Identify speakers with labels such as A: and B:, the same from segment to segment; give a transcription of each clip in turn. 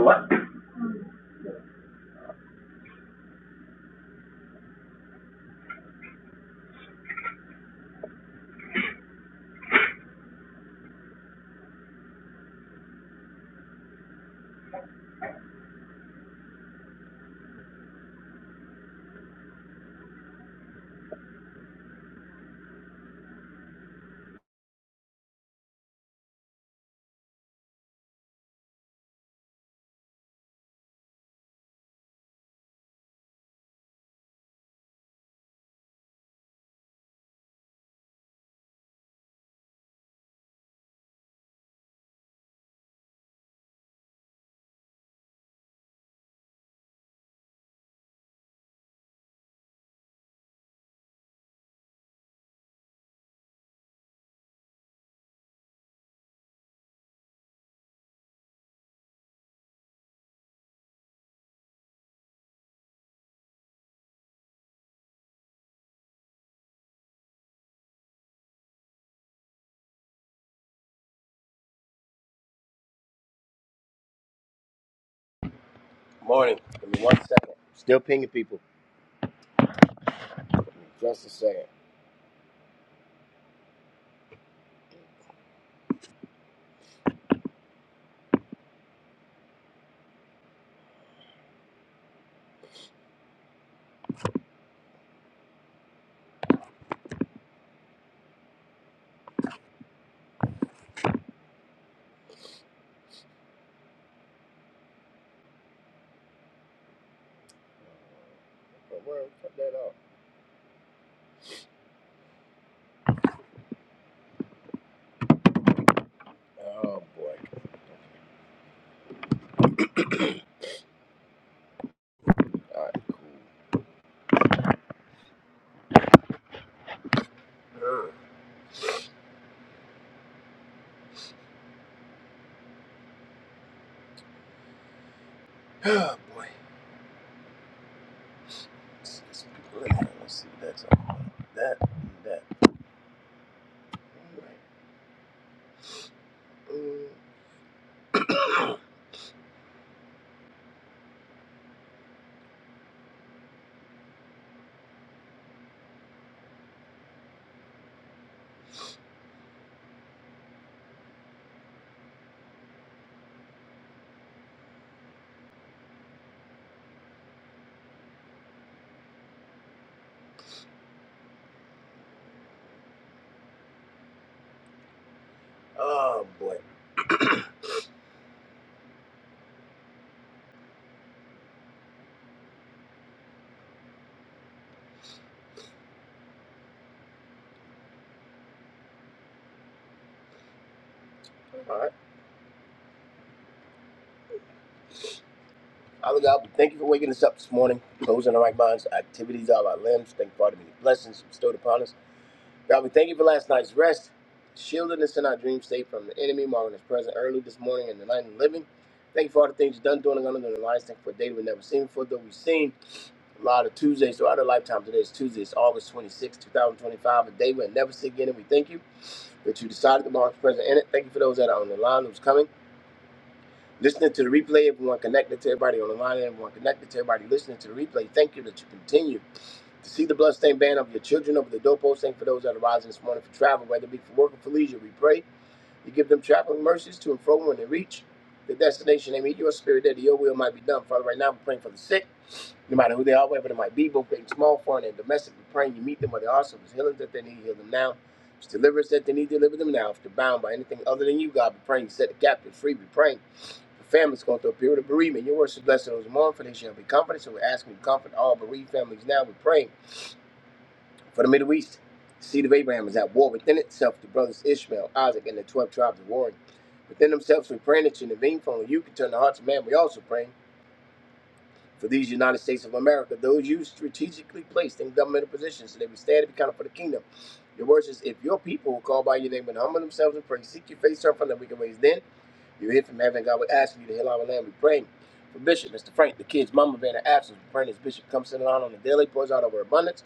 A: what?
B: Morning. Give me one second. Still pinging people. Just a second. But where cut that off? Oh boy. All right, cool. Ugh. Oh boy. Let's, let's, let's see what that's all about. That and that. All right. Mm. Oh boy. All right. Father God, thank you for waking us up this morning, closing our right minds, activities, all our limbs. Thank you for all the many blessings bestowed upon us. God, we thank you for last night's rest, shielding us in our dream state from the enemy, marking us present early this morning in the night of the living. Thank you for all the things you've done, doing, and going to do in the lives. Thank you for a day we've never seen before, though we've seen a lot of Tuesdays throughout our lifetime. Today is Tuesday, it's August 26, 2025, a day we'll never see again. And we thank you that you decided to mark us present in it. Thank you for those that are on the line who's coming. Listening to the replay, everyone connected to everybody on the line, everyone connected to everybody listening to the replay. Thank you that you continue to see the bloodstained band of your children over the doorpost, thank for those that are rising this morning for travel, whether it be for work or for leisure. We pray you give them traveling mercies to and fro when they reach the destination. They meet your spirit that your will might be done. Father, right now we're praying for the sick, no matter who they are, wherever they might be, both great and small, foreign and domestic. We're praying you meet them where they are. So if it's healing that they need, heal them now. If it's deliverance that they need, deliver them now. If they're bound by anything other than you, God, we're praying you set the captive free. We're praying for families going through a period of bereavement. Your words is blessed to those who mourn, for they shall be comforted. So we're asking you to comfort all bereaved families now. We're praying. For the Middle East, the seed of Abraham is at war within itself, the brothers Ishmael, Isaac, and the 12 tribes of warring. Within themselves, we pray that you intervene, for only you can turn the hearts of man. We also pray for these United States of America, those you strategically placed in governmental positions, so they would stand and be counted for the kingdom. Your word is, if your people will call by your name and humble themselves and pray, seek your face, turn from their wicked ways, then you hear from heaven. God will ask you to heal our land. We pray for Bishop, Mr. Frank, the kids, Mama, being an absence. We pray this Bishop comes to the line on the daily, pours out over abundance.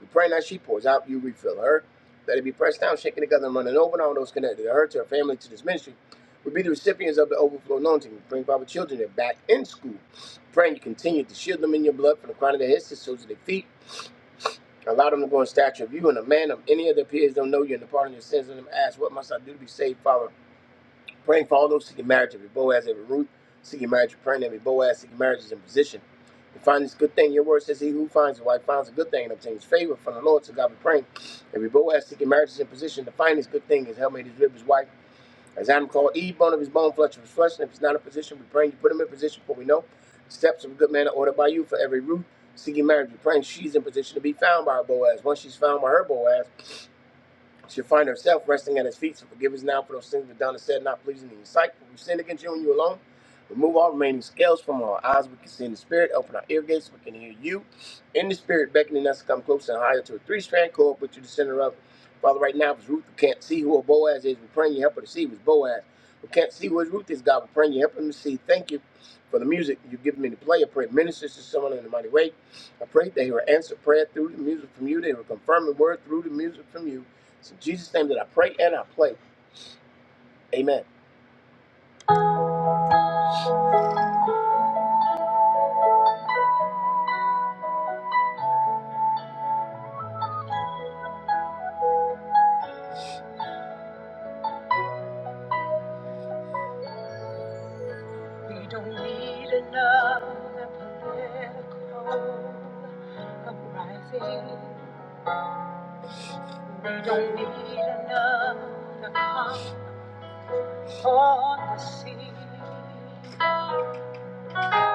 B: You pray now she pours out, you refill her. Let it be pressed down, shaken together, and running over, and all those connected to her, to her family, to this ministry. will be the recipients of the overflow anointing. You bring Bible children that are back in school. Praying you continue to shield them in your blood from the crown of their heads to the soles of their feet. Allow them to go in stature of you and a man of any of their peers don't know you and the pardon of your sins. Let them ask, What must I do to be saved, Father? Praying for all those seeking marriage, every Boaz, every Ruth seeking marriage, praying every Boaz seeking marriage is in position. To find this good thing, your word says, He who finds a wife finds a good thing and obtains favor from the Lord. So God be praying. Every Boaz seeking marriage is in position to find this good thing, his helmet, his rib, his wife. As Adam called Eve, bone of his bone, flesh of his flesh. And if it's not in position, we pray you put him in position for we know. The steps of a good man are ordered by you for every Ruth seeking marriage. we praying she's in position to be found by her Boaz. Once she's found by her Boaz, She'll find herself resting at his feet. So forgive us now for those things we've done and said, not pleasing in your sight. For we've sinned against you and you alone. Remove all remaining scales from our eyes. We can see in the spirit. Open our ear gates. We can hear you in the spirit, beckoning us to come closer and higher to a three strand cord, put you the center of. it. Father, right now, if it's Ruth who can't see who a Boaz is, we're praying you help her to see who's Boaz. Who can't see who his Ruth is, God, we're praying you help him to see. Thank you for the music you've given me to play. I pray it ministers to someone in a mighty way. I pray they will answer prayer through the music from you. They will confirm the word through the music from you. It's in Jesus' name that I pray and I play. Amen. We don't need another political uprising. We don't need another calm on the sea.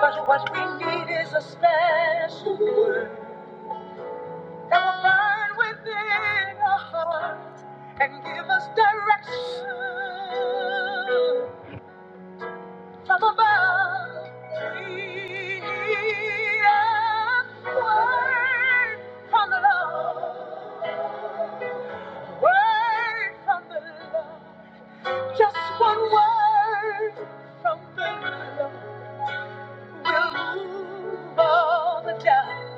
B: But what we need is a special word that will burn within our hearts and give us direction. from above. we need a word from the Lord. Word from the Lord. Just one word from the Lord will move all the doubt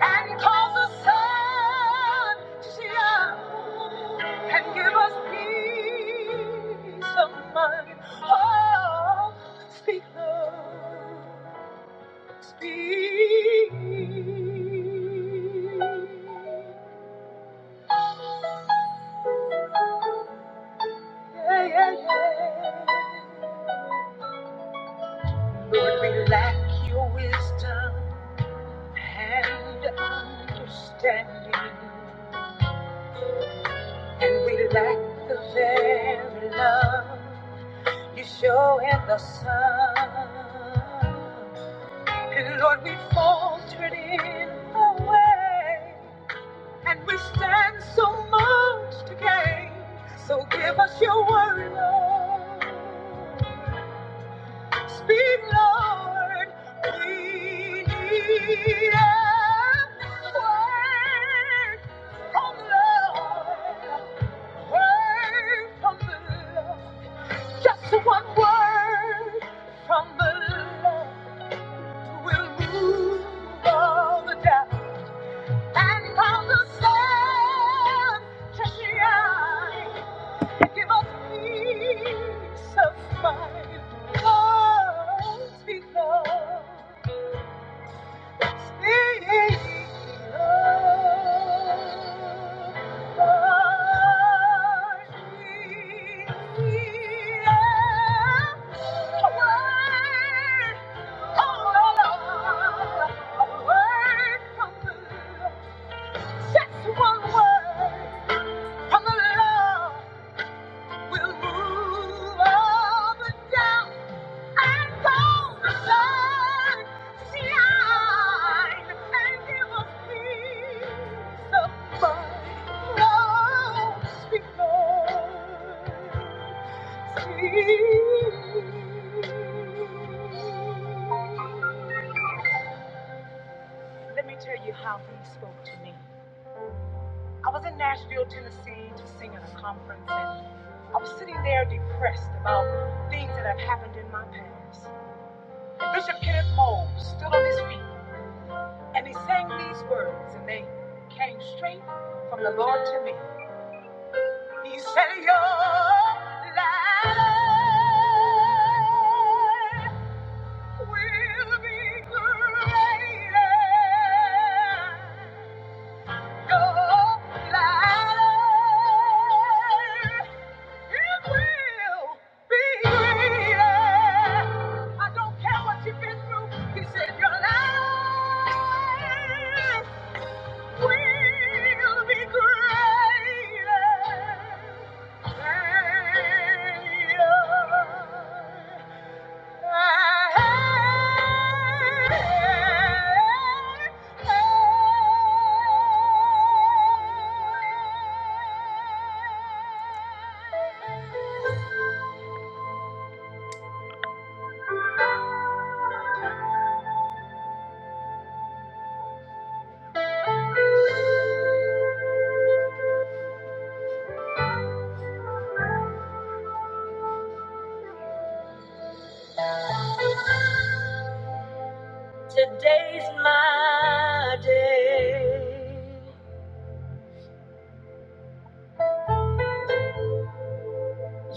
B: and cause the sun to shine and give us peace of mind. Oh, speak, Lord. Speak. Yeah, yeah, yeah. Lord, we lack your wisdom and understanding, and we lack the very love you show in the sun. And Lord, we faltered in the way. And we stand so much to gain. So give us your word, Lord. Speak, Lord. We need a word from the Lord. Word from the Lord. Just one word from the Lord will move all the doubt. And from the sun, treasure eye, give us peace of mind. Oh, speak love, speak love. A word, a word, a word from the Lord. Just one word from the Lord will move all the doubt and all the sun. Shine and give us peace of mind. Lord, speak, Lord, speak. Let me tell you how he spoke to me. I was in Nashville, Tennessee, to sing at a conference, and I was sitting there depressed about things that have happened in my past. And Bishop Kenneth Moore stood on his feet, and he sang these words, and they came straight from the Lord to me. He said, Your life will be greater. Your life It will be yeah. I don't care what you've been through. He said your life will be greater. Today's my day.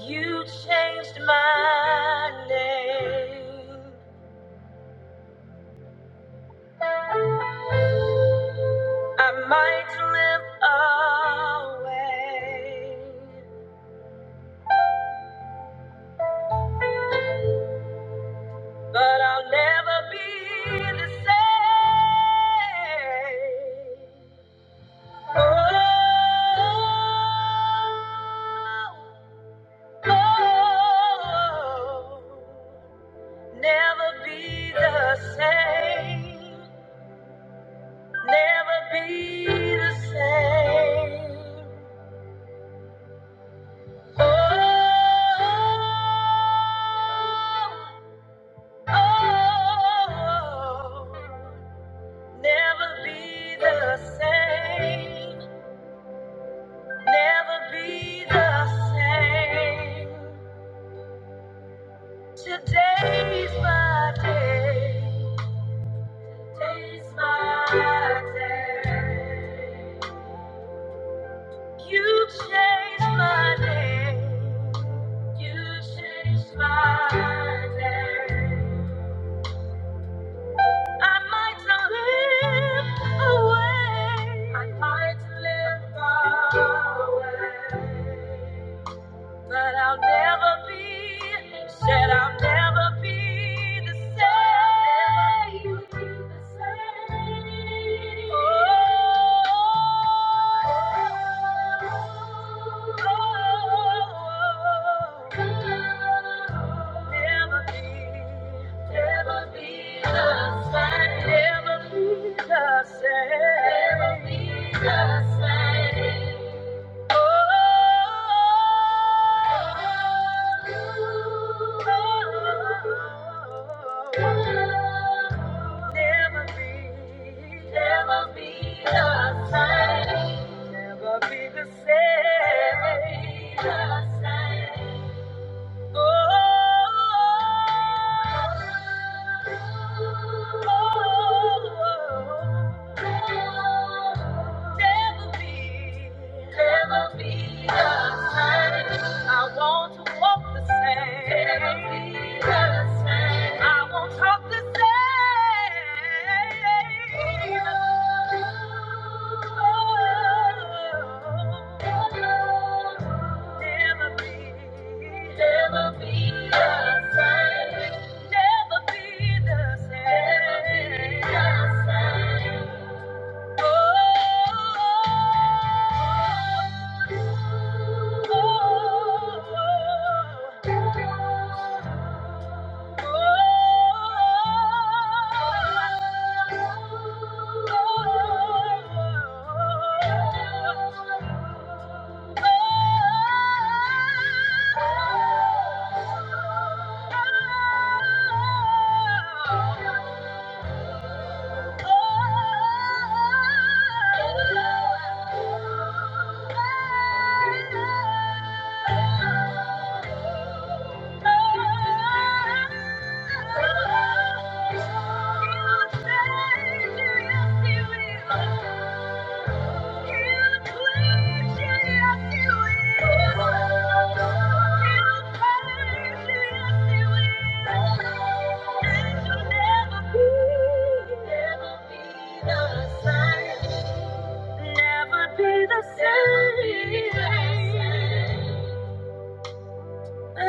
B: You changed my name. I might slip away. But I'll never be the same. Oh, oh, oh. never be the same. Never be the same. Oh, oh, oh. Never be the same. Never be the same. Today's my day. Today's my day. You changed my day. You changed my day. I might not live away. I might live away. But I'll never be, said I'll never be the same. Never be Oh, oh, oh, oh. never be, never be the same. Never be the same. Never be the same. Never be the same. I want to walk the same. I won't talk Never be the same. Oh Oh, oh, oh, oh. Never be the same. Who's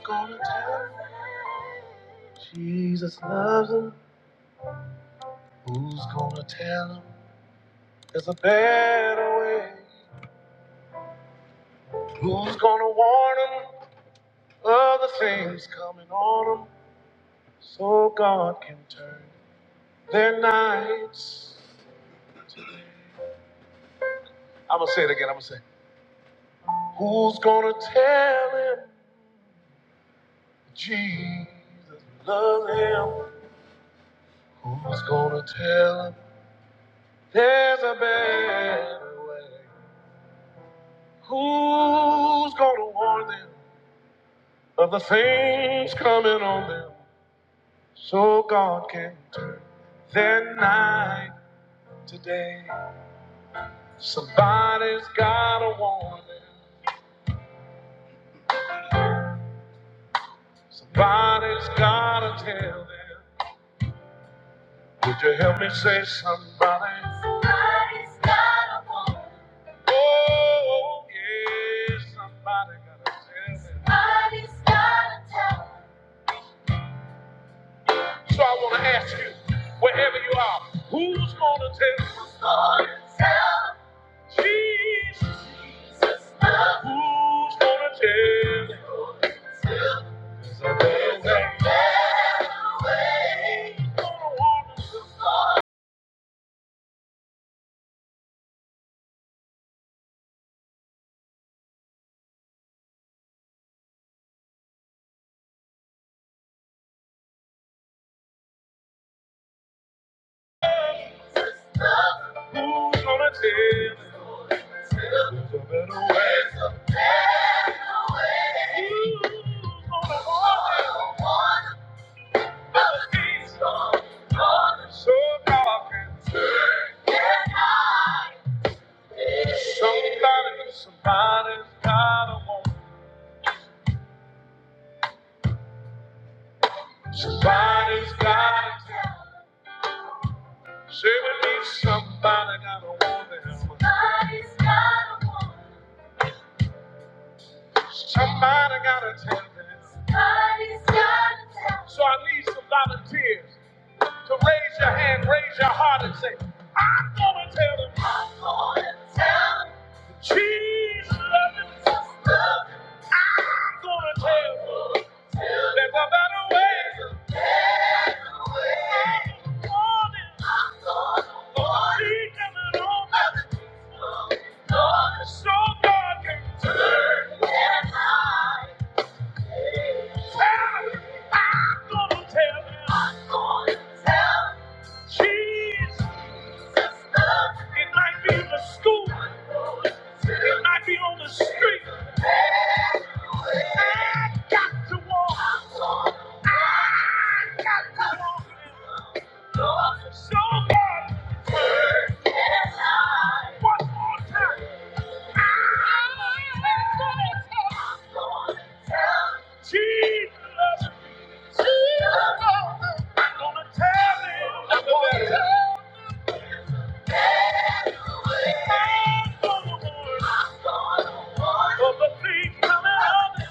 B: gonna tell him? Jesus loves him. Who's gonna tell him there's a better way? Who's gonna warn him of the things coming on him so God can turn? Their nights. I'm gonna say it again. I'm gonna say, Who's gonna tell him Jesus loves him? Who's gonna tell him there's a better way? Who's gonna warn them of the things coming on them so God can turn their night today? Somebody's gotta warn them. Somebody's gotta tell them. Would you help me say somebody? Somebody's got a woman. Oh, yeah, somebody got a tell Somebody's got a tell So I want to ask you, wherever you are, who's going to tell? Who's going to tell? Jesus. Jesus. Who's going to tell? Who's gonna tell? There's a better way. There's a better way. Who's gonna want to? warn us? Who's gonna tell me there's a better way? Who's gonna warn me of the things so dark and Somebody, somebody's gotta want. Somebody's gotta tell. Say with me, somebody gotta want them. Somebody's gotta want. Somebody gotta tell them. Somebody's gotta tell them. So I need some volunteers to raise your hand, raise your heart, and say, I'm gonna tell them. I'm gonna tell them. Jesus loves them. Jesus loves them. I'm gonna tell them. There's a better way. There's a better way. I'm gonna I'm gonna warn them. Teach them and all that. I'm gonna warn them. So God can turn their lives. It might be in the school, it might be on the street. I got to walk. I got to walk. So bad. One more time. I'm gonna tell Jesus. I'm gonna tell him. I'm gonna tell him. warn him. Of the things coming up.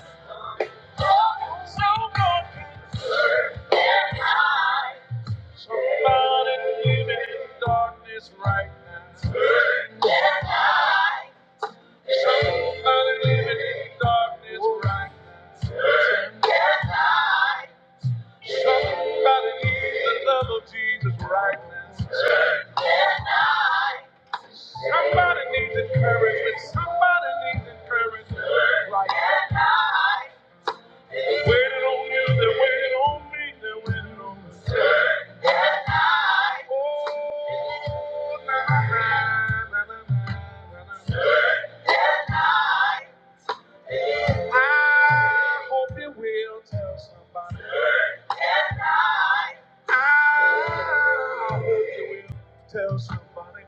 B: So good. Somebody living in darkness right now. Somebody living in darkness right now. Somebody needs the love of Jesus right now. Somebody needs encouragement. Somebody needs encouragement right now. Waiting on you, they're waiting on me, they're waiting on me. Tell somebody.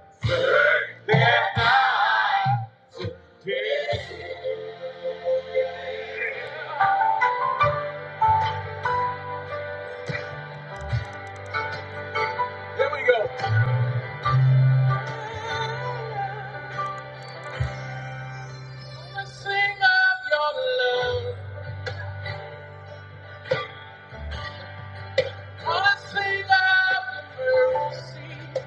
B: Wanna sing of your love. Wanna sing of your mercy.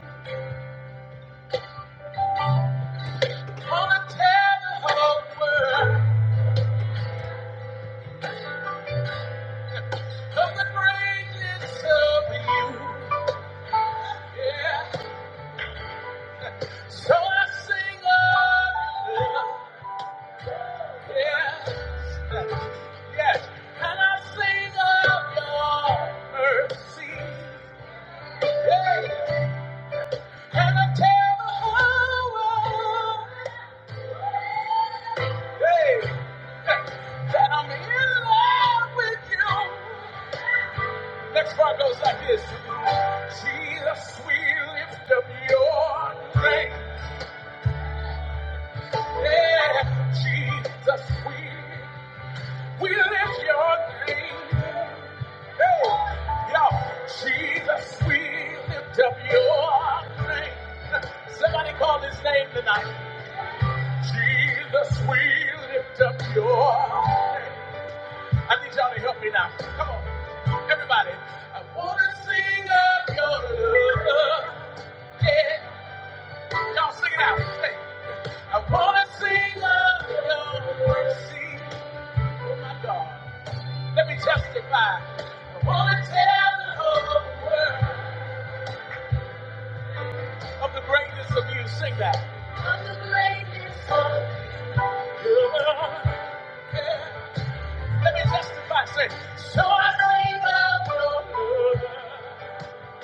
B: Wanna tell the whole world of the greatness of you. Yeah. So I sing of your love. Yeah. Yes. Can I sing of your mercy? Yeah. Can I tell the whole world? Hey. That I'm in love with you. Next part goes like this. Jesus, we lift up your name. Yeah. Jesus, we We lift your name. Hey, y'all. Jesus, we lift up your name. Somebody call his name tonight. Jesus, we lift up your name. I need y'all to help me now. Come on. Everybody. I want to sing of your love. Yeah. Y'all sing it out. Hey. I want to sing of your mercy. Oh, my God. Let me testify. I want to tell the whole world of the greatness of you. Sing that. Of the greatness of You. Yeah. Let me testify. Say, so I believe of your love.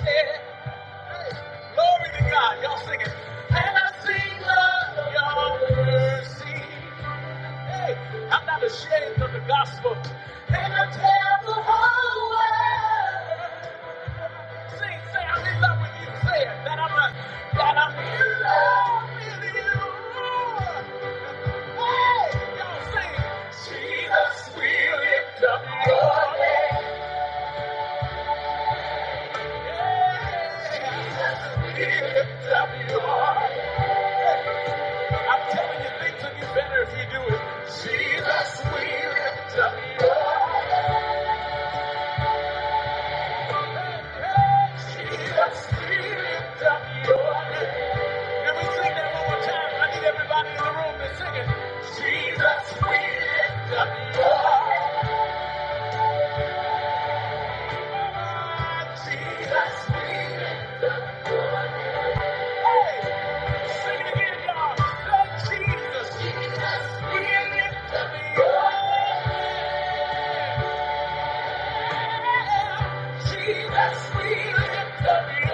B: Yeah. Hey. Glory to God. Y'all sing it. And I sing of your mercy. Hey, I'm not ashamed of the gospel. And I tell the whole world. Sing, say I'm in love with you. Say it. That I'm not, that I'm in love with you. When you think of you better if you do it. Can we sing that one more time? I need everybody in the room to sing it. Jesus, we lift up your Jesus, we lift Hey, sing Lord Jesus, Jesus, we lift up your Jesus, we lift up your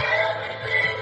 B: Everything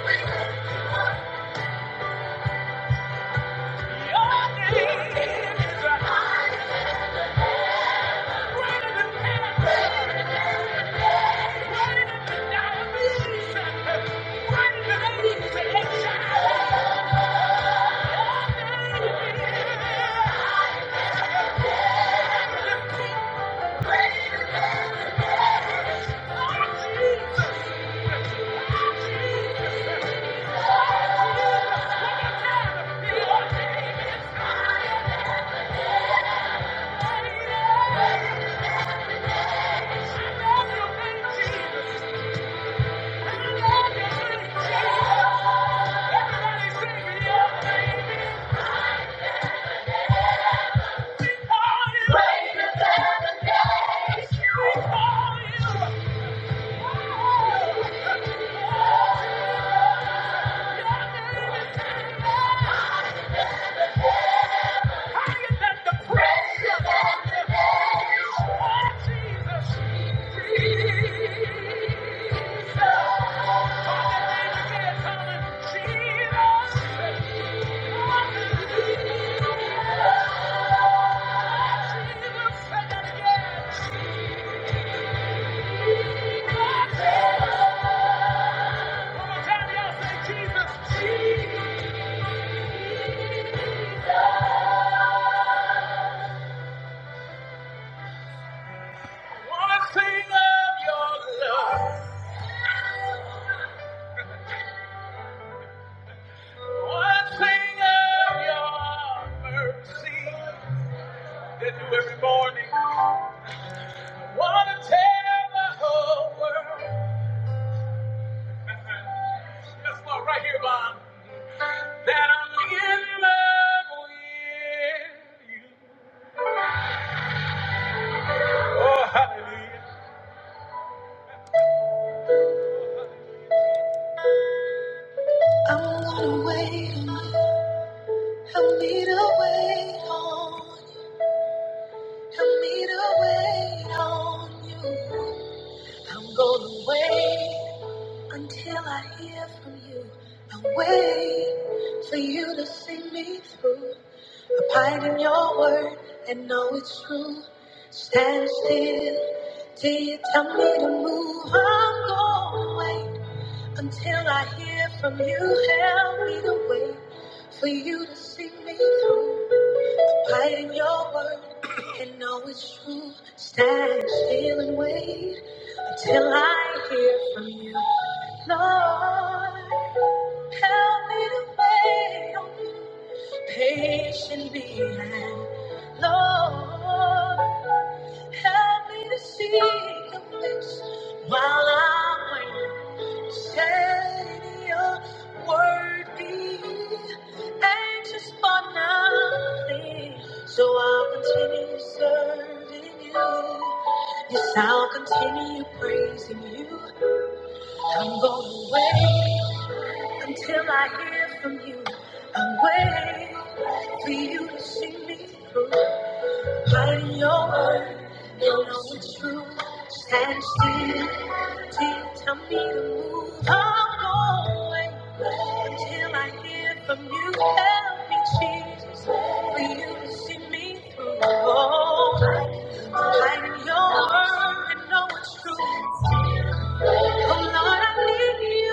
B: Every morning, wanna tell the whole world. That's not right here, Bob. that I'm in love with you. Oh, hallelujah. I'm gonna wait on you. Help me to wait on you. Help me to wait on you. I'm gonna wait. Until I hear from you, I wait for you to see me through. Abide in your word and know it's true. Stand still till you tell me to move. I'm gonna wait until I hear from you. Help me to wait for you to see me through. Abide in your word and know it's true. Stand still and wait until I hear from you. Lord, help me to wait on you patiently. And Lord, help me to see your face while I wait. Say your word be anxious for nothing. So I'll continue serving you. Yes, I'll continue praising you. I'm going to wait. Until I hear from you, I'm waiting for you to see me through. Hiding your word, you know it's true. Stand still, till you tell me to move. I'm going until I hear from you. Help me, Jesus, for you to see me through. Oh, hiding your word, you know it's true. Oh Lord, I lift you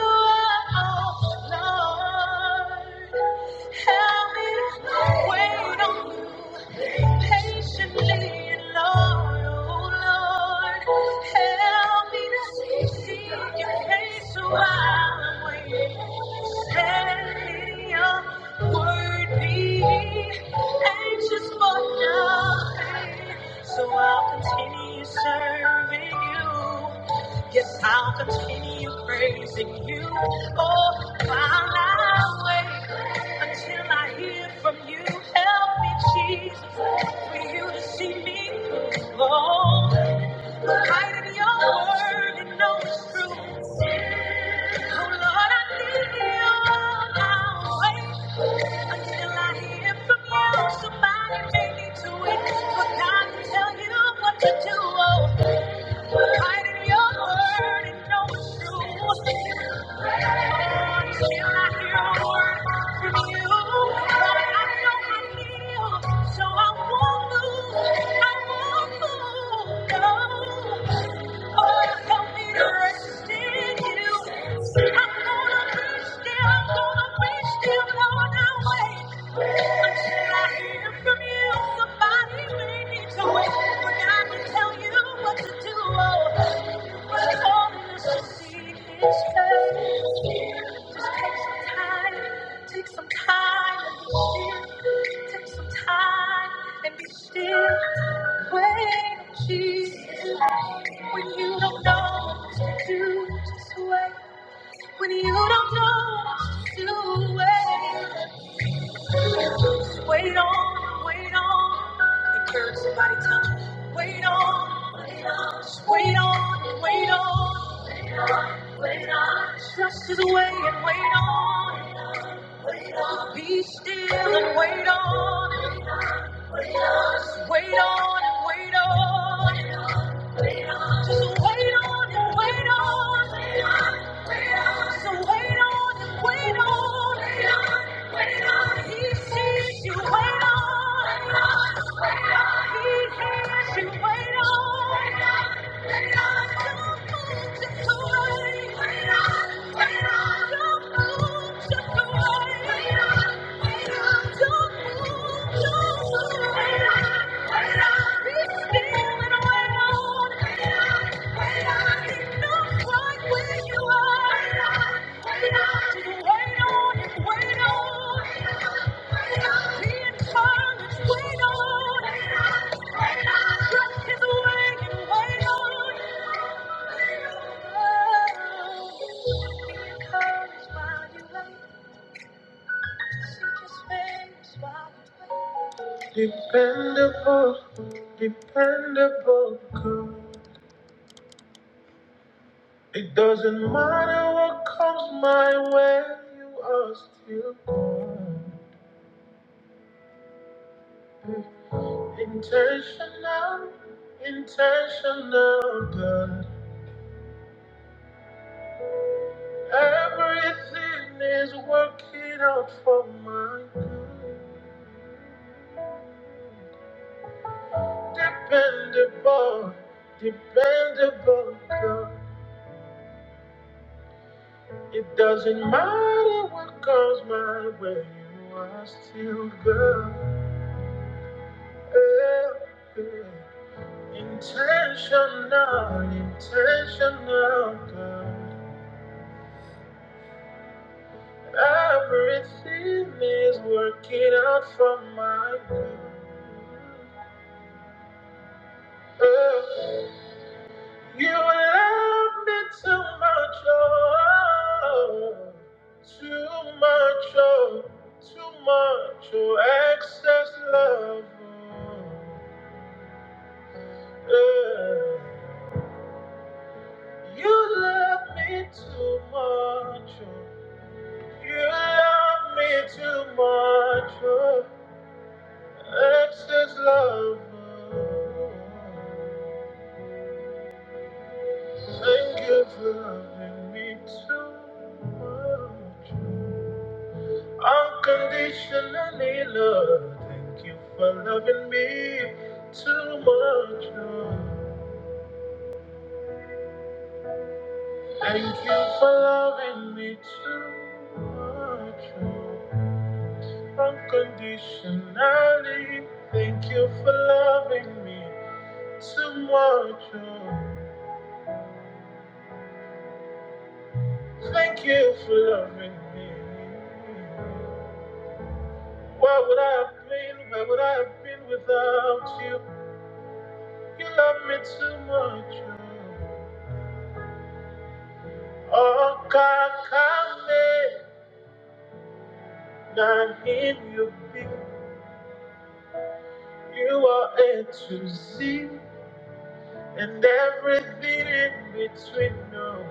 B: up, Lord. Help me wait on you patiently, Lord. Oh Lord, help me to see your face while I'm waiting. Say your word be anxious for nothing, so I'll continue serving you. Yes, I'll continue praising you all my way until I hear from you. Help me, Jesus, for you to see me through. Oh, hide in your word and know it's true. Oh, Lord, I need you all my way until I hear from you. Somebody make me to it for God to tell you what to do. Oh, hide in your word and know it's true. Somebody may need to wait, but I can tell you what to do. When you don't know what to do, wait, Just wait on, wait on. Encourage somebody, tell me, wait on, wait on, just wait on, wait on. Wait on, trust is way and wait on. Be still and wait on. Wait on, wait on and wait on. Wait on, wait on. Comes while you wait, seek his face while you wait. Dependable, dependable girl. It doesn't matter what comes my way, you are still good. Intentional, intentional girl. Everything is working out for my good. Dependable, dependable girl. It doesn't matter what comes my way, you are still good. Yeah, yeah. Intentional, intentional, God. Everything is working out for my good. Yeah. You love me too much, oh, too much, oh, too much, oh, excess love. oh, yeah. You love me too much, oh, you love me too much, oh, excess love. oh. Thank you for loving me too much. oh. Unconditionally love. Thank you for loving me too much. oh. Thank you for loving me too much. oh. Unconditionally. Thank you for loving me too much. oh. Thank you for loving me. Where would I have been? Where would I have been without you? You love me too much. oh. Okakame, not him you be. You are A to Z, and everything in between. No,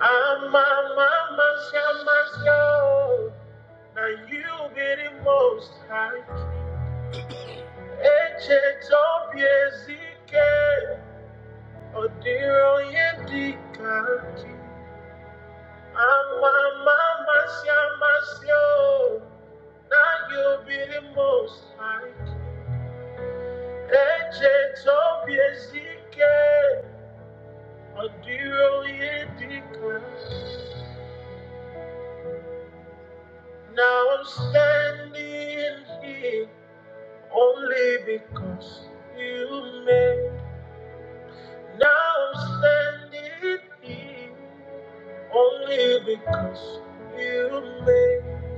B: I'm a mama, shamasio. Now you be the most high king. Eche tobie zike, odiro yedikaki. Ama mama shamasio, na you be the most high. Eche tobi ezike, odiro yedika. Now I'm standing here only because you made. Now I'm standing here only because you made.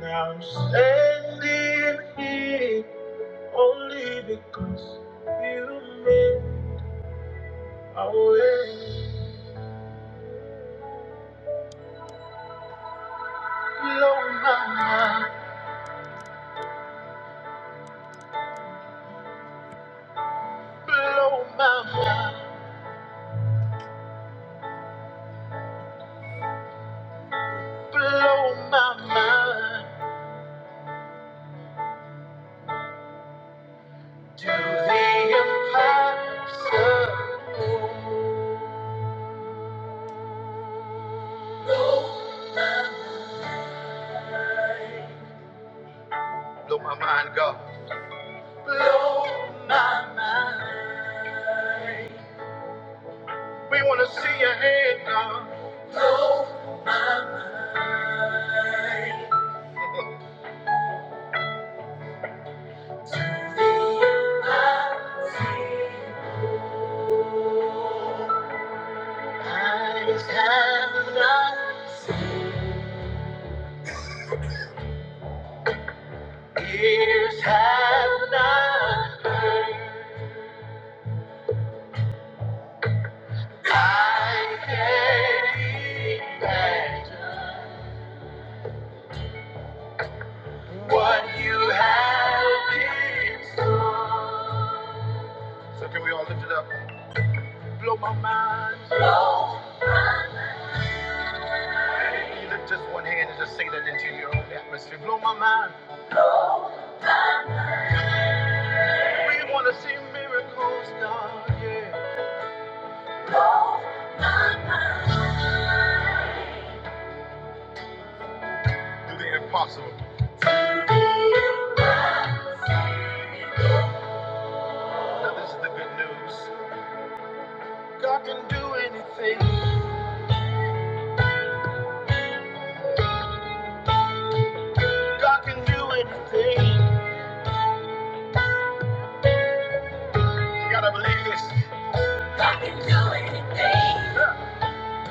B: Now I'm standing here. Only because you made a way. Blow, blow my mind to the impossible. Blow my mind, God. We want to see your hand, God. Blow my mind. to the impossible. Eyes have not, seen, ears have not heard. I can't imagine what you have in store. So can we all lift it up? Blow my mind. You lift just one hand and just sing that into your own atmosphere. Blow my mind. We want to see miracles, God. Yeah. My mind. Do the impossible. Do the impossible. Now this is the good news. God can do anything. God can do anything. You gotta believe this. God can do anything.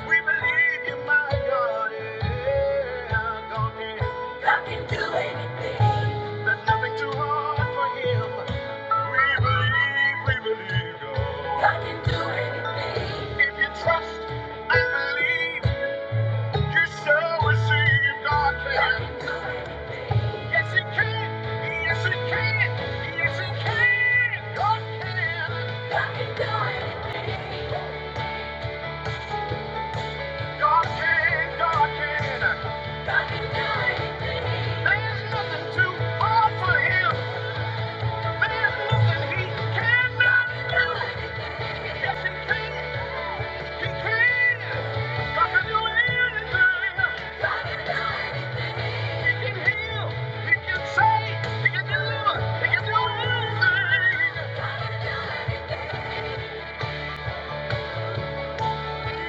B: We believe you, my God. Yeah, God can. God can do anything. There's nothing too hard for Him. We believe, we believe God. God can do anything. If you trust and believe. You shall receive God can. Yes, He can. Yes, He can. Yes, He can. God can. God can do anything. God can. God can. God can do anything. There's nothing too hard for Him. There's nothing He cannot do. Yes, He can. He can. God can do anything. He can heal. He can save. He can deliver. He can do anything.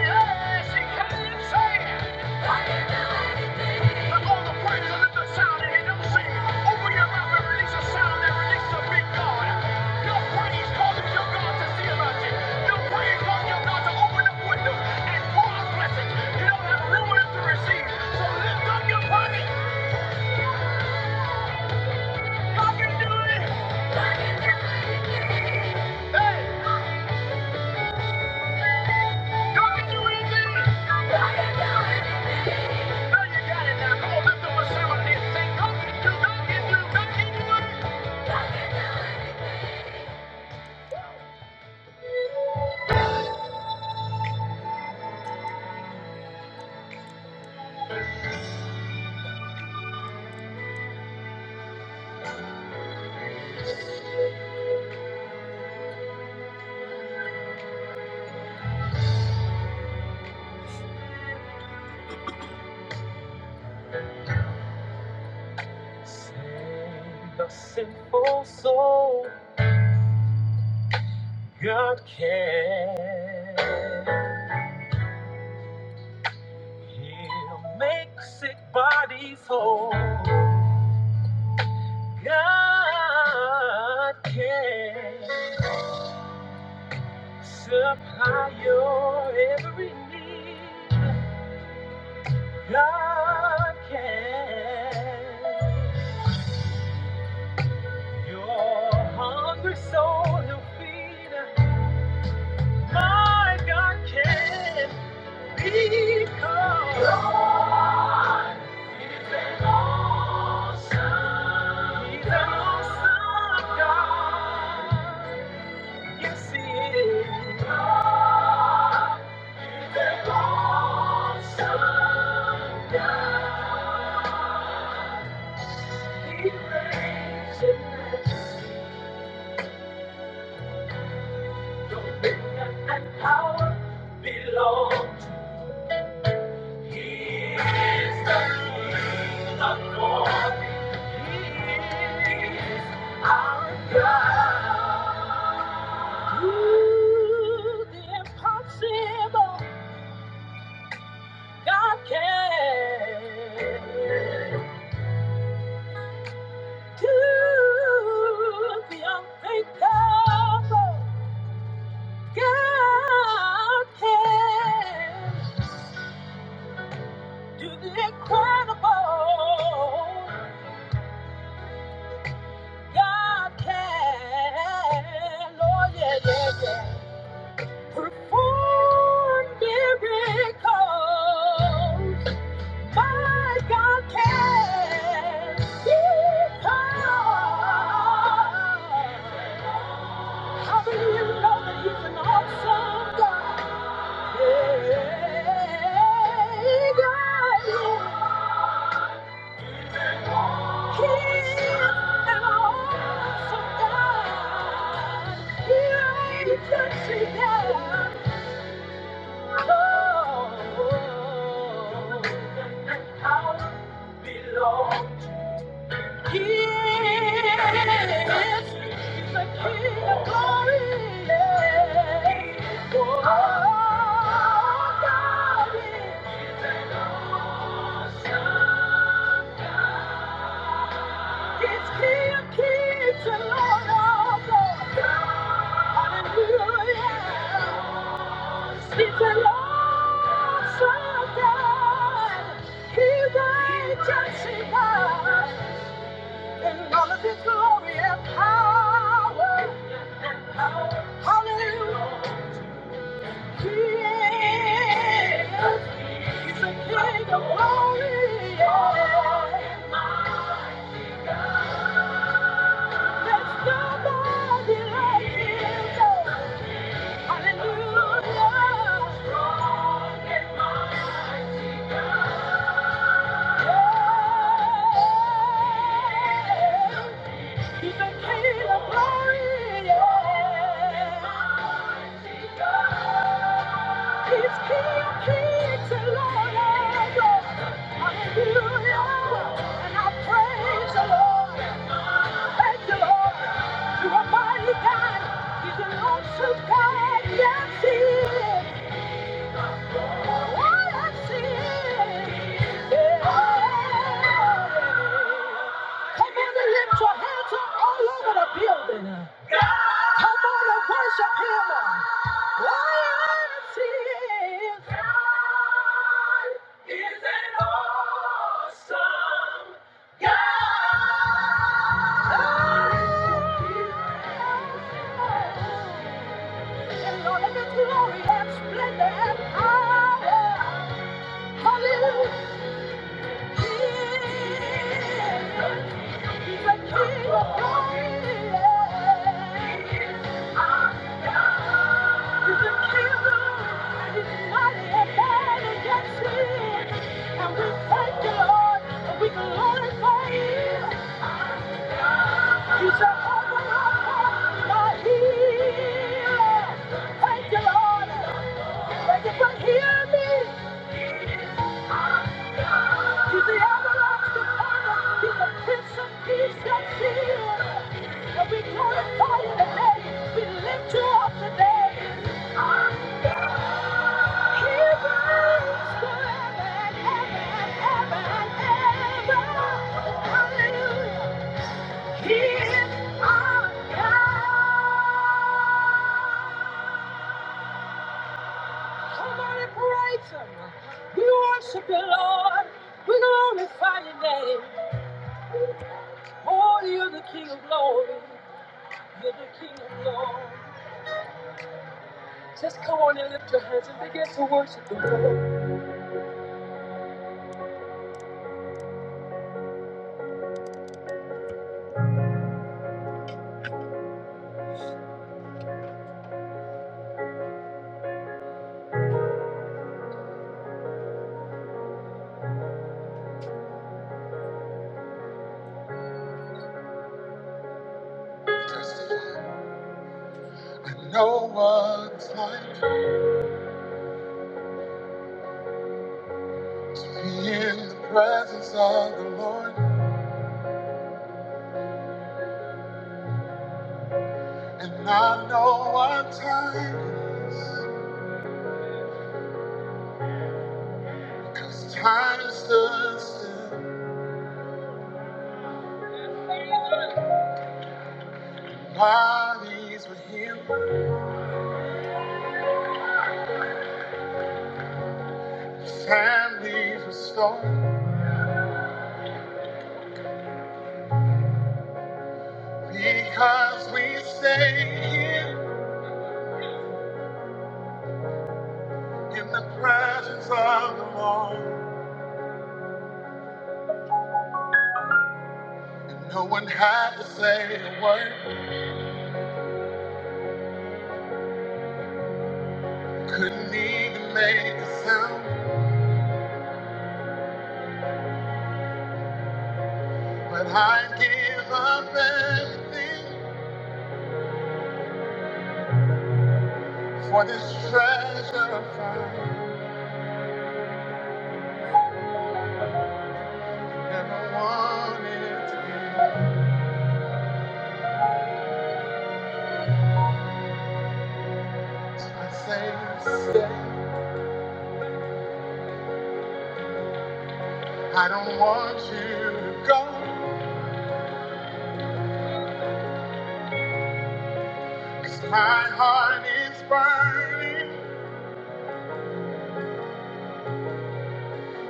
B: Yes, he can save. I all the praise, lift the sound and he don't sing. Open your mouth and release a sound that releases a big God. Your praise causes your God to see about you. Your praise causes your God to open up windows and pour out blessings. You don't have room enough to receive. So lift up your praise. God can do it. Hey. The sinful soul, God can. He'll make sick bodies whole. God can supply your every need. Your hungry, Lord, he'll feed. My God can be called. He's an awesome. He's an awesome God. Yes, he is. Awesome. He reigns in riches and power. Our God. the impossible. God can do the unthinkable. God can do the incredible. God can, oh yeah, yeah, yeah. Perform miracles. My God can. Because how do you know that He's an awesome God? Glory. It's King of Kings and Lord of Lords. Hallelujah. He's the Lord sovereign. He reigns and all of his glory power. Hallelujah. Hallelujah. He's the King of glory. Yeah. He's King of kings and Lord of lords. Hallelujah. And I praise the Lord. Thank you, Lord. You're a mighty God. He's an awesome God. Yes, He is. Glory and splendor and power. He's a healer, my healer. Thank you, Lord. Can you but hear me? He's the everlasting Father. He's the Prince of Peace and Healer. And we glorify you today. We lift you up today. He reigns forever and ever and ever Hallelujah. He is our God. Somebody praise him. We No one's like me in the presence of the Lord, and I know what time is, because time stood still. Bodies were healed, families restored, because we stay here in the presence of the Lord. And no one had to say a word, couldn't even make a sound, but I give up everything. For this treasure found and I want it to be. I say, say, I don't want you to go. 'Cause my heart is burning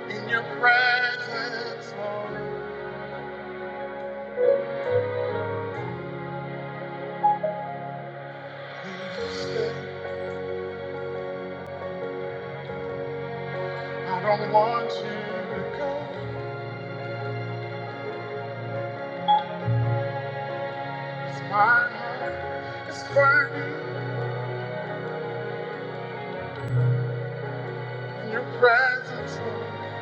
B: in your presence, Lord. Please stay. I don't want you to go. 'Cause my heart is burning in your presence, Lord.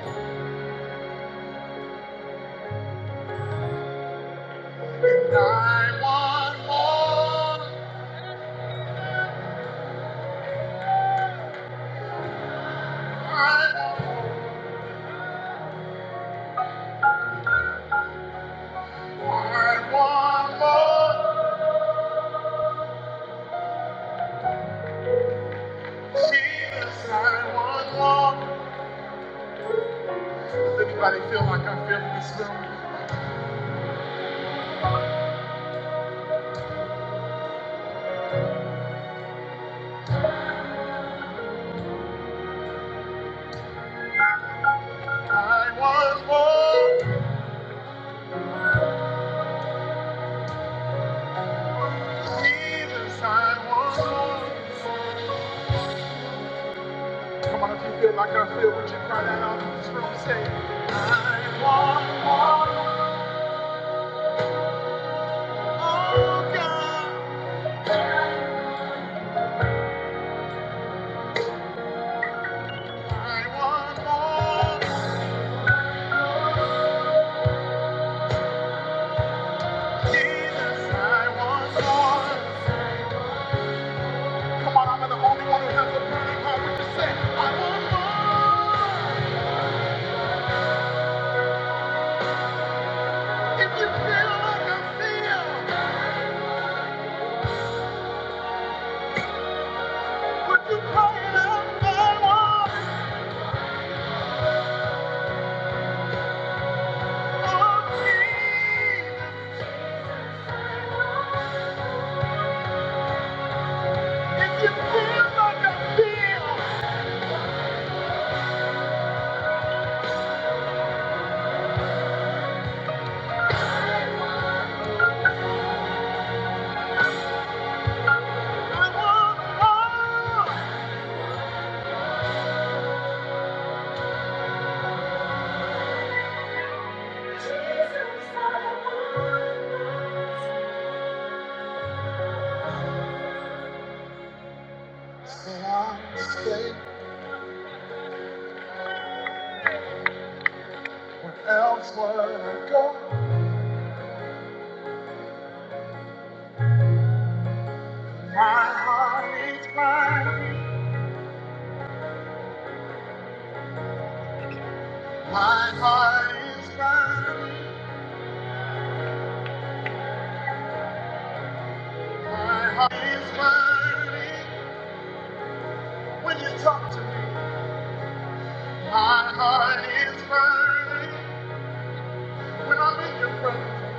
B: And I want more. I want more. I want more. Jesus, I want more. Does anybody feel like I feel in this room? I want more. Jesus, I want more. Come on, if you feel like I feel, would you cry that out in this room? Say, I want more. Oh God, I want more. Jesus, I want more. Come on, I'm the only one who has a burning heart. Would you say, I want more? If you feel like I feel, would you cry it out now? Oh, Jesus, Say I'm safe when elsewhere I go. My heart is mine. My heart is mine. My heart is mine. When you talk to me, my heart is mine. When I'm in your presence,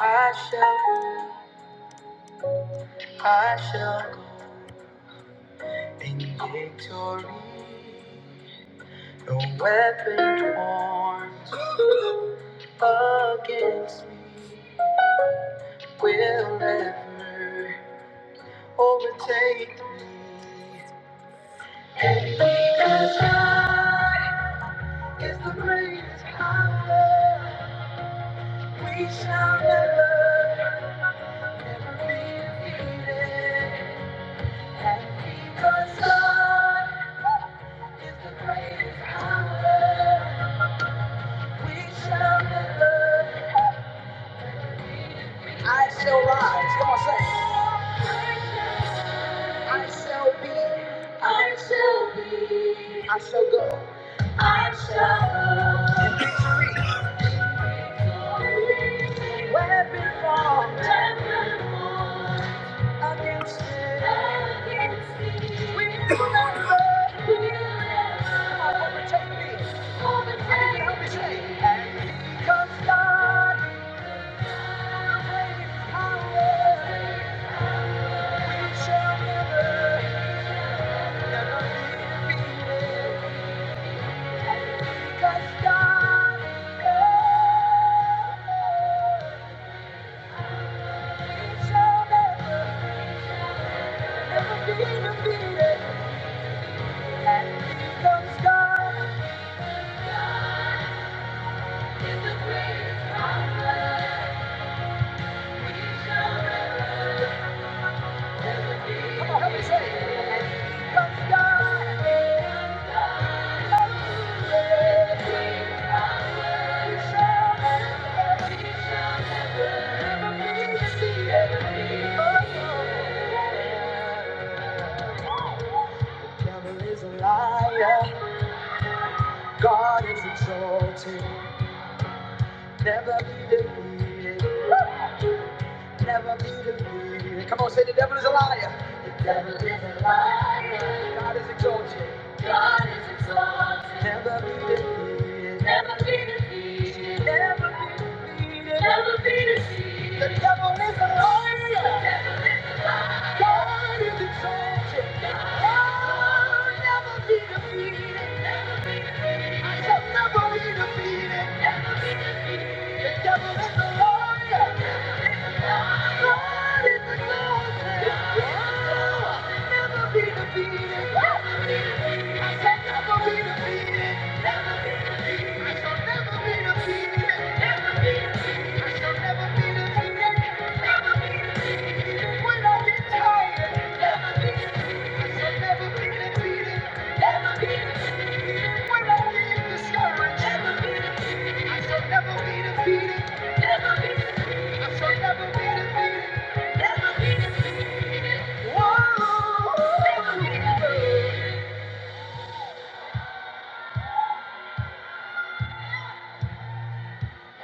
B: I shall, I shall go. In victory, no weapon formed against me will ever overtake me. Because God is the greatest power, we shall never, never be defeated. And because God is the greatest power, we shall never, I shall be. I'm strong. Weapon formed. Weapon formed. Against me. Against me. We will not fail. We will not Overtake me. I need you to help me say. And because God is my greatest power, we shall never, never be defeated. 'Cause God is shall never, never be defeated. And here comes God. Oh, comes God. Hallelujah. He shall never, never be defeated. Oh, no. is a liar. God is exalted. Never be defeated. Never be defeated. Come on, say the devil is a liar. The devil is a liar. God is exalted. God is exalted. Never be defeated. Never be defeated. Never be defeated. Never be defeated. The devil is a liar. God is exalted. God will never be defeated. Never be defeated. When I feel discouraged, never be I shall never be defeated. Never be defeated. Whoa, never be defeated.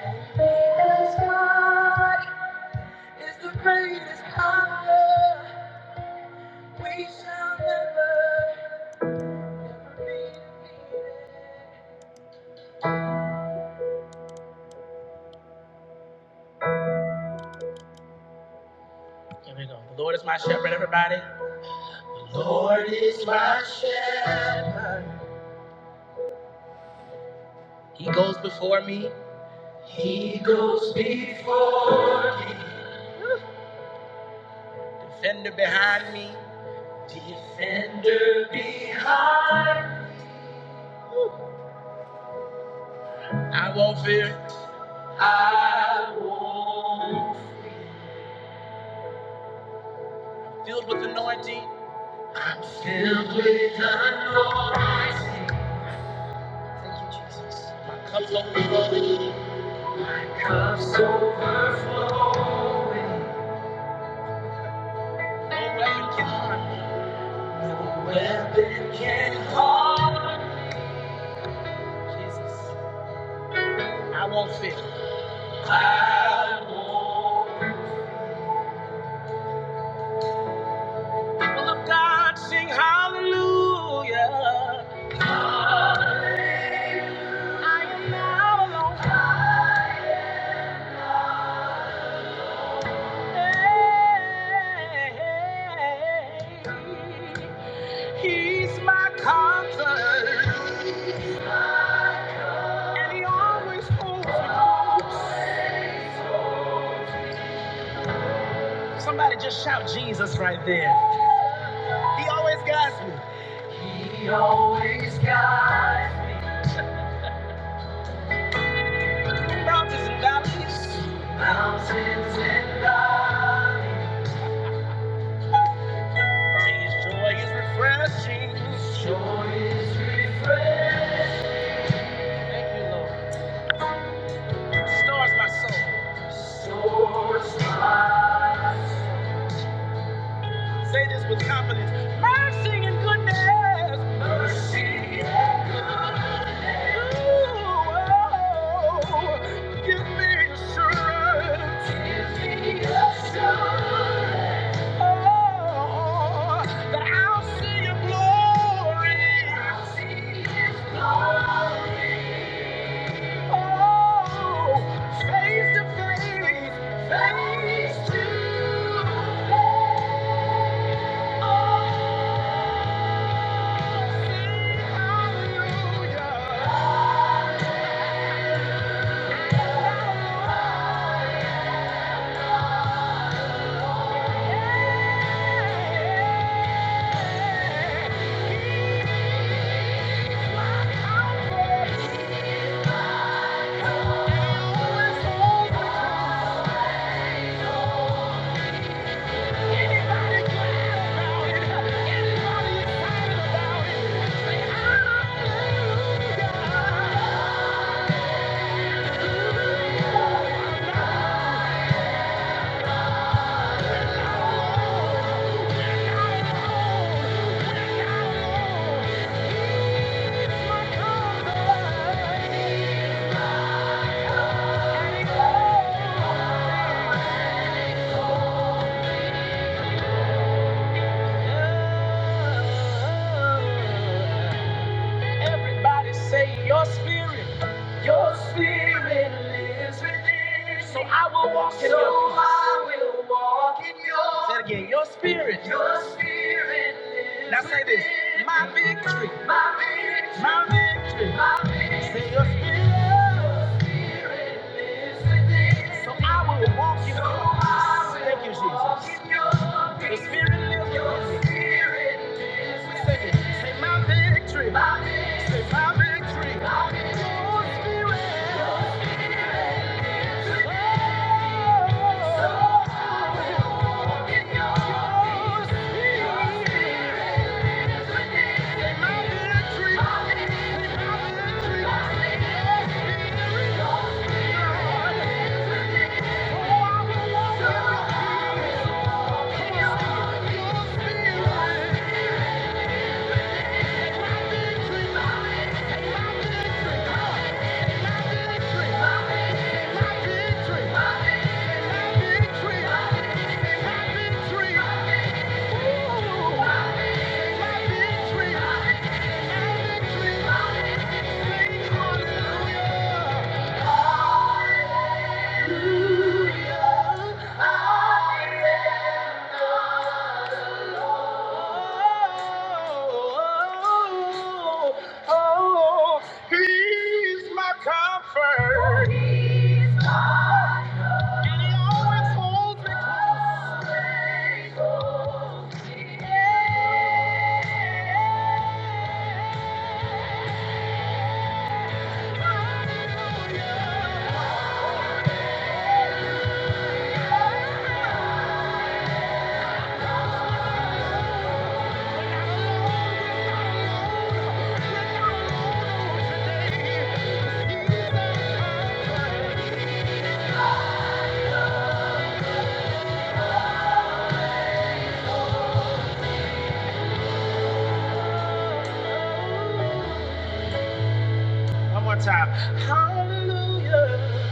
B: Because God is the greatest power. We shall never. Shepherd. Lord is my shepherd. Lead me, defend. I won't fear. Filled with anointing, comes over me. I won't fear. People of God sing hallelujah. I don't hey, He's my comfort, and he always holds me close. Somebody just shout Jesus right there. He always guides me. He always guides me. Mountains and valleys, his joy is refreshing. Thank you, Lord. Stars my soul. Say this with confidence. Mercy and goodness. Ooh, give me assurance. Give me assurance. Oh, that I'll see your glory. I'll see his glory. Oh, face to face, face to face. Hallelujah. Everybody say your spirit. So I will walk in your peace. Say it again, your spirit. Now say this, my victory, my victory. Say your spirit. So I will walk in your peace. Thank you, Jesus. The spirit lives yours. Sing it. Say my victory. Say my victory. Oh, spirit. oh Spirit will Yeah. Hallelujah. And he always holds One more time. Hallelujah.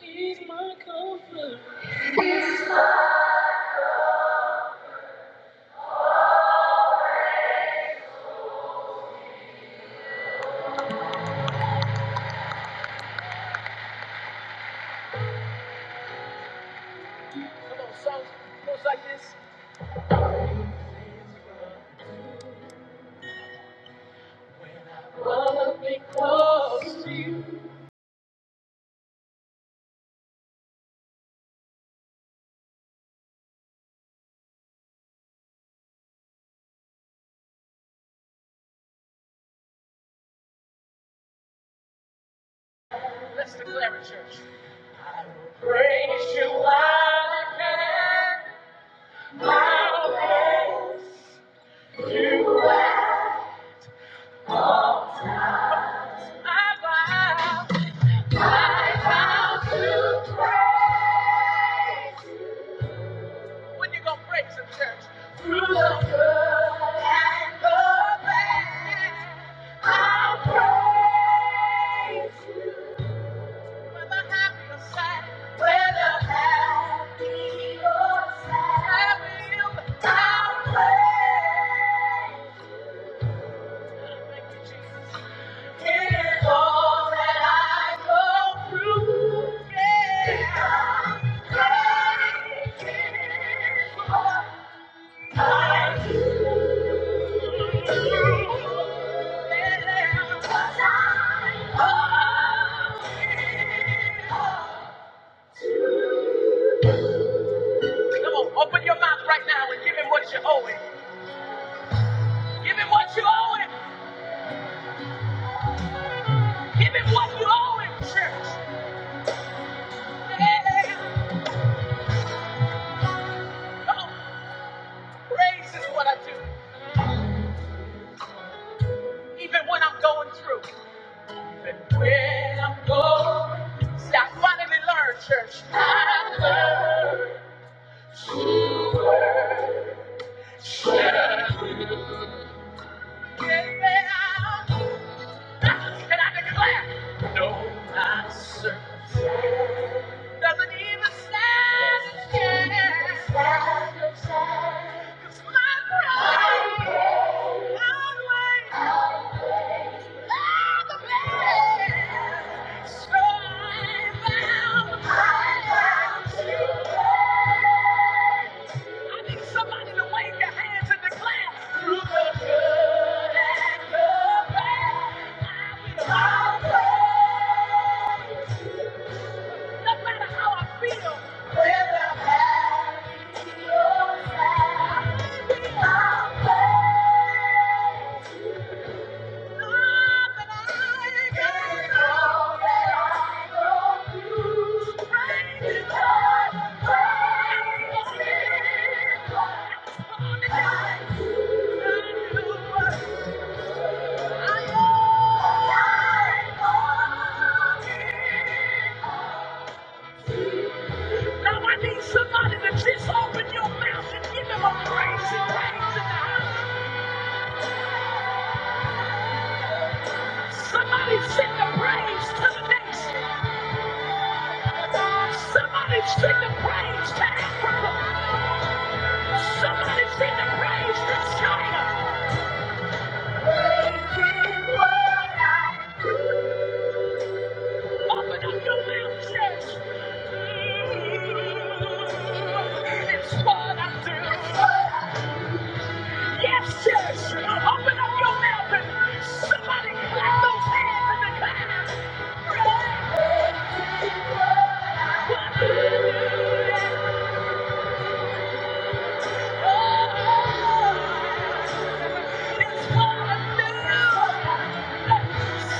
B: He's my When you gonna break some church? When I have your side, I will. Thank you, Jesus. It is all that I go through. Yeah. Because great is what I do. Yeah. 'Cause I owe it all. Come on, open your mouth right now and give him what you owe him. Give him what you owe him. Give him what you owe him, church. Praise is what I do, even when I'm going through. Even when I'm going through. See, I finally learned, church. I learned. Amen. I- Can I declare? My circumstance doesn't even stand a chance. Stand a chance. 'Cause my grace outweighs Now I need somebody to just open your mouth and give him a praise and praise in the house. Somebody praise. Somebody sing the praise. Somebody sing the praise to China. When I know it says, it's what I do. Yes, yes. Open up your mouth and somebody clap those hands in the cloud. It's what I do.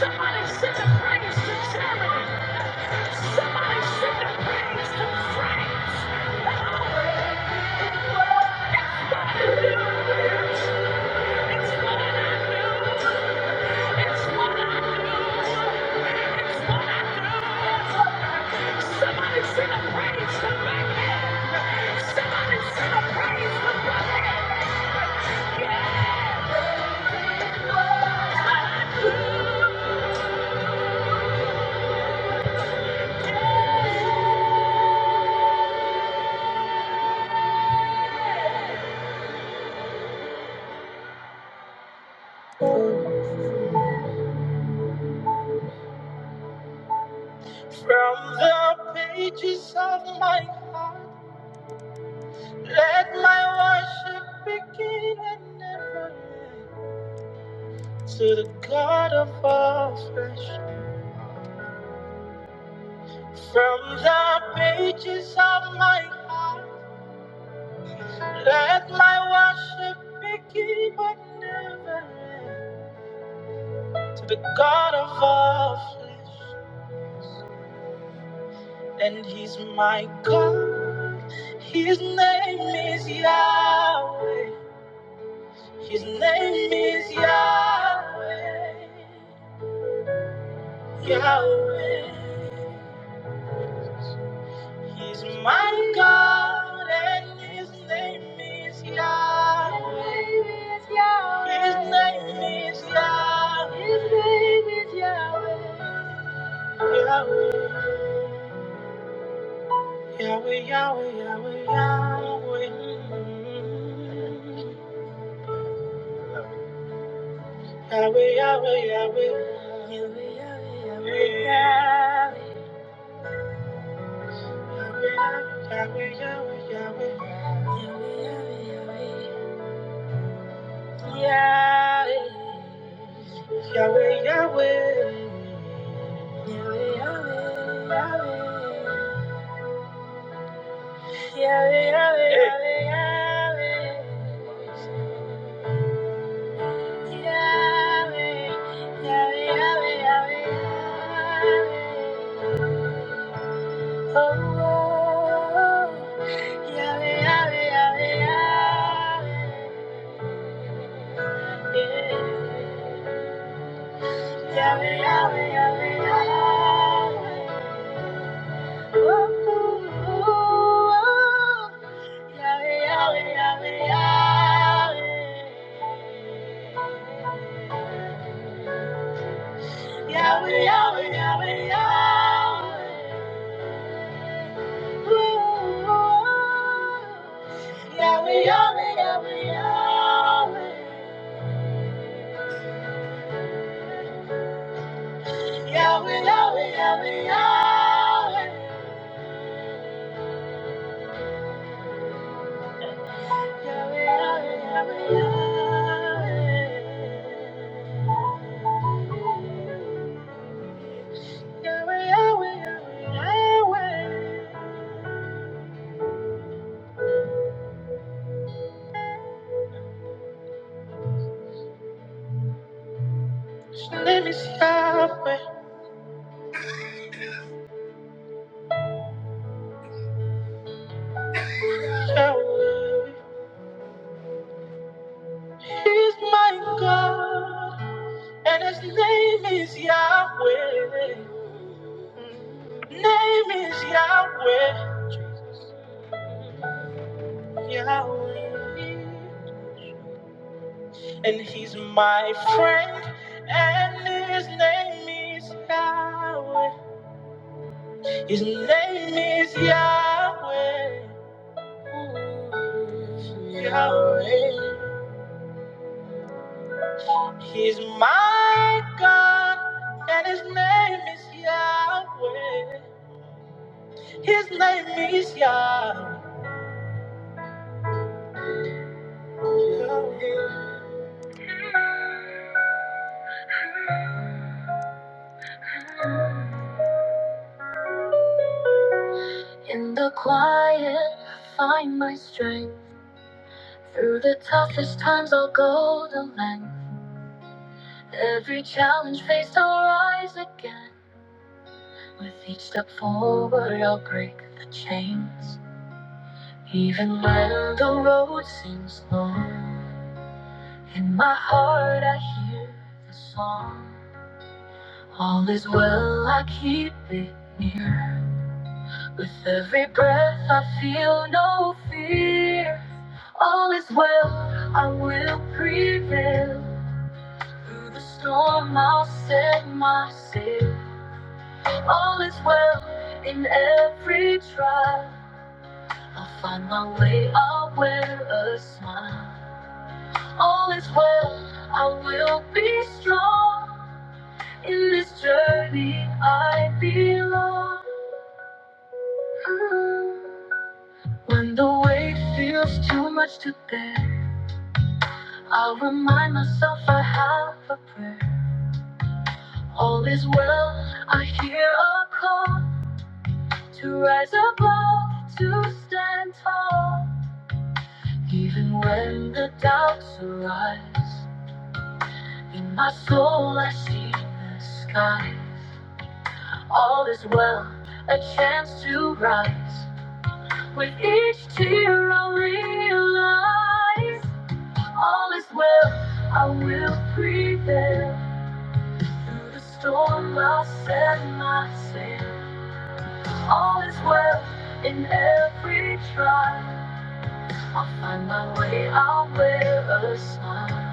B: Somebody sing the praise to China. Somebody send the praise to France. That's It's what I knew. It's what I knew. It's what I knew. Somebody send a praise to Baghdad. Somebody send a praise to Baghdad. Yeah. From the pages of my heart. Let my worship begin and never end to the God of all flesh. From the pages of my heart, let my worship begin and never end to the God of all flesh. And He's my God. His name is Yahweh. His name is Yahweh. Yahweh. He's my God and his name is Yahweh. His name is Yahweh. His name is Yahweh. Yahweh, Yahweh, Yahweh, Yahweh. Yahweh, Yahweh, Yahweh, Yahweh. Yahweh, Yahweh, Yahweh, Yahweh. Yahweh, Yahweh, Yahweh, Yahweh, Yahweh. Yahweh, Yahweh, Yahweh, Yahweh. Oh, Yahweh, Yahweh, Yahweh, Yahweh. Yeah. Yahweh, Yahweh, Yahweh, Yahweh. Yahweh, Yahweh, Yahweh. Yahweh. Yahweh, Yahweh, His name is Yahweh, Yahweh. He is my God, and his name is Yahweh. Name is Yahweh, Yahweh. And he's my friend, and his name is Yahweh. His name is Yahweh. Yahweh. He's my God, and his name is Yahweh. His name is Yahweh. Yahweh. In the quiet, I find my strength. Through the toughest times, I'll go the length. Every challenge faced, I'll rise again. With each step forward, I'll break the chains. Even when the road seems long, in my heart I hear the song. All is well, I keep it near. With every breath, I feel no fear. All is well, I will prevail. Through the storm, I'll set my sail. All is well in every trial. I'll find my way, I'll wear a smile. All is well, I will be strong. In this journey, I belong. When the weight feels too much to bear, I'll remind myself I have a prayer. All is well, I hear a call to rise above, to stand tall. Even when the doubts arise, in my soul I see the skies. All is well, a chance to rise. With each tear I realize, all is well, I will prevail. Through the storm I'll set my sail. All is well, in every trial, I'll find my way, I'll wear a smile.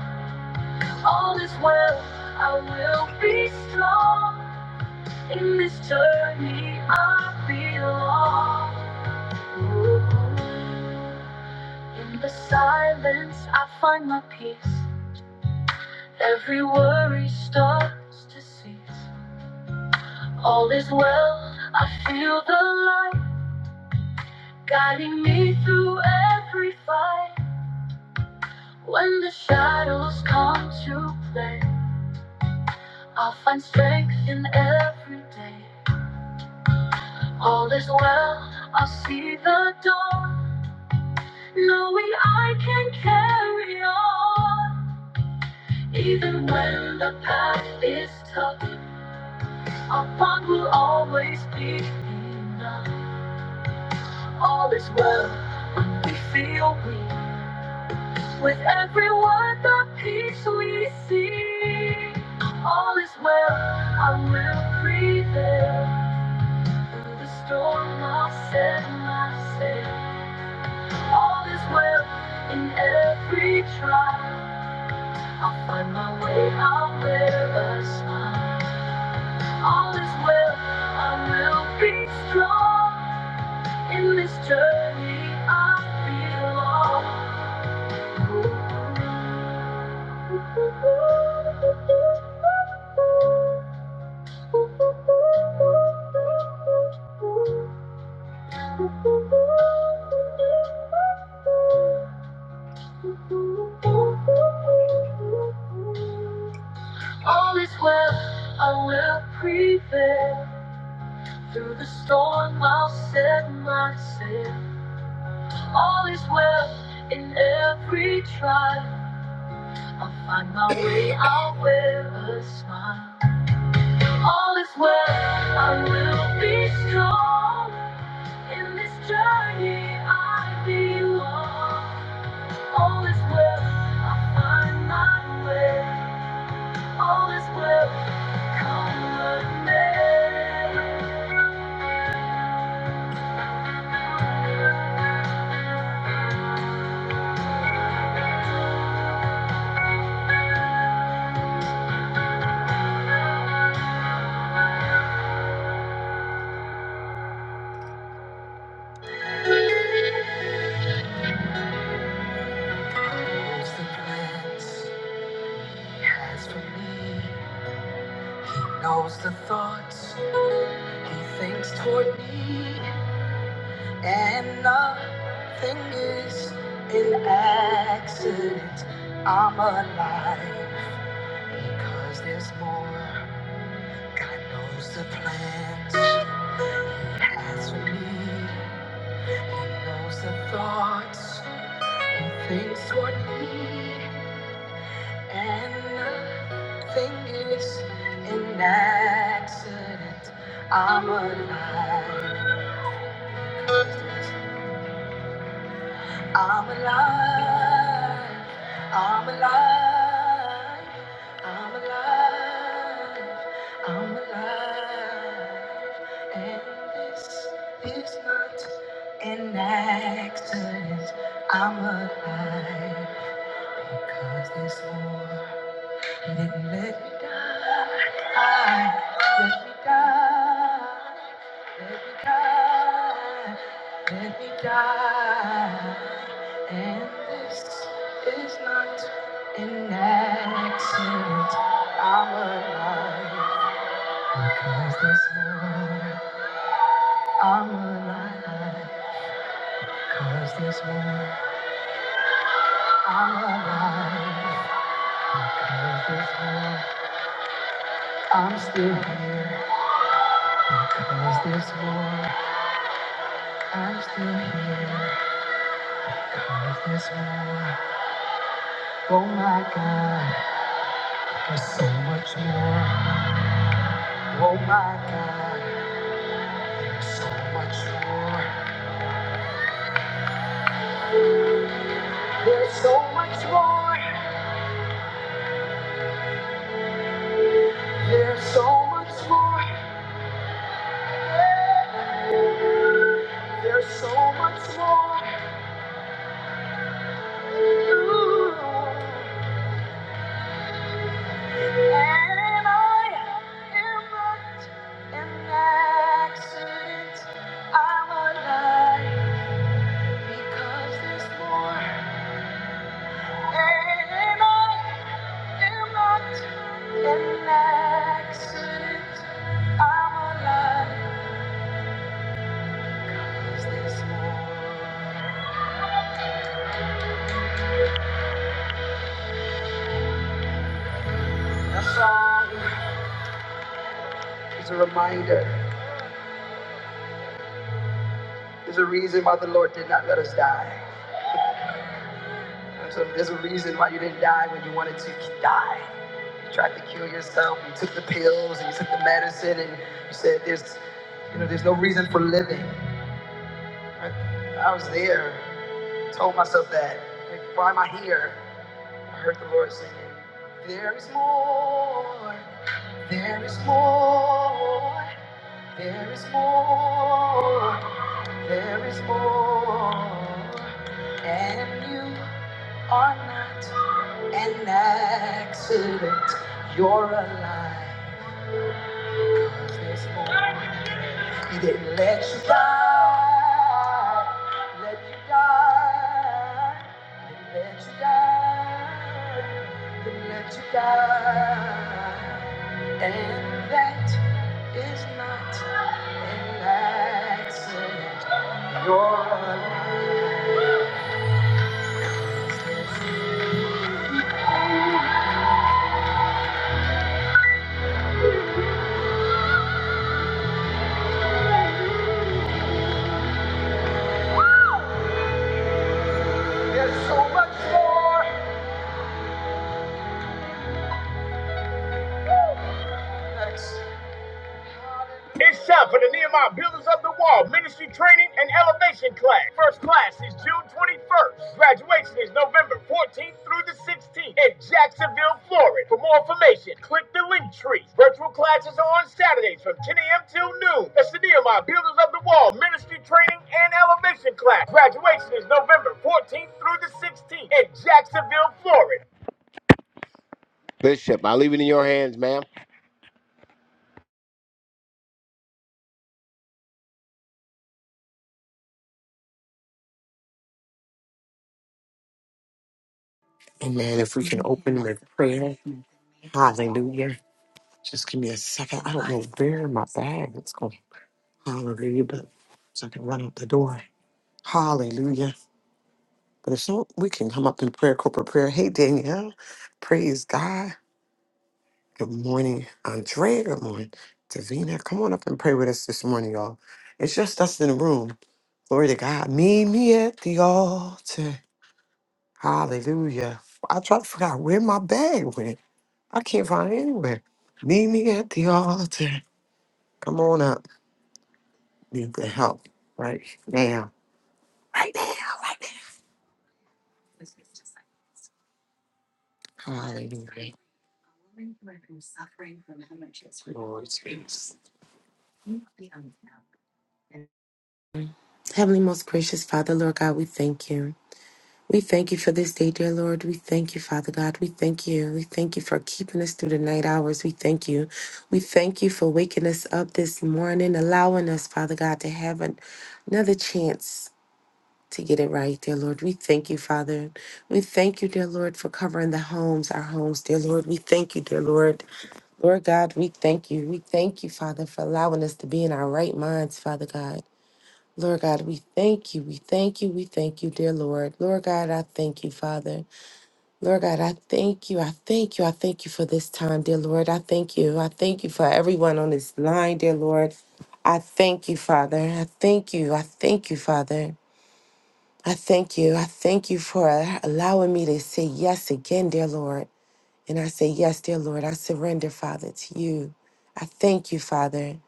B: All is well, I will be strong. In this journey, I belong. Ooh. In the silence, I find my peace. Every worry starts to cease. All is well, I feel the light guiding me through every fight. When the shadows come to play, I'll find strength in every day. All is well, I see the dawn, knowing I can carry on. Even when the path is tough, our bond will always be enough. All is well, we feel weak. With every word, the peace we see. All is well, I will prevail. Through the storm, I'll set my sail. All is well in every trial. I'll find my way, I'll wear a smile. All is well, I will be strong. In this journey, I belong. All is well, I will prevail. Through the storm, I'll set my sail. All is well in every trial. I'll find my way, I'll wear a smile. All is well, I will be strong. In this journey I belong. All is well, I find my way. All is well, come what may. He knows the plans he has for me. He knows the thoughts he thinks toward me. And nothing is an accident. I'm alive. Cause there's more. God knows the plans He has for me. He knows the thoughts He thinks toward me. And nothing is an accident. I'm alive. 'Cause there's I'm alive. I'm alive. I'm alive. I'm alive. And this is not an accident. I'm alive because this war didn't let me die. Let me die. Let me die. Let me die, and this is not an accident. I'm alive, because there's more. I'm alive, because there's more. I'm alive, because there's more. I'm still here, because there's more. I'm still here, because there's more. Oh my God, there's so much more. Oh my God. So much more. There's so much more. Ooh, and I am not an accident. I'm alive because there's more. And I am not an accident. I'm alive because there's more. It's a reminder. There's a reason why the Lord did not let us die. So there's a reason why you didn't die when you wanted to. You tried to kill yourself. You took the pills and you took the medicine, and you said there's, you know, there's no reason for living. I, I was there. Told myself that. Like, why am I here? I heard the Lord singing. There is more. There is more. There is more. There is more. And you are not. an accident. You're alive. 'Cause this morning he didn't let you die. Let you die. Didn't let you die. Didn't let you die. And that is there's so much more. It's time for the Nehemiah Builders of the Wall Ministry Training and Elevation Class. First class is June 21st. Graduation is November 14th through the 16th in Jacksonville, Florida. For more information, click the link tree. Virtual classes are on Saturdays from 10 a.m. till noon. That's the Nehemiah Builders of the Wall Ministry Training and Elevation Class. Graduation is November 14th through the 16th in Jacksonville, Florida. Bishop, I leave it in your hands, ma'am.
C: Amen. If we can open with prayer. Hallelujah. Just give me a second. I don't know where my bag is going. Hallelujah. But so I can run out the door. Hallelujah. But if so, we can come up in prayer, corporate prayer. Hey, Danielle. Praise God. Good morning, Andrea. Good morning, Davina. Come on up and pray with us this morning, y'all. It's just us in the room. Glory to God. Meet me at the altar. Hallelujah. I tried to figure out where my bag went. I can't find it anywhere. Meet me at the altar. Come on up. Need the help right now. Right now. Right now. Hallelujah. Glory to Jesus.
D: Heavenly, most gracious Father, Lord God, we thank you. We thank you for this day, dear Lord. We thank you, Father God. We thank you. We thank you for keeping us through the night hours. We thank you. We thank you for waking us up this morning, allowing us, Father God, to have an, another chance to get it right, dear Lord. We thank you, Father. We thank you, dear Lord, for covering the homes, our homes, dear Lord. We thank you, dear Lord. Lord God, we thank you. We thank you, Father, for allowing us to be in our right minds, Father God. Lord God, we thank you. We thank you. We thank you, dear Lord. Lord God, I thank you, Father. Lord God, I thank you. I thank you. I thank you for this time, dear Lord. I thank you. I thank you for everyone on this line, dear Lord. I thank you, Father. I thank you. I thank you, Father. I thank you. I thank you for allowing me to say yes again, dear Lord. And I say yes, dear Lord. I surrender, Father, to you. I thank you, Father.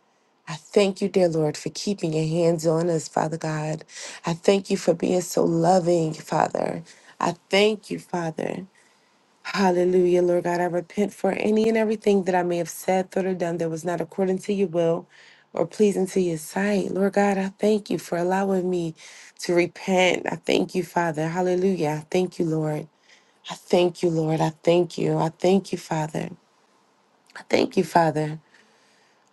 D: I thank you, dear Lord, for keeping your hands on us, Father God. I thank you for being so loving, Father. I thank you, Father. Hallelujah, Lord God. I repent for any and everything that I may have said, thought, or done that was not according to your will or pleasing to your sight. Lord God, I thank you for allowing me to repent. I thank you, Father. Hallelujah. I thank you, Lord. I thank you, Lord. I thank you. I thank you, Father. I thank you, Father.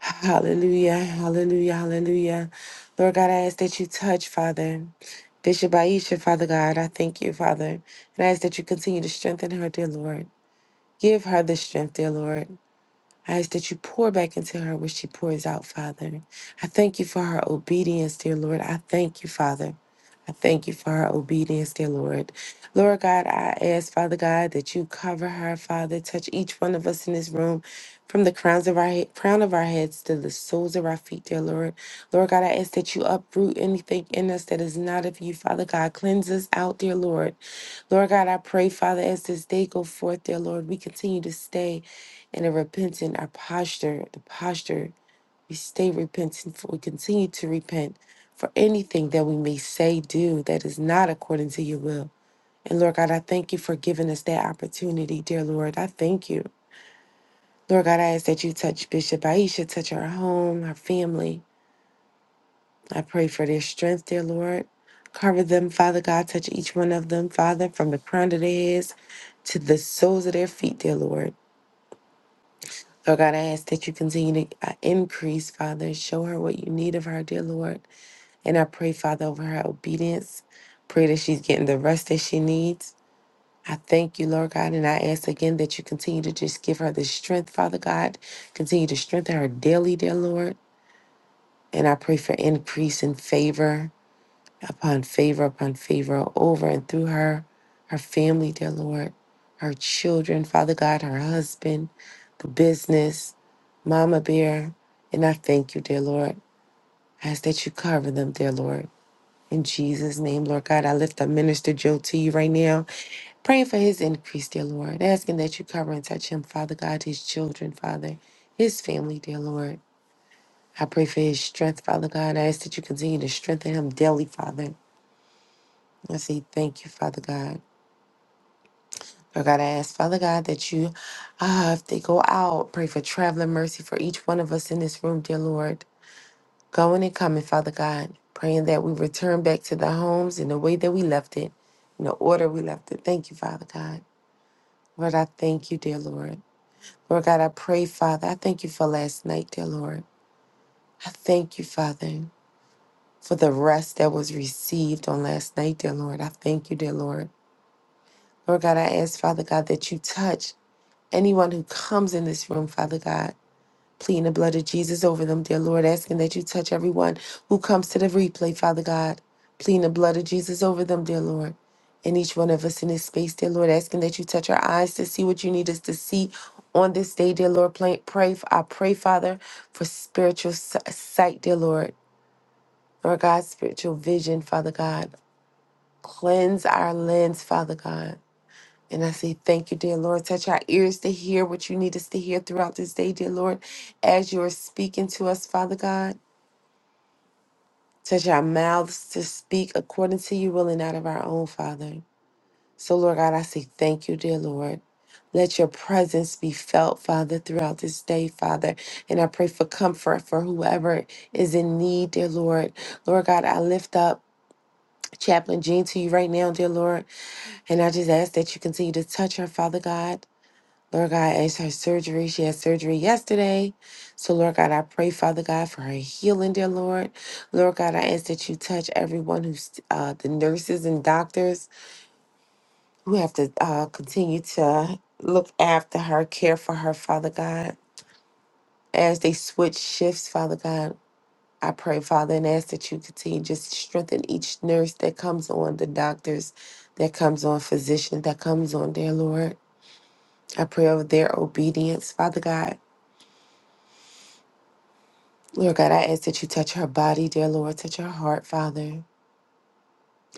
D: Hallelujah, hallelujah, hallelujah. Lord God, I ask that you touch, Father. Bishop Aisha, Father God, I thank you, Father. And I ask that you continue to strengthen her, dear Lord. Give her the strength, dear Lord. I ask that you pour back into her what she pours out, Father. I thank you for her obedience, dear Lord. I thank you, Father. I thank you for her obedience, dear Lord. Lord God, I ask, Father God, that you cover her, Father. Touch each one of us in this room from the crowns of our head, crown of our heads to the soles of our feet, dear Lord. Lord God, I ask that you uproot anything in us that is not of you, Father God. Cleanse us out, dear Lord. Lord God, I pray, Father, as this day go forth, dear Lord, we continue to stay in a repentant, our posture, the posture we stay repentant, for we continue to repent for anything that we may say, do that is not according to your will. And Lord God, I thank you for giving us that opportunity, dear Lord. I thank you. Lord God, I ask that you touch Bishop Aisha, touch her home, her family. I pray for their strength, dear Lord. Cover them, Father God. Touch each one of them, Father, from the crown of their heads to the soles of their feet, dear Lord. Lord God, I ask that you continue to uh, increase, Father. Show her what you need of her, dear Lord. And I pray, Father, over her obedience. Pray that she's getting the rest that she needs. I thank you, Lord God, and I ask again that you continue to just give her the strength, Father God. Continue to strengthen her daily, dear Lord. And I pray for increase in favor upon favor upon favor over and through her, her family, dear Lord, her children, Father God, her husband, the business, Mama Bear. And I thank you, dear Lord. I ask that you cover them, dear Lord. In Jesus' name, Lord God, I lift up Minister Joe to you right now, praying for his increase, dear Lord, asking that you cover and touch him, Father God, his children, Father, his family, dear Lord. I pray for his strength, Father God. I ask that you continue to strengthen him daily, Father. I say thank you, Father God. Lord God, I ask, Father God, that you, uh, if they go out, pray for traveling mercy for each one of us in this room, dear Lord. Going and coming, Father God, praying that we return back to the homes in the way that we left it, in the order we left it. Thank you, Father God. Lord, I thank you, dear Lord. Lord God, I pray, Father, I thank you for last night, dear Lord. I thank you, Father, for the rest that was received on last night, dear Lord. I thank you, dear Lord. Lord God, I ask, Father God, that you touch anyone who comes in this room, Father God. pleading the blood of Jesus over them, dear Lord, asking that you touch everyone who comes to the replay, Father God, pleading the blood of Jesus over them, dear Lord. And each one of us in this space, dear Lord, asking that you touch our eyes to see what you need us to see on this day, dear Lord. Pray, pray I pray, Father, for spiritual s- sight, dear Lord, Lord God, spiritual vision, Father God. Cleanse our lens, Father God. And I say, Thank you, dear Lord. Touch our ears to hear what you need us to hear throughout this day, dear Lord, as you are speaking to us, Father God. Touch our mouths to speak according to your will and out of our own, Father. So, Lord God, I say, Thank you, dear Lord. Let your presence be felt, Father, throughout this day, Father. And I pray for comfort for whoever is in need, dear Lord. Lord God, I lift up Chaplain Jean to you right now, dear Lord. And I just ask that you continue to touch her, Father God. Lord God, as her surgery, she had surgery yesterday. So, Lord God, I pray, Father God, for her healing, dear Lord. Lord God, I ask that you touch everyone who's uh, the nurses and doctors who have to uh, continue to look after her, care for her, Father God. As they switch shifts, Father God, I pray, Father, and ask that you continue just to strengthen each nurse that comes on, the doctors that comes on, physician that comes on, dear Lord. I pray over their obedience, Father God. Lord God, I ask that you touch her body, dear Lord. Touch her heart, Father.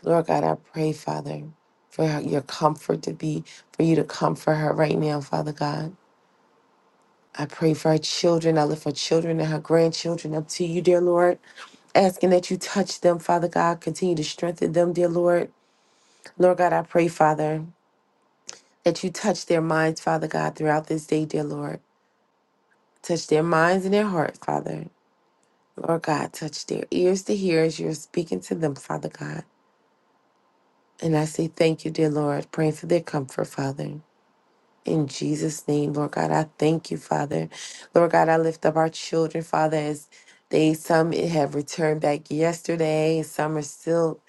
D: Lord God, I pray, Father, for her- your comfort to be, for you to comfort her right now, Father God. I pray for her children. I lift her children and her grandchildren up to you, dear Lord, asking that you touch them, Father God. Continue to strengthen them, dear Lord. Lord God, I pray, Father, that you touch their minds, Father God, throughout this day, dear Lord. Touch their minds and their hearts, Father. Lord God, touch their ears to hear as you're speaking to them, Father God. And I say thank you, dear Lord, praying for their comfort, Father. In Jesus' name, Lord God, I thank you, Father. Lord God, I lift up our children, Father, as they some have returned back yesterday, some are still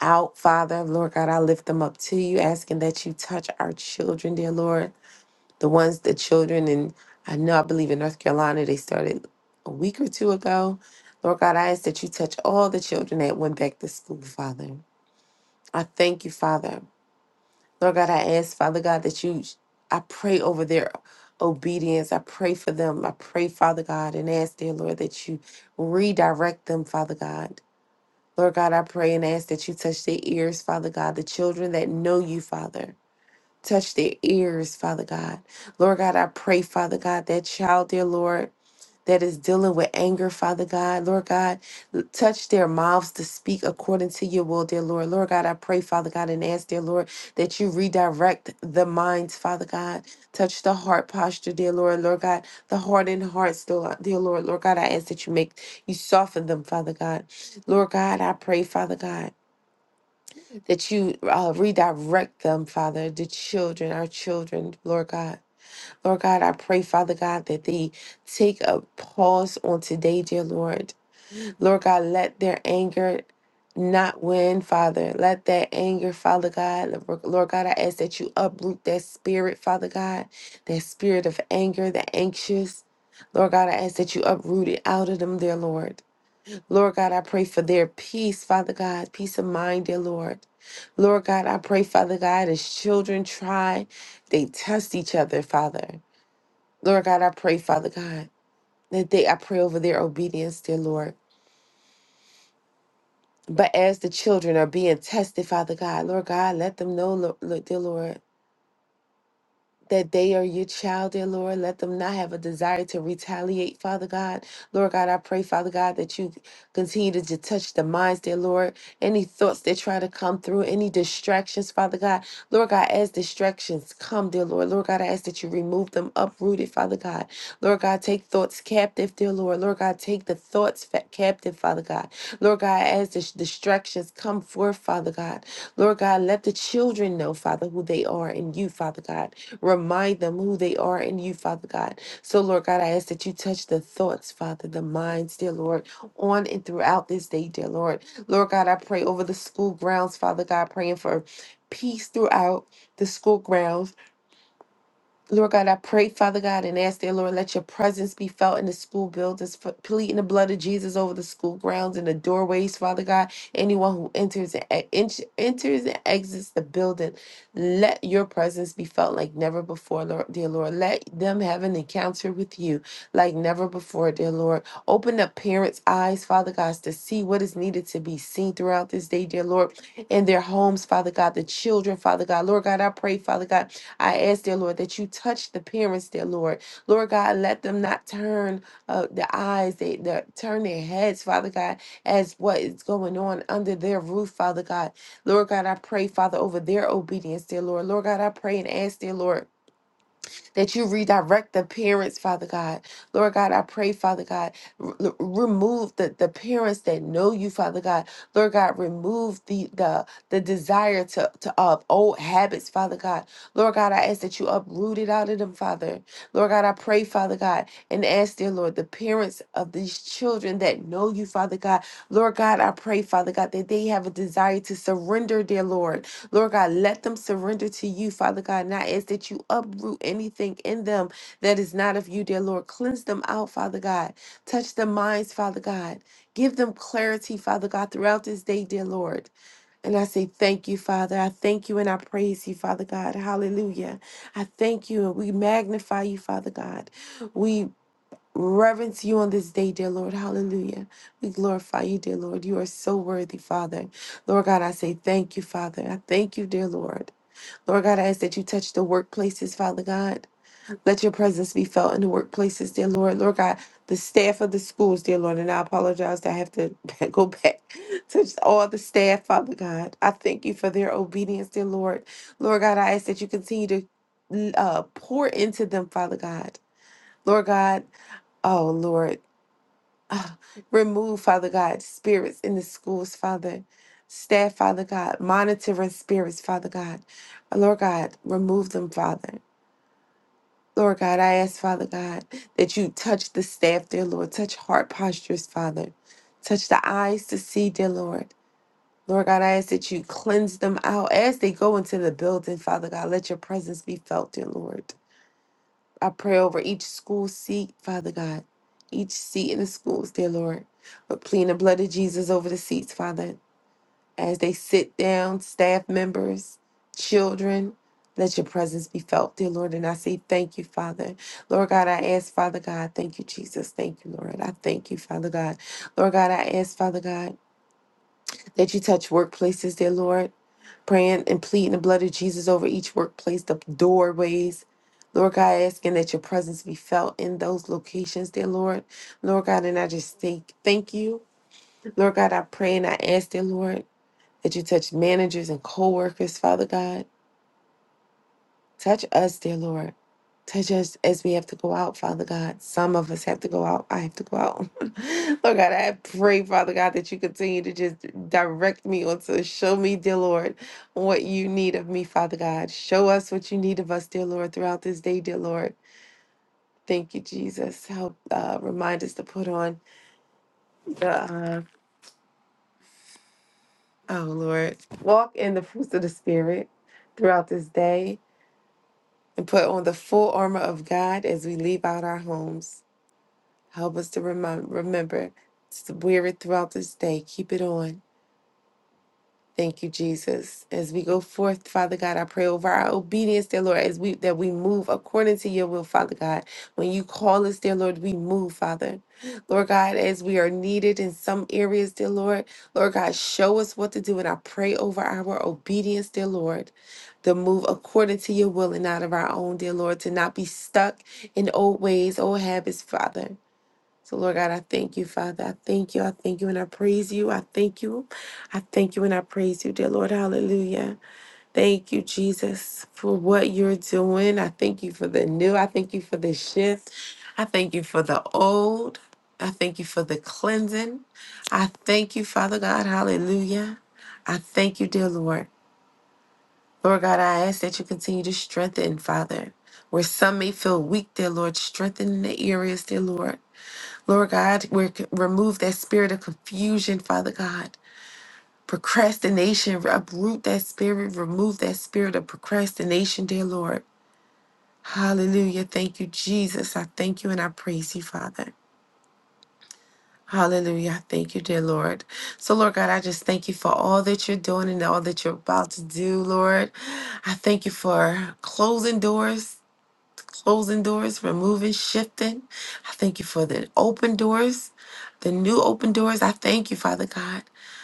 D: out, Father. Lord God, I lift them up to you, asking that you touch our children, dear Lord. The ones, the children, and I know I believe in North Carolina, they started a week or two ago. Lord God, I ask that you touch all the children that went back to school, Father. I thank you, Father Lord God, I ask, Father God, that you, I pray over their obedience. I pray for them. I pray, Father God, and ask, dear Lord, that you redirect them, Father God. Lord God, I pray and ask that you touch their ears, Father God, the children that know you, Father. Touch their ears, Father God. Lord God, I pray, Father God, that child, dear Lord, that is dealing with anger, Father God. Lord God, l- touch their mouths to speak according to your will, dear Lord. Lord God, I pray, Father God, and ask, dear Lord, that you redirect the minds, Father God. Touch the heart posture, dear Lord. Lord God, the hardened hearts, dear Lord. dear Lord Lord God, I ask that you make, you soften them, Father God. Lord God, I pray, Father God that you uh, redirect them, Father, the children, our children, Lord God. Lord God, I pray, Father God, that they take a pause on today, dear Lord. Lord God, let their anger not win, Father. Let that anger, Father God, Lord God, I ask that you uproot that spirit, Father God, that spirit of anger, the anxious. Lord God, I ask that you uproot it out of them, dear Lord. Lord God, I pray for their peace, Father God, peace of mind, dear Lord. Lord God, I pray, Father God, as children try, they test each other, Father. Lord God, I pray, Father God, that they, I pray over their obedience, dear Lord. But as the children are being tested, Father God, Lord God, let them know, Lo- Lo- dear Lord. that they are your child, dear Lord. Let them not have a desire to retaliate, Father God. Lord God, I pray, Father God, that you continue to just touch the minds, dear Lord. Any thoughts that try to come through, any distractions, Father God. Lord God, as distractions come, dear Lord. Lord God, I ask that you remove them uprooted, Father God. Lord God, take thoughts captive, dear Lord. Lord God, take the thoughts fa- captive, Father God. Lord God, as the distractions come forth, Father God. Lord God, let the children know, Father, who they are in you, Father God. Remind them who they are in you, Father God. So, Lord God, I ask that you touch the thoughts, Father, the minds, dear Lord, on and throughout this day, dear Lord. Lord God, I pray over the school grounds, Father God, praying for peace throughout the school grounds Lord God, I pray, Father God, and ask dear Lord, let your presence be felt in the school buildings, f- pleading the blood of Jesus over the school grounds and the doorways, Father God. Anyone who enters and e- ent- enters and exits the building, let your presence be felt like never before, Lord, dear Lord. Let them have an encounter with you like never before, dear Lord. Open up parents' eyes, Father God, to see what is needed to be seen throughout this day, dear Lord, in their homes, Father God, the children, Father God. Lord God, I pray, Father God. I ask, dear Lord, that you touch the parents, dear Lord. Lord God, let them not turn uh, their eyes, they, they turn their heads, Father God, as what is going on under their roof, Father God. Lord God, I pray, Father, over their obedience, dear Lord. Lord God, I pray and ask, dear Lord that you redirect the parents, Father God. Lord God, I pray, Father God, r- r- remove the, the parents that know you, Father God. Lord God, remove the the the desire to, to of old habits, Father God. Lord God, I ask that you uproot it out of them, Father. Lord God, I pray, Father God, and ask, dear Lord, the parents of these children that know you, Father God. Lord God, I pray, Father God, that they have a desire to surrender, dear Lord. Lord God, let them surrender to you, Father God. And I ask that you uproot anything in them that is not of you, dear Lord. Cleanse them out, Father God. Touch their minds, Father God. Give them clarity, Father God, throughout this day, dear Lord. And I say thank you, Father. I thank you and I praise you, Father God. Hallelujah. I thank you and we magnify you, Father God. We reverence you on this day, dear Lord. Hallelujah. We glorify you, dear Lord. You are so worthy, Father. Lord God, I say thank you, Father. I thank you, dear Lord. Lord God, I ask that you touch the workplaces, Father God. Let your presence be felt in the workplaces, dear Lord. Lord God, the staff of the schools, dear Lord. And I apologize that I have to go back. Touch all the staff, Father God. I thank you for their obedience, dear Lord. Lord God, I ask that you continue to uh, pour into them, Father God. Lord God, oh Lord. Uh, remove, Father God, spirits in the schools, Father. Staff, Father God, monitoring spirits, Father God. Lord God, remove them, Father. Lord God, I ask, Father God, that you touch the staff, dear Lord. Touch heart postures, Father. Touch the eyes to see, dear Lord. Lord God, I ask that you cleanse them out as they go into the building, Father God. Let your presence be felt, dear Lord. I pray over each school seat, Father God, each seat in the schools, dear Lord. But plead the blood of Jesus over the seats, Father, as they sit down, staff members, children. Let your presence be felt, dear Lord. And I say thank you, Father. Lord God, I ask, Father God, thank you, Jesus. Thank you, Lord. I thank you, Father God. Lord God, I ask, Father God that you touch workplaces, dear Lord. Praying and pleading the blood of Jesus over each workplace, the doorways. Lord God, asking that your presence be felt in those locations, dear Lord. Lord God, and I just thank thank you. Lord God, I pray and I ask, dear Lord, that you touch managers and co-workers, Father God. Touch us, dear Lord. Touch us as we have to go out, Father God. Some of us have to go out. I have to go out. Lord God, I pray, Father God, that you continue to just direct me or to show me, dear Lord, what you need of me, Father God. Show us what you need of us, dear Lord, throughout this day, dear Lord. Thank you, Jesus. Help uh, remind us to put on the, uh, oh Lord, walk in the fruits of the Spirit throughout this day and put on the full armor of God as we leave out our homes. Help us to remind, remember to wear it throughout this day. Keep it on. Thank you, Jesus. As we go forth, Father God, I pray over our obedience, dear Lord, as we that we move according to your will, Father God. When you call us, dear Lord, we move, Father. Lord God, as we are needed in some areas, dear Lord, Lord God, show us what to do. And I pray over our obedience, dear Lord, to move according to your will and not of our own, dear Lord, to not be stuck in old ways, old habits, Father. So, Lord God, I thank you, Father. I thank you. I thank you and I praise you. I thank you. I thank you and I praise you, dear Lord. Hallelujah. Thank you, Jesus, for what you're doing. I thank you for the new. I thank you for the shift. I thank you for the old. I thank you for the cleansing. I thank you, Father God. Hallelujah. I thank you, dear Lord. Lord God, I ask that you continue to strengthen, Father, where some may feel weak, dear Lord. Strengthen the areas, dear Lord. Lord God, we remove that spirit of confusion, Father God. Procrastination, uproot that spirit, remove that spirit of procrastination, dear Lord. Hallelujah. Thank you, Jesus. I thank you and I praise you, Father. Hallelujah. I Thank you, dear Lord. So, Lord God, I just thank you for all that you're doing and all that you're about to do, Lord. I thank you for closing doors closing doors, removing, shifting. I thank you for the open doors, the new open doors. I thank you, Father God,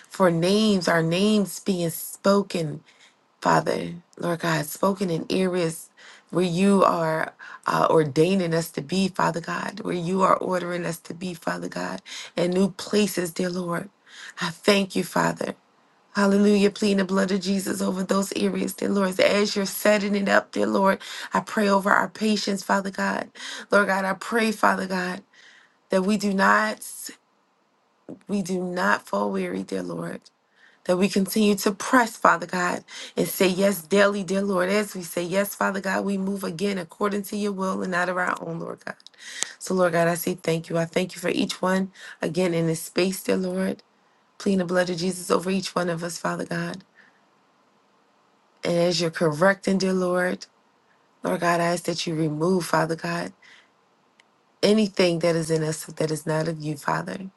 D: for names, our names being spoken, Father, Lord God, spoken in areas where you are uh, ordaining us to be, Father God, where you are ordering us to be, Father God, in new places, dear Lord. I thank you, Father. Hallelujah. Pleading the blood of Jesus over those areas, dear Lord. As you're setting it up, dear Lord, I pray over our patience, Father God. Lord God, I pray, Father God, that we do not we do not fall weary, dear Lord. That we continue to press, Father God, and say yes daily, dear Lord. As we say yes, Father God, we move again according to your will and not of our own, Lord God. So, Lord God, I say thank you. I thank you for each one again in this space, dear Lord. Pleading the blood of Jesus over each one of us, Father God. And as you're correcting, dear Lord, Lord God, I ask that you remove, Father God, anything that is in us that is not of you, Father.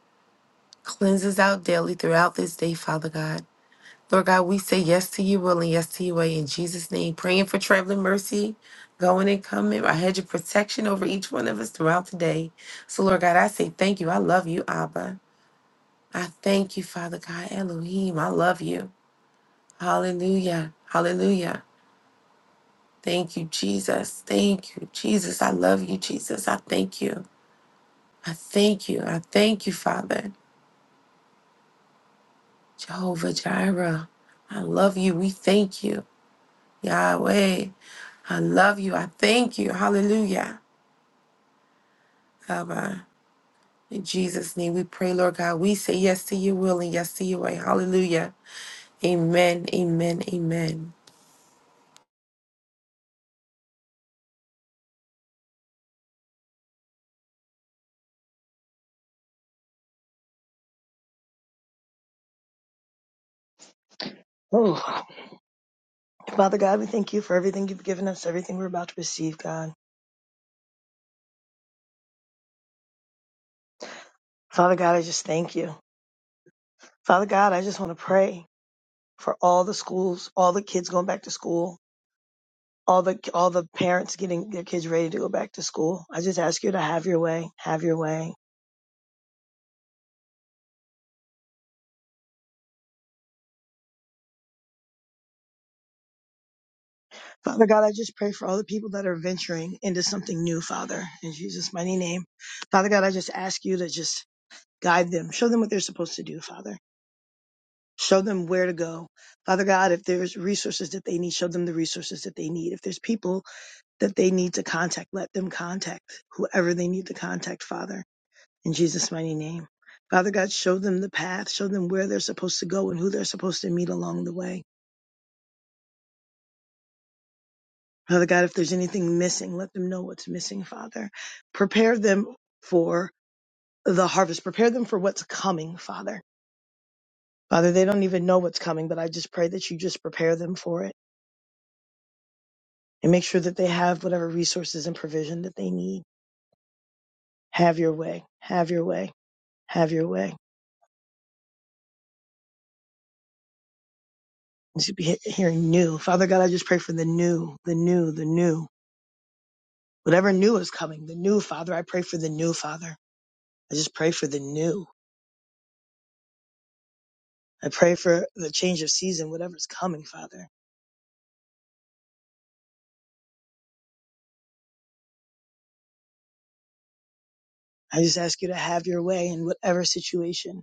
D: Cleanse us out daily throughout this day, Father God. Lord God, we say yes to your will and yes to your way in Jesus' name. Praying for traveling mercy, going and coming. I had your protection over each one of us throughout the day. So, Lord God, I say thank you. I love you, Abba. I thank you, Father God, Elohim. I love you. Hallelujah. Hallelujah. Thank you, Jesus. Thank you, Jesus. I love you, Jesus. I thank you. I thank you. I thank you, Father. Jehovah Jireh. I love you. We thank you. Yahweh. I love you. I thank you. Hallelujah. Abba. In Jesus' name we pray, Lord God. We say yes to your will and yes to your way. Hallelujah. Amen. Amen. Amen.
E: Oh, Father God, we thank you for everything you've given us, everything we're about to receive, God. Father God, I just thank you. Father God, I just want to pray for all the schools, all the kids going back to school, all the all the parents getting their kids ready to go back to school. I just ask you to have your way, have your way. Father God, I just pray for all the people that are venturing into something new, Father, in Jesus' mighty name. Father God, I just ask you to just guide them, show them what they're supposed to do, Father. Show them where to go. Father God, if there's resources that they need, show them the resources that they need. If there's people that they need to contact, let them contact whoever they need to contact, Father, in Jesus' mighty name. Father God, show them the path, show them where they're supposed to go and who they're supposed to meet along the way. Father God, if there's anything missing, let them know what's missing, Father. Prepare them for the harvest, prepare them for what's coming, Father. Father, they don't even know what's coming, but I just pray that you just prepare them for it. and make sure that they have whatever resources and provision that they need. Have your way. Have your way. Have your way. You should be hearing new. Father God, I just pray for the new, the new, the new. Whatever new is coming, the new, Father, I pray for the new, Father. I just pray for the new. I pray for the change of season, whatever's coming, Father. I just ask you to have your way in whatever situation.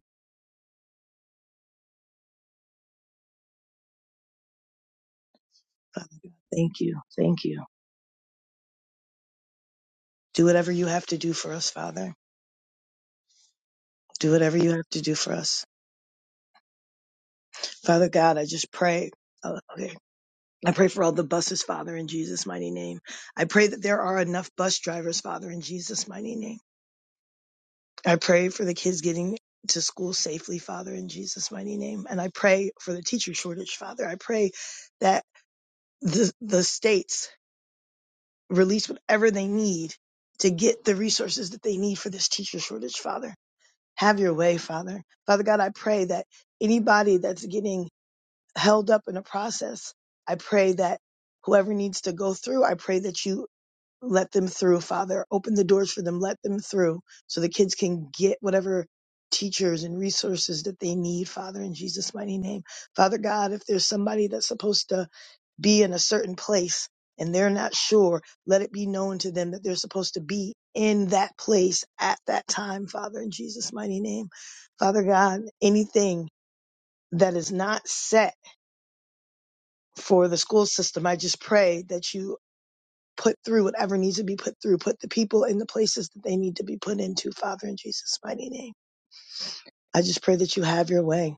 E: Father God, thank you. Thank you. Do whatever you have to do for us, Father. Do whatever you have to do for us. Father God, I just pray. uh, Okay. I pray for all the buses, Father, in Jesus' mighty name. I pray that there are enough bus drivers, Father, in Jesus' mighty name. I pray for the kids getting to school safely, Father, in Jesus' mighty name. And I pray for the teacher shortage, Father. I pray that the, the states release whatever they need to get the resources that they need for this teacher shortage, Father. Have your way, Father. Father God, I pray that anybody that's getting held up in a process, I pray that whoever needs to go through, I pray that you let them through, Father. Open the doors for them. Let them through so the kids can get whatever teachers and resources that they need, Father, in Jesus' mighty name. Father God, if there's somebody that's supposed to be in a certain place and they're not sure, let it be known to them that they're supposed to be in that place at that time, Father, in Jesus' mighty name. Father God, anything that is not set for the school system, I just pray that you put through whatever needs to be put through, put the people in the places that they need to be put into, Father, in Jesus' mighty name. I just pray that you have your way.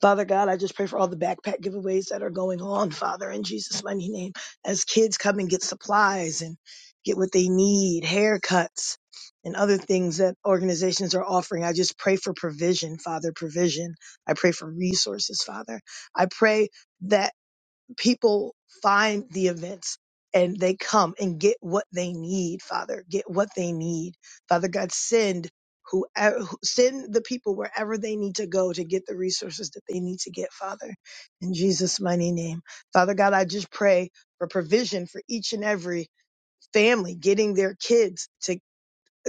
E: Father God, I just pray for all the backpack giveaways that are going on, Father, in Jesus' mighty name. As kids come and get supplies and get what they need, haircuts and other things that organizations are offering, I just pray for provision, Father, provision. I pray for resources, Father. I pray that people find the events and they come and get what they need, Father. Get what they need. Father God, send whoever, send the people wherever they need to go to get the resources that they need to get, Father. In Jesus' mighty name. Father God, I just pray for provision for each and every family getting their kids to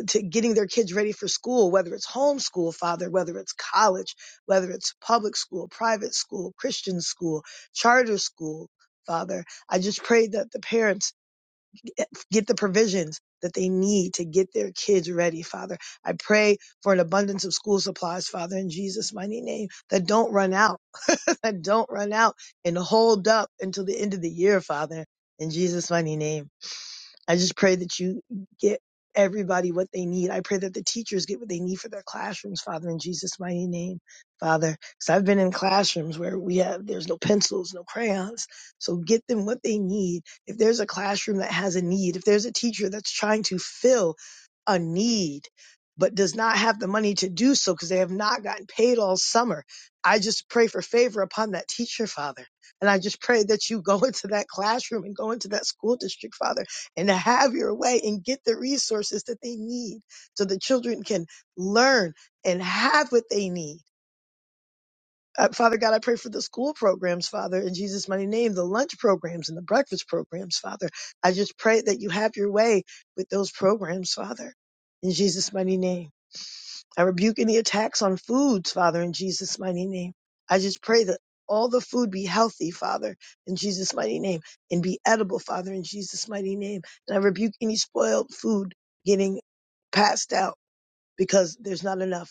E: to getting their kids ready for school, whether it's homeschool, father, whether it's college, whether it's public school, private school, Christian school, charter school, father. I just pray that the parents get the provisions that they need to get their kids ready, father. I pray for an abundance of school supplies, father, in Jesus' mighty name, that don't run out, that don't run out and hold up until the end of the year, father, in Jesus' mighty name. I just pray that you get everybody what they need. I pray that the teachers get what they need for their classrooms, Father, in Jesus' mighty name, Father. Because I've been in classrooms where we have, there's no pencils, no crayons. So get them what they need. If there's a classroom that has a need, if there's a teacher that's trying to fill a need, but does not have the money to do so because they have not gotten paid all summer. I just pray for favor upon that teacher, Father. And I just pray that you go into that classroom and go into that school district, Father and to have your way and get the resources that they need so the children can learn and have what they need. Uh, Father God, I pray for the school programs, Father, in Jesus' mighty name, the lunch programs and the breakfast programs, Father. I just pray that you have your way with those programs, Father, in Jesus' mighty name. I rebuke any attacks on foods, Father, in Jesus' mighty name. I just pray that all the food be healthy, Father, in Jesus' mighty name, and be edible, Father, in Jesus' mighty name. And I rebuke any spoiled food getting passed out because there's not enough.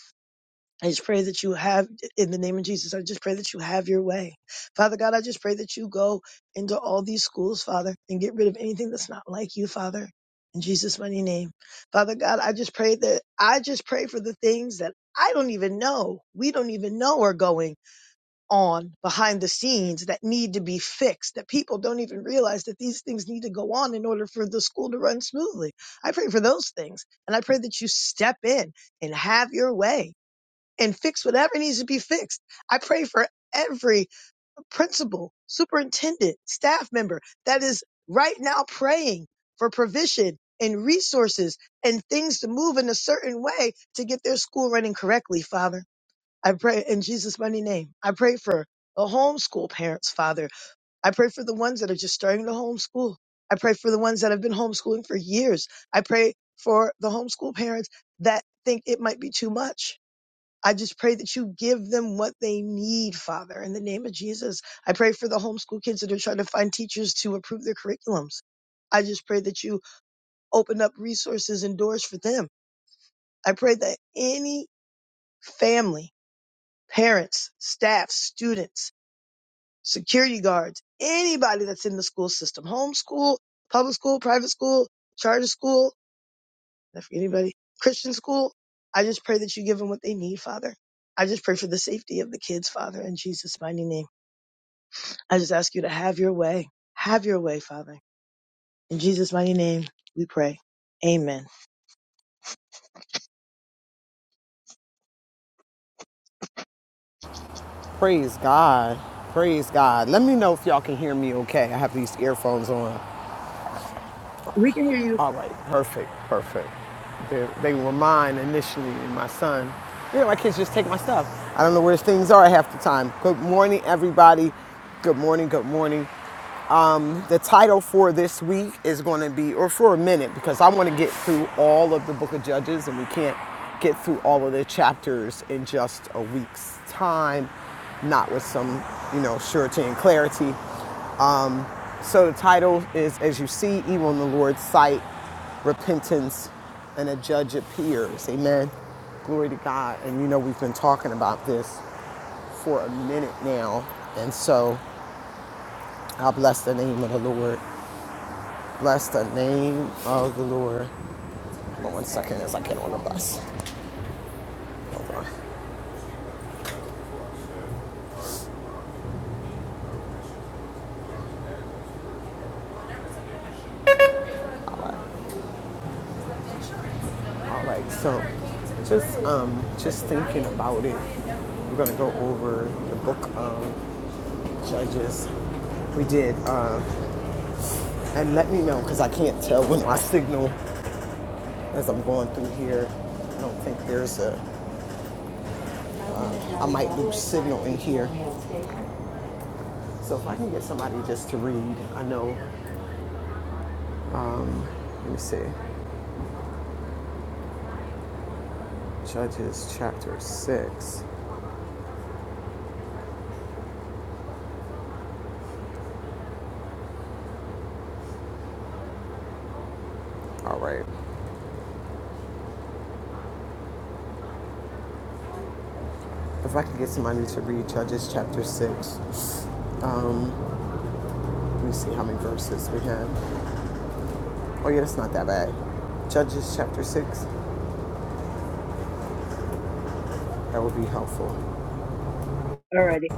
E: I just pray that you have, in the name of Jesus, I just pray that you have your way. Father God, I just pray that you go into all these schools, Father, and get rid of anything that's not like you, Father, in Jesus' mighty name. Father God, I just pray that, I just pray for the things that I don't even know, we don't even know are going on behind the scenes that need to be fixed, that people don't even realize that these things need to go on in order for the school to run smoothly. I pray for those things. And I pray that you step in and have your way and fix whatever needs to be fixed. I pray for every principal, superintendent, staff member that is right now praying for provision and resources and things to move in a certain way to get their school running correctly, Father. I pray in Jesus' mighty name. I pray for the homeschool parents, Father. I pray for the ones that are just starting to homeschool. I pray for the ones that have been homeschooling for years. I pray for the homeschool parents that think it might be too much. I just pray that you give them what they need, Father, in the name of Jesus. I pray for the homeschool kids that are trying to find teachers to approve their curriculums. I just pray that you open up resources and doors for them. I pray that any family, parents, staff, students, security guards, anybody that's in the school system, homeschool, public school, private school, charter school, Not For anybody Christian school, I just pray that you give them what they need, Father. I just pray for the safety of the kids, Father, in Jesus' mighty name. I just ask you to have your way. Have your way, Father. In Jesus' mighty name, we pray. Amen.
C: Praise God. Praise God. Let me know if y'all can hear me okay. I have these earphones on.
E: We can hear you
C: All right, perfect, perfect. They, they were mine initially, and my son. You know, my kids just take my stuff. I don't know where things are half the time. Good morning, everybody. Good morning, good morning. The title for this week is going to be, or for a minute, because I want to get through all of the book of Judges and we can't get through all of the chapters in just a week's time, not with some, you know, surety and clarity. So the title is As You See Evil in the Lord's Sight, Repentance, and a Judge Appears. Amen. Glory to God. And you know, we've been talking about this for a minute now. And so I bless the name of the Lord. Bless the name of the Lord. Hold on one second as I get on the bus. Hold on. All right, so just um just thinking about it, we're gonna go over the book of Judges. We did, uh, and let me know because I can't tell when my signal as I'm going through here. I don't think there's a. I might lose signal in here. So if I can get somebody just to read, I know. Let me see. Judges chapter six. All right. If I could get somebody to read Judges chapter 6, um, let me see how many verses we have. Oh, yeah, that's not that bad. Judges chapter 6, that would be helpful.
E: already.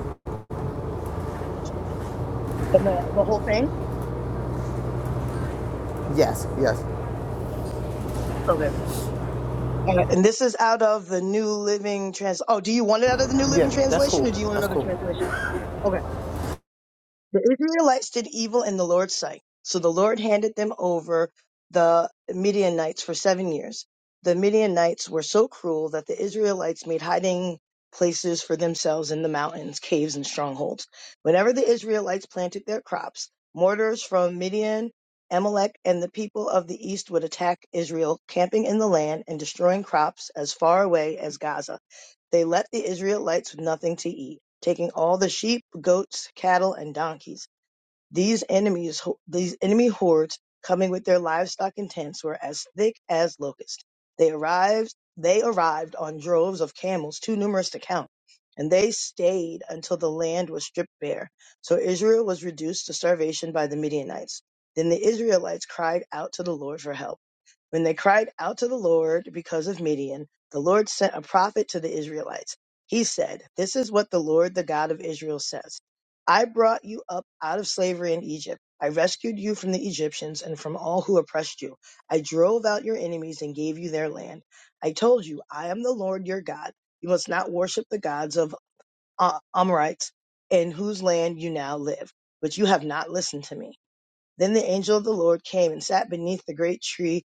E: And the, the whole thing?
C: Yes, yes.
E: Okay. All right. And this is out of the New Living Trans. Oh, do you want it out of the New Living
C: Yeah, that's
E: Translation
C: cool.
E: or do you want
C: That's
E: another
C: cool.
E: translation? Okay. The Israelites did evil in the Lord's sight. So the Lord handed them over the Midianites for seven years. The Midianites were so cruel that the Israelites made hiding places for themselves in the mountains, caves, and strongholds. Whenever the Israelites planted their crops, mortars from Midian, Amalek, and the people of the east would attack Israel, camping in the land and destroying crops as far away as Gaza. They left the Israelites with nothing to eat taking all the sheep, goats, cattle, and donkeys. These enemies, these enemy hordes coming with their livestock and tents were as thick as locusts. They arrived, they arrived on droves of camels too numerous to count, and they stayed until the land was stripped bare. So Israel was reduced to starvation by the Midianites. Then the Israelites cried out to the Lord for help. When they cried out to the Lord because of Midian, the Lord sent a prophet to the Israelites. He said, This is what the Lord, the God of Israel, says I brought you up out of slavery in Egypt. I rescued you from the Egyptians and from all who oppressed you. I drove out your enemies and gave you their land. I told you, I am the Lord your God. You must not worship the gods of uh, Amorites in whose land you now live. But you have not listened to me. Then the angel of the Lord came and sat beneath the great tree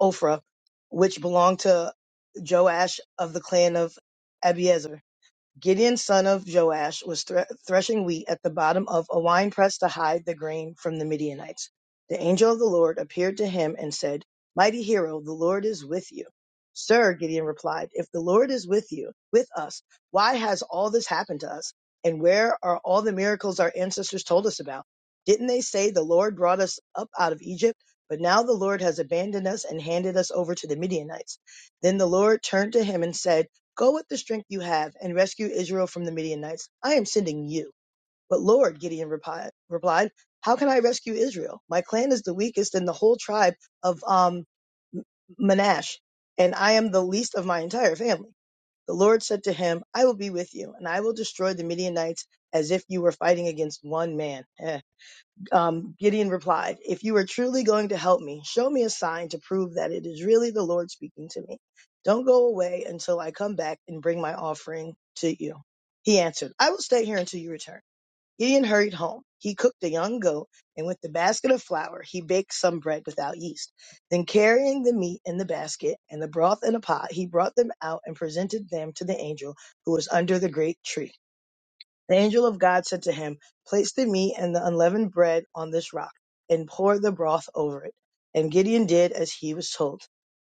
E: Ophrah, which belonged to Joash of the clan of Abiezer. Gideon son of Joash was thre- threshing wheat at the bottom of a winepress to hide the grain from the Midianites. The angel of the Lord appeared to him and said, Mighty hero, the Lord is with you. Sir, Gideon replied, if the Lord is with you, with us, why has all this happened to us? And where are all the miracles our ancestors told us about? Didn't they say the Lord brought us up out of Egypt? But now the Lord has abandoned us and handed us over to the Midianites. Then the Lord turned to him and said, Go with the strength you have and rescue Israel from the Midianites. I am sending you. But Lord, Gideon repi- replied, how can I rescue Israel? My clan is the weakest in the whole tribe of um, Manasseh, and I am the least of my entire family. The Lord said to him, I will be with you, and I will destroy the Midianites as if you were fighting against one man. Eh. Um, Gideon replied, If you are truly going to help me, show me a sign to prove that it is really the Lord speaking to me. Don't go away until I come back and bring my offering to you. He answered, I will stay here until you return. Gideon hurried home. He cooked a young goat, and with the basket of flour, he baked some bread without yeast. Then, carrying the meat in the basket and the broth in a pot, he brought them out and presented them to the angel who was under the great tree. The angel of God said to him, Place the meat and the unleavened bread on this rock, and pour the broth over it. And Gideon did as he was told.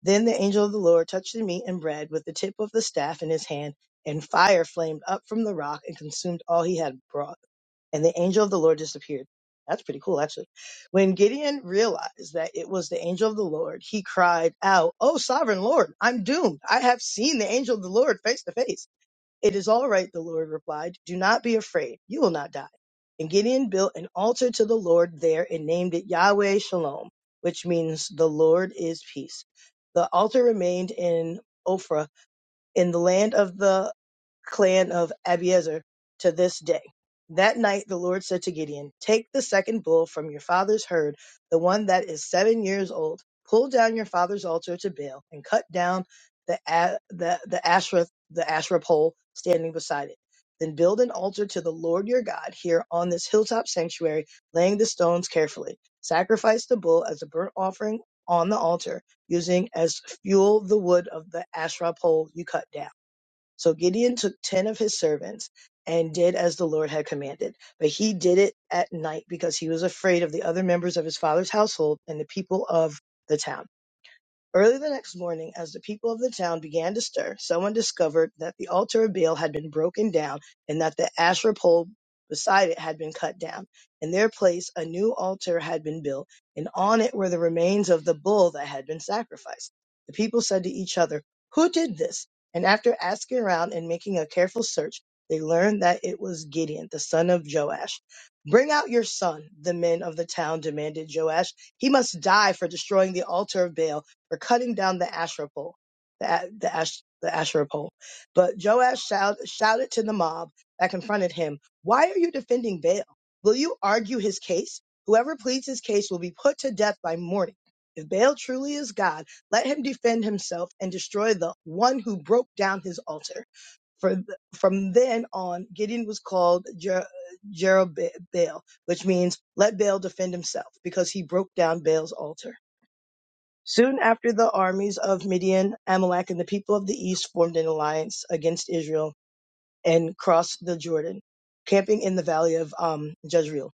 E: Then the angel of the Lord touched the meat and bread with the tip of the staff in his hand, and fire flamed up from the rock and consumed all he had brought. And the angel of the Lord disappeared. That's pretty cool, actually. When Gideon realized that it was the angel of the Lord, he cried out, Oh, sovereign Lord, I'm doomed. I have seen the angel of the Lord face to face. It is all right, the Lord replied. Do not be afraid. You will not die. And Gideon built an altar to the Lord there and named it Yahweh Shalom, which means the Lord is peace. The altar remained in Ophrah in the land of the clan of Abiezer to this day. That night the Lord said to Gideon, Take the second bull from your father's herd, the one that is seven years old, pull down your father's altar to Baal, and cut down the the the Asherah the Asherah pole standing beside it. Then build an altar to the Lord your God here on this hilltop sanctuary, laying the stones carefully. Sacrifice the bull as a burnt offering on the altar, using as Fuel the wood of the Asherah pole you cut down. So Gideon took ten of his servants and did as the Lord had commanded. But he did it at night because he was afraid of the other members of his father's household and the people of the town. Early the next morning, as the people of the town began to stir, someone discovered that the altar of Baal had been broken down and that the Asherah pole beside it had been cut down. In their place, a new altar had been built, and on it were the remains of the bull that had been sacrificed. The people said to each other, Who did this? And after asking around and making a careful search, they learned that it was Gideon, the son of Joash. Bring out your son, the men of the town demanded Joash. He must die for destroying the altar of Baal for cutting down the Asherah pole, the, A- the, Ash, the Asherah pole. But Joash shout, shouted to the mob that confronted him, Why are you defending Baal? Will you argue his case? Whoever pleads his case will be put to death by morning. If Baal truly is God, let him defend himself and destroy the one who broke down his altar. For th- from then on, Gideon was called Jer- Jerubbaal, which means let Baal defend himself because he broke down Baal's altar. Soon after, the armies of Midian, Amalek, and the people of the east formed an alliance against Israel and crossed the Jordan, camping in the valley of um, Jezreel.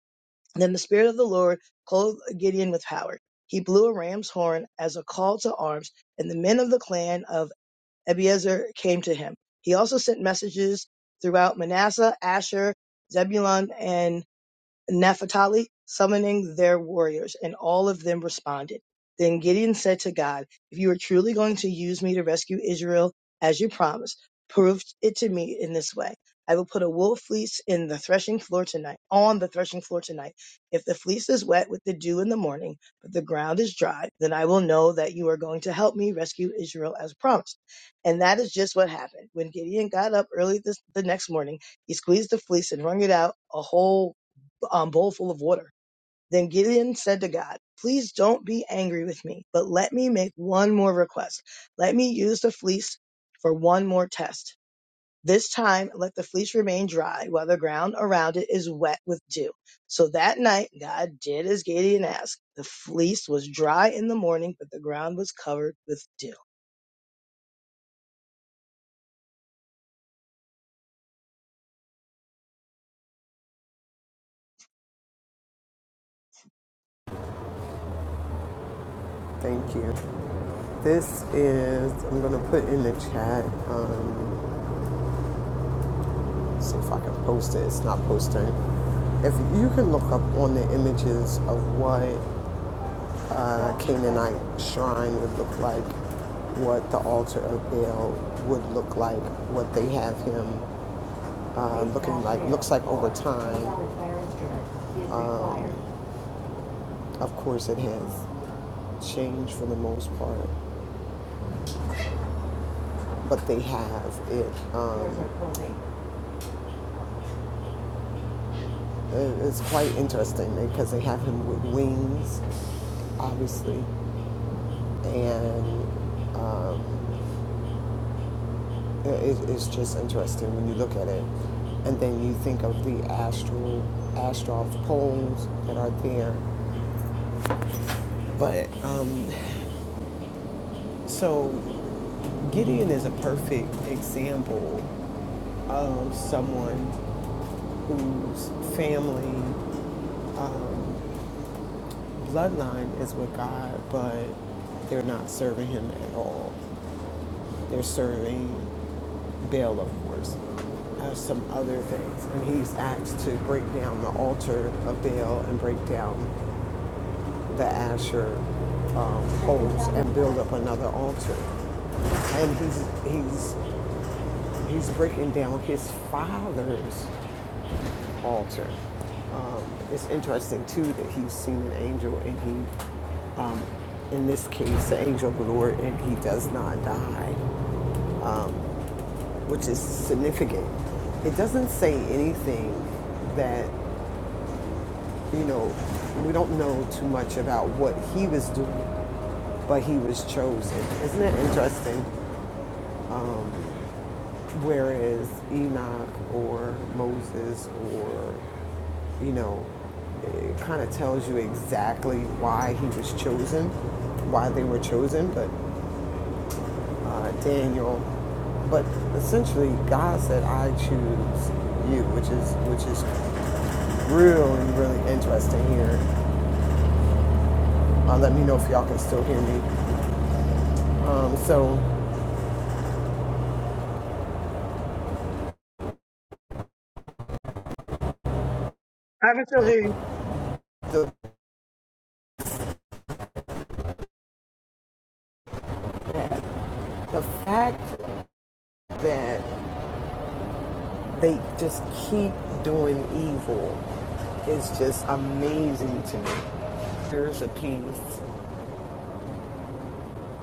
E: Then the Spirit of the Lord clothed Gideon with power. He blew a ram's horn as a call to arms, and the men of the clan of Ebiezer came to him. He also sent messages throughout Manasseh, Asher, Zebulun, and Naphtali, summoning their warriors, and all of them responded. Then Gideon said to God, If you are truly going to use me to rescue Israel as you promised, prove it to me in this way. I will put a wool fleece in the threshing floor tonight, on the threshing floor tonight. If the fleece is wet with the dew in the morning, but the ground is dry, then I will know that you are going to help me rescue Israel as promised. And that is just what happened. When Gideon got up early this, the next morning, he squeezed the fleece and wrung it out a whole um, bowl full of water. Then Gideon said to God, Please don't be angry with me, but let me make one more request. Let me use the fleece for one more test. This time, let the fleece remain dry while the ground around it is wet with dew. So that night, God did as Gideon asked. The fleece was dry in the morning, but the ground was covered with dew.
C: Thank you. This is, I'm going to put in the chat, um, see if I can post it. It's not posting. If you can look up on the images of what uh, Canaanite shrine would look like, what the altar of Baal would look like, what they have him uh, look like over time. Of course, it has changed for the most part, but they have it. Uh, it- it's quite interesting because they have him with wings, obviously, and um, It, it's just interesting when you look at it, and then you think of the astral astral poles that are there. But um, so Gideon is a perfect example of someone whose family bloodline is with God, but they're not serving Him at all. They're serving bail, of course, uh, some other things. And he's asked to break down the altar of Baal and break down the Asher um, poles and build up another altar. And he's he's he's breaking down his father's altar. Um, it's interesting too that he's seen an angel and he, um, in this case, the angel of the Lord, and he does not die. which is significant. It doesn't say anything that, you know, we don't know too much about what he was doing, but he was chosen. Isn't it interesting? Whereas Enoch or Moses or, you know, it kind of tells you exactly why he was chosen, why they were chosen, but uh, Daniel but essentially, God said, "I choose you," which is which is really, really interesting here. Uh, let me know if y'all can still hear me. Um, so the the fact that they just keep doing evil is just amazing to me. There's a piece,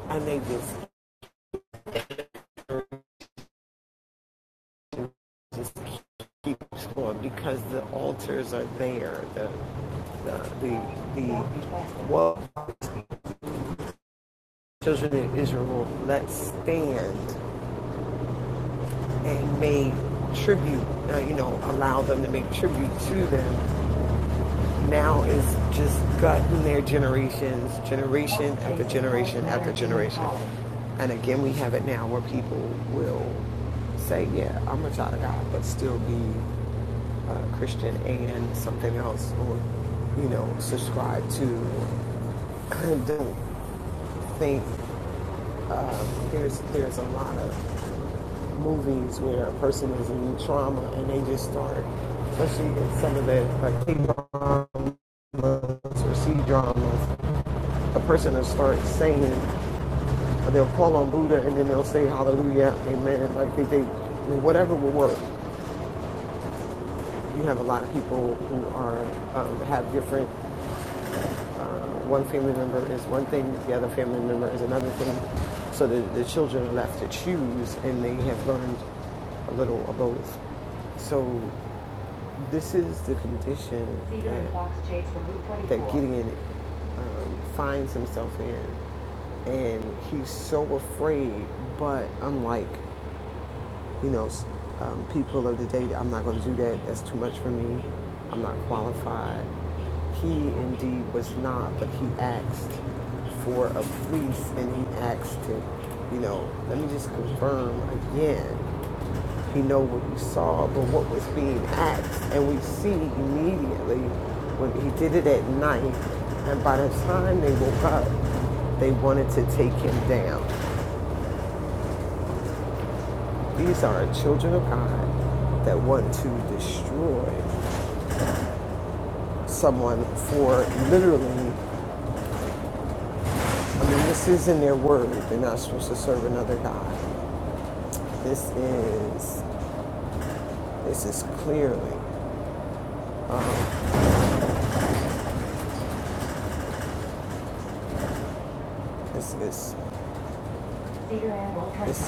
C: and they just just keep going because the altars are there. The the the, the well, children of Israel, let's stand and made tribute, uh, you know, allow them to make tribute to them, now is just gutting their generations, generation after. And again, we have it now where people will say, yeah, I'm a child of God, but still be uh, Christian and something else, or you know, subscribe to. or Don't think um, there's there's a lot of movies where a person is in trauma and they just start, especially in some of the like K dramas or C dramas, a person will start saying, or they'll call on Buddha and then they'll say Hallelujah, Amen. Like they, they well, whatever will work. You have a lot of people who are um, have different. Uh, one family member is one thing, the other family member is another thing. So the, the children are left to choose, and they have learned a little of both. So This is the condition Gideon um, finds himself in, and he's so afraid. But unlike, you know, um, people of the day, I'm not going to do that. That's too much for me. I'm not qualified. He indeed was not, but he asked for a fleece, and he asked to, you know, let me just confirm again. He know what we saw, but what was being asked, and we see immediately when he did it at night. And by the time they woke up, they wanted to take him down. These are children of God that want to destroy someone for literally. I mean, this is not their word. They're not supposed to serve another God. This is this is clearly this is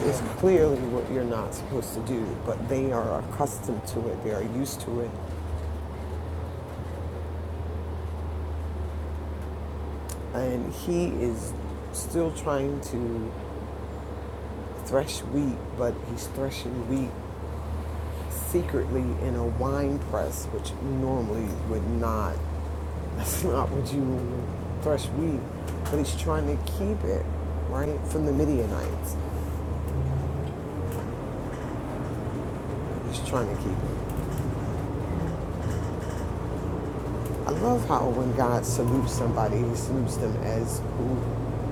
C: It's clearly what you're not supposed to do, but they are accustomed to it, they are used to it. And he is still trying to thresh wheat, but he's threshing wheat secretly in a wine press, which normally would not, that's not what you thresh wheat, but he's trying to keep it, right, from the Midianites. He's trying to keep it. I love how when God salutes somebody, He salutes them as who,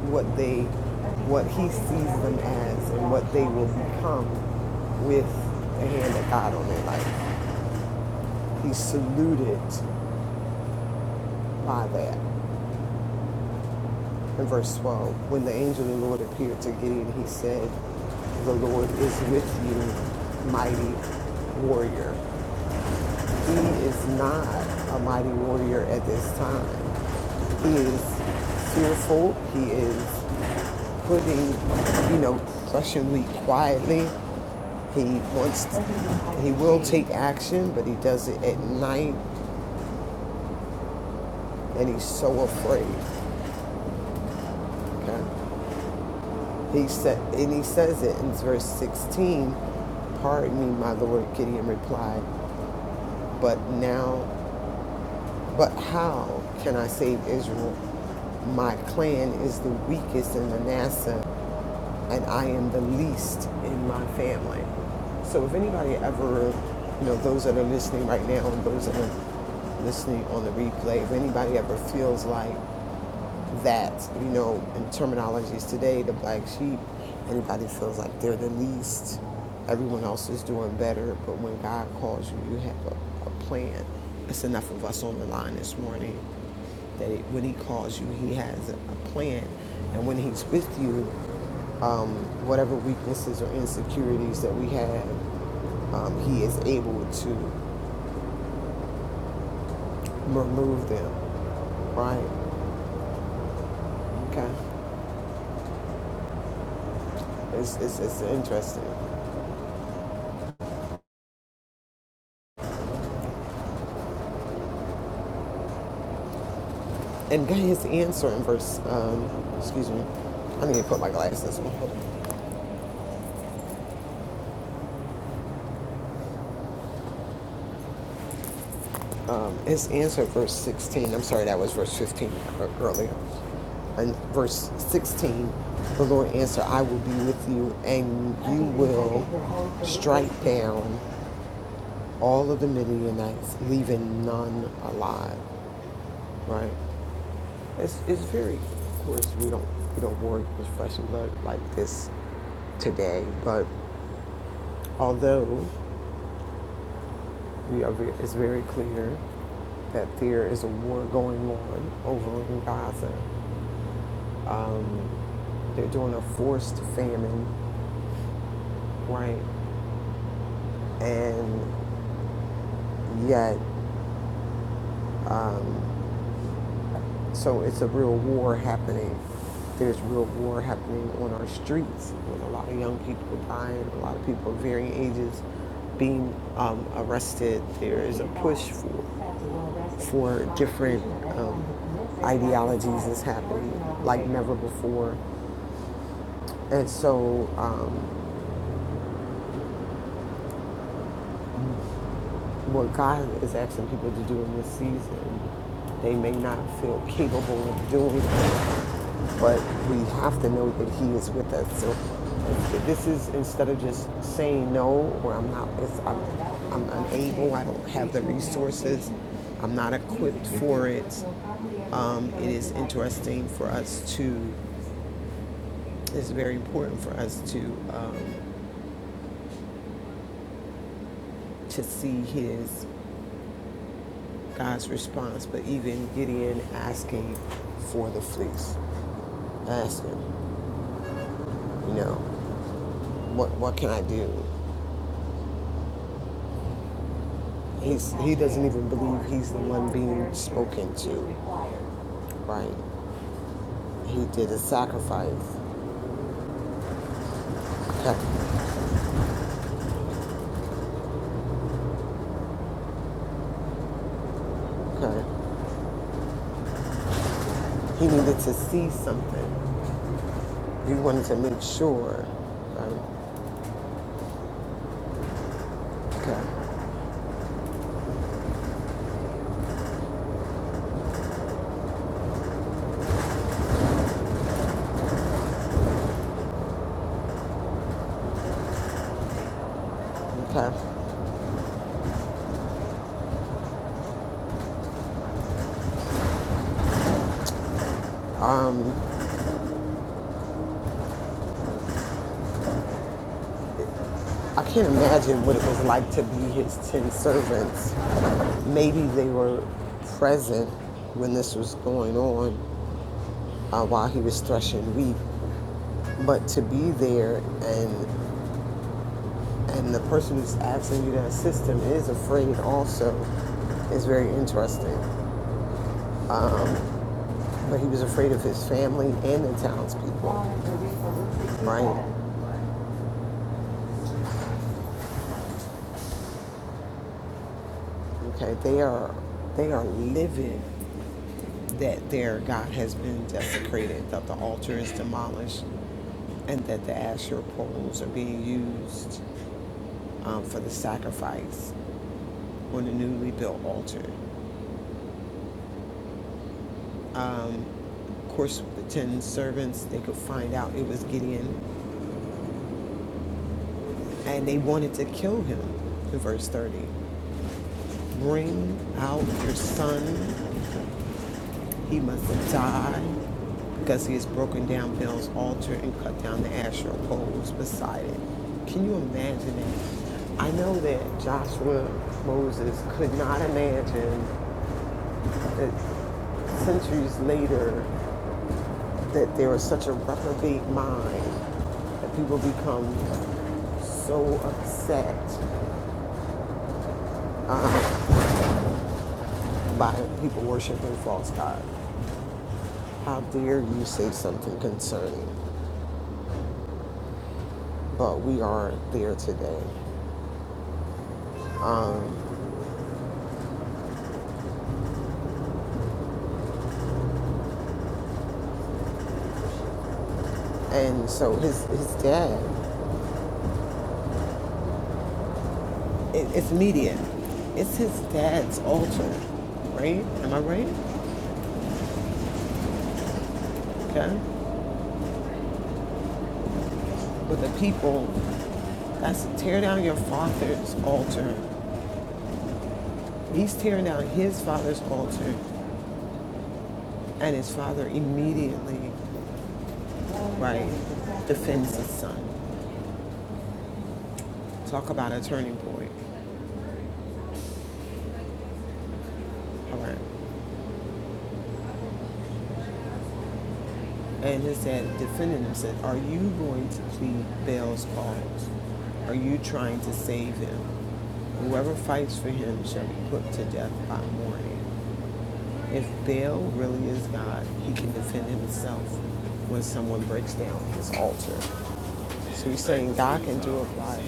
C: what they, what He sees them as, and what they will become with the hand of God on their life. He saluted by that. In verse 12, when the angel of the Lord appeared to Gideon, he said, The Lord is with you, mighty warrior. He is not a mighty warrior at this time. He is fearful. He is putting, you know, Russian wheat quietly. He wants to, will take action, but he does it at night, and he's so afraid. Okay? He said, and he says it in verse 16. Pardon me, my lord. Gideon replied, but now, but how can I save Israel? My clan is the weakest in Manasseh, and I am the least in my family. So if anybody ever, you know, those that are listening right now and those that are listening on the replay, if anybody ever feels like that, you know, in terminologies today, the black sheep, anybody feels like they're the least. Everyone else is doing better, but when God calls you, you have a, a plan. It's enough of us on the line this morning that it, when He calls you, He has a, a plan. And when He's with you, um, whatever weaknesses or insecurities that we have, um, He is able to remove them. Right? Okay. It's, it's, it's interesting. And got his answer in verse, um, excuse me, I need to put my glasses on. Um, his answer, verse 16, I'm sorry, that was verse 15 earlier. And verse 16, the Lord answered, I will be with you and beat down all of the Midianites, leaving none alive. Right? It's, it's very, of course, we don't, we don't work with flesh and blood like this today, but although We are it's very clear that there is a war going on over in Gaza. Um, they're doing a forced famine, right? And yet, um, so it's a real war happening. There's real war happening on our streets with a lot of young people dying, a lot of people of varying ages being um, arrested. There is a push for for different um, ideologies is happening like never before. And so, um, what God is asking people to do in this season, they may not feel capable of doing it, but we have to know that He is with us. So, this is instead of just saying no or I'm not, it's, I'm, I'm unable, I don't have the resources, I'm not equipped for it um, it is interesting for us to it's very important for us to um, to see his God's response. But even Gideon asking for the fleece, asking, you know, what what can I do? He's he doesn't even believe he's the one being broken, right? He did a sacrifice. Okay, okay. He needed to see something. He wanted to make sure, right? Okay, okay. I can't imagine what it was like to be his 10 servants. Maybe they were present when this was going on uh, while he was threshing wheat, but to be there and and the person who's asking you to assist him is afraid also is very interesting. But he was afraid of his family and the townspeople. Okay, they are they are living. that their God has been desecrated, that the altar is demolished, and that the Asher poles are being used um, for the sacrifice on the newly built altar. Um, of course, with the ten servants, they could find out it was Gideon, and they wanted to kill him in verse 30. Bring out your son He must have died because he has broken down Baal's altar and cut down the Asherah poles beside it. Can you imagine it? I know that Joshua Moses could not imagine that centuries later that there is such a reprobate mind that people become so upset by people worshiping false God. How dare you say something concerning? But we are there today. Um, And so his, his dad, it, it's media. It's his dad's altar, right? Am I right? Okay. But the people, that's tear down your father's altar. He's tearing down his father's altar, and his father immediately, right, defends his son. Talk about a turning point. All right. and his dad defended him said, Are you going to plead Baal's cause? Are you trying to save him? Whoever fights for him shall be put to death by morning. If Baal really is God, he can defend himself when someone breaks down his altar. So he's saying God can do it by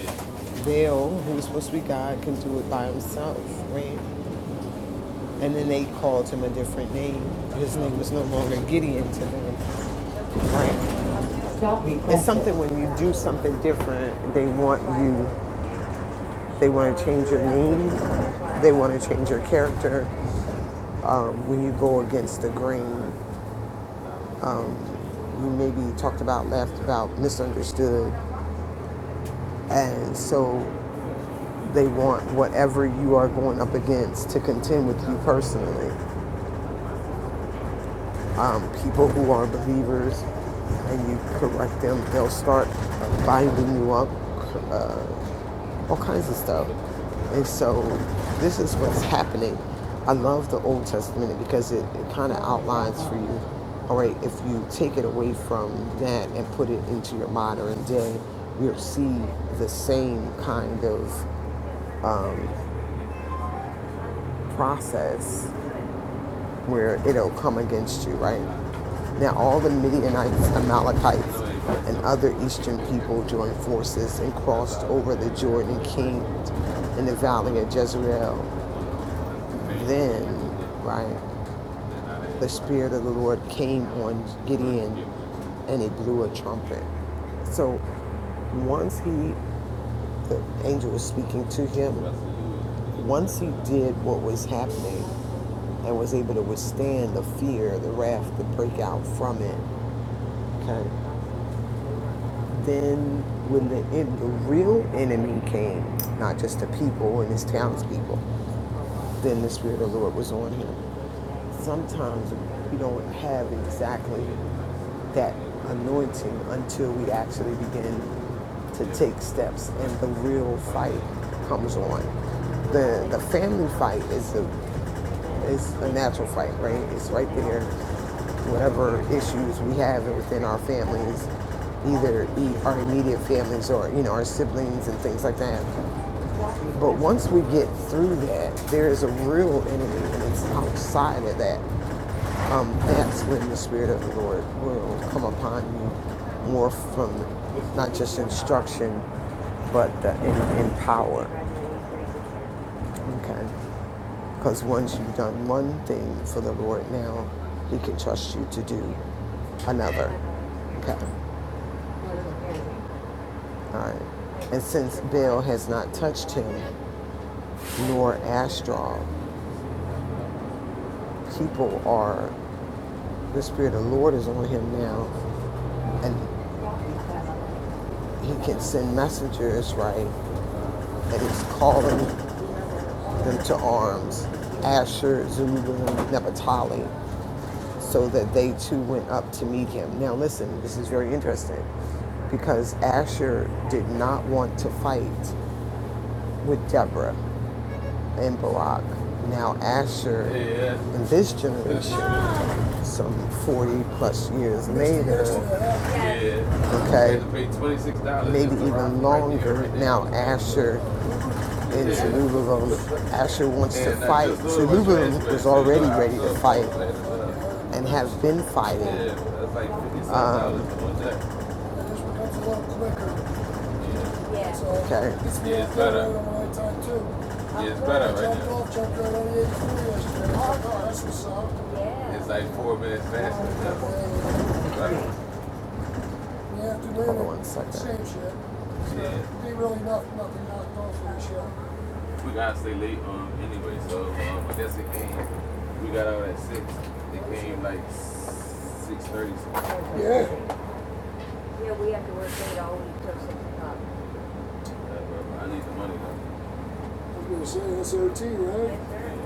C: Baal, who's supposed to be God, can do it by himself, right? And then they called him a different name. His name was no longer Gideon to them, right? It's something when you do something different, they want you, they want to change your name, they want to change your character. Um, when you go against the grain, you maybe talked about, laughed about, misunderstood. And so they want whatever you are going up against to contend with you personally. Um, people who are believers and you correct them, they'll start binding you up uh, all kinds of stuff. And so this is what's happening. I love the Old Testament because it, it kind of outlines for you, all right, if you take it away from that and put it into your modern day, you'll see the same kind of process where it'll come against you, right? Now, all the Midianites, Amalekites, and other eastern people joined forces and crossed over the Jordan camped in the valley of Jezreel Then, right, the Spirit of the Lord came on Gideon and he blew a trumpet. So once he, the angel was speaking to him, once he did what was happening and was able to withstand the fear, the wrath, the breakout from it, okay, then when the, the real enemy came, not just the people and his townspeople, then the Spirit of the Lord was on him. Sometimes we don't have exactly that anointing until we actually begin to take steps and the real fight comes on. The the family fight is a is a natural fight, right? It's right there. Whatever issues we have within our families, either e- our immediate families or you know our siblings and things like that. But once we get through that, there is a real enemy, and it's outside of that. Um, that's when the Spirit of the Lord will come upon you more from not just instruction, but uh, in, in power. Okay? Because once you've done one thing for the Lord now, He can trust you to do another. Okay? All right. And since Baal has not touched him, nor Astral, people are, the Spirit of the Lord is on him now, and He can send messengers, right? and he's calling them to arms, Asher, Zebulun, Naphtali, so that they too went up to meet him. Now listen, this is very interesting because Asher did not want to fight with Deborah and Barak. Now Asher, Yeah. in this generation, some 40 plus years later, Yeah. okay, maybe even longer. Now Asher and Chaluba Asher wants to fight. Chaluba is already ready to fight and has been fighting. Um, So Okay. It's Yeah, it's better Yeah, it's better right now. off, right like, oh, It's like four minutes faster. Yeah, Right? Yeah, Hold on one second. same shit. Yeah. Ain't really nothing knocked off for the show we gotta stay late um, anyway, so um, I guess it came. We got out at six. It came like six thirty. Yeah. Yeah, we have to work late all week till six o'clock. I need the money though. You am saying that's OT, right? Yes, sir.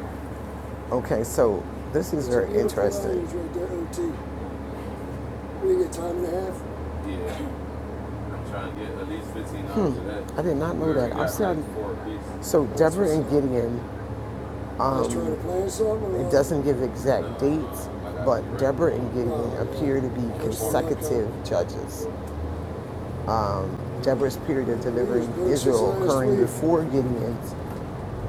C: Okay, so this is very interesting. Right there, OT. We didn't get time and a half. Yeah, I'm trying to get at least fifteen hours hmm. of that. I did not know that. I'm got, still- like, So Deborah and Gideon was It doesn't give exact dates, but Deborah and Gideon appear to be consecutive judges. Um, Deborah's period of delivering Israel occurring before Gideon's,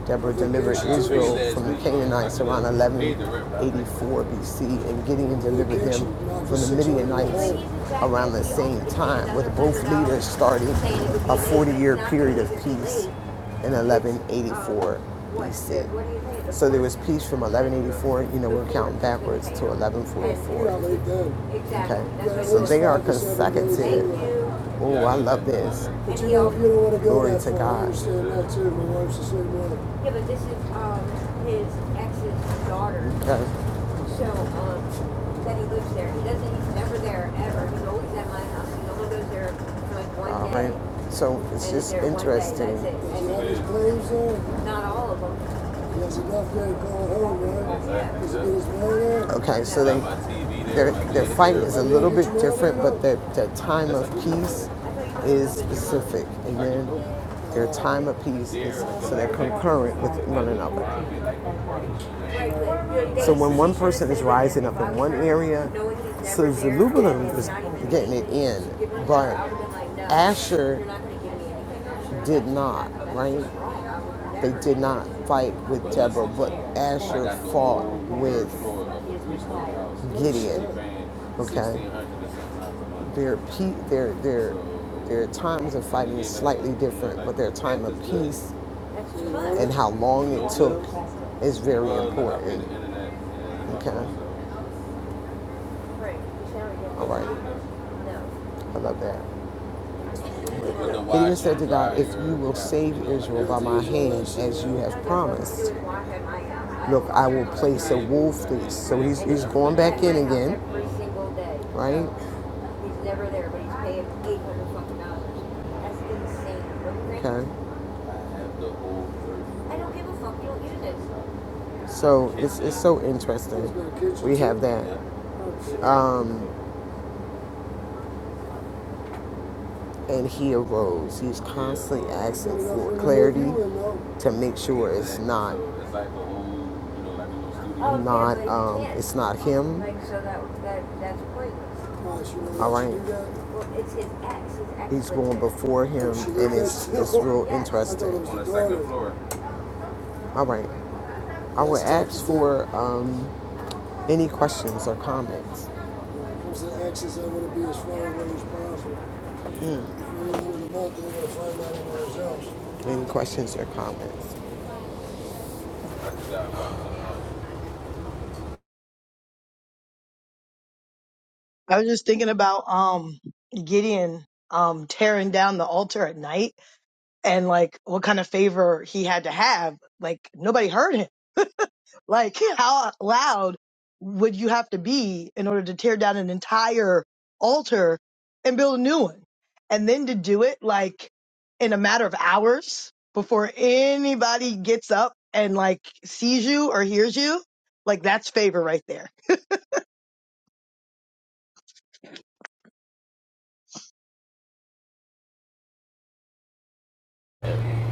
C: Deborah delivered Israel from the Canaanites around 1184 BC, and Gideon delivered them from the Midianites around the same time, with both leaders starting a 40 year period of peace in 1184 BC. So there was peace from 1184, you know, we're counting backwards to 1144. Okay, so they are consecutive. Oh, I love this. Glory to God. Yeah, but this is um his ex's daughter. Okay. So um that he lives there. He doesn't. He's never there ever. He's always at my house. He only goes there for like one All day. right. So it's and just there day, interesting. it. And that is crazy. And not all of them right Okay, so they their their fight is a little bit different, but their their time of peace is specific. Amen. Their time of peace is so they're concurrent with one another. So when one person is rising up in one area, so Zerubbabel is getting it in, but Asher did not, right? They did not fight with Deborah, but Asher fought with Gideon. Okay, their pe- their their their times of fighting is slightly different, but their time of peace and how long it took is very important. Okay. Right. He's right. No. I love that. And the He said to God, If you will save Israel by my hand, as you have promised, look, I will place a wolf. Through. So he's, he's going back in again, right? He's never there, but he's paying eight hundred dollars fucking dollars. That's insane. Okay. I don't give a fuck. You don't use this. So it's, it's so interesting. We have that. Yeah. Um, and he arose. He's constantly asking for clarity to make sure it's not not um it's not him. All right. He's going before him and it's it's real interesting. All right. I would ask for um any questions or comments. What's the X's I want to be as far away as possible? Any questions or comments?
E: I was just thinking about um, Gideon um, tearing down the altar at night and like what kind of favor he had to have. Like nobody heard him. Like how loud would you have to be in order to tear down an entire altar and build a new one? And then to do it like in a matter of hours before anybody gets up and like sees you or hears you, like that's favor right there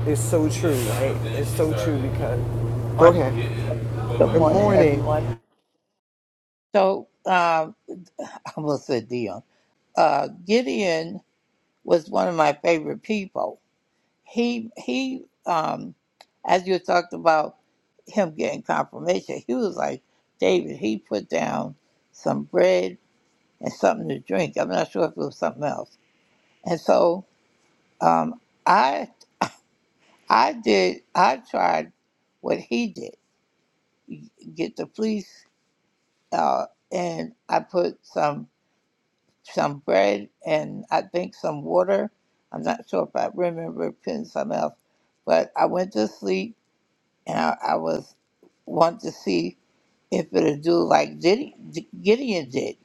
C: It's so true, right? It's so true because
F: morning.
C: Okay.
F: Good
C: Good
F: morning,
C: morning.
F: everyone. So, um, I almost said Dion. Uh, Gideon was one of my favorite people. He he, um, as you talked about him getting confirmation, he was like David. He put down some bread and something to drink. I'm not sure if it was something else. And so, um, I I did I tried what he did. Get the police, uh, and I put some. some bread and I think some water. I'm not sure if I remember putting something else, but I went to sleep and I, I was wanting to see if it'd do like Diddy, Gideon did,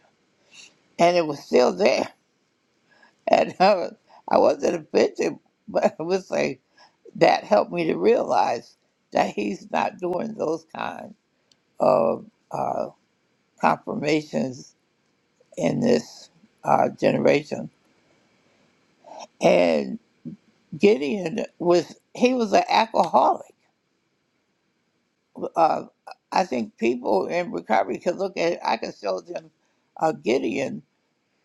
F: and it was still there. And I, was, I wasn't offended, but I was like, that helped me to realize that he's not doing those kind of uh, confirmations in this uh, generation. Gideon was he was an alcoholic. Uh, I think people in recovery could look at it. I could show them uh, Gideon,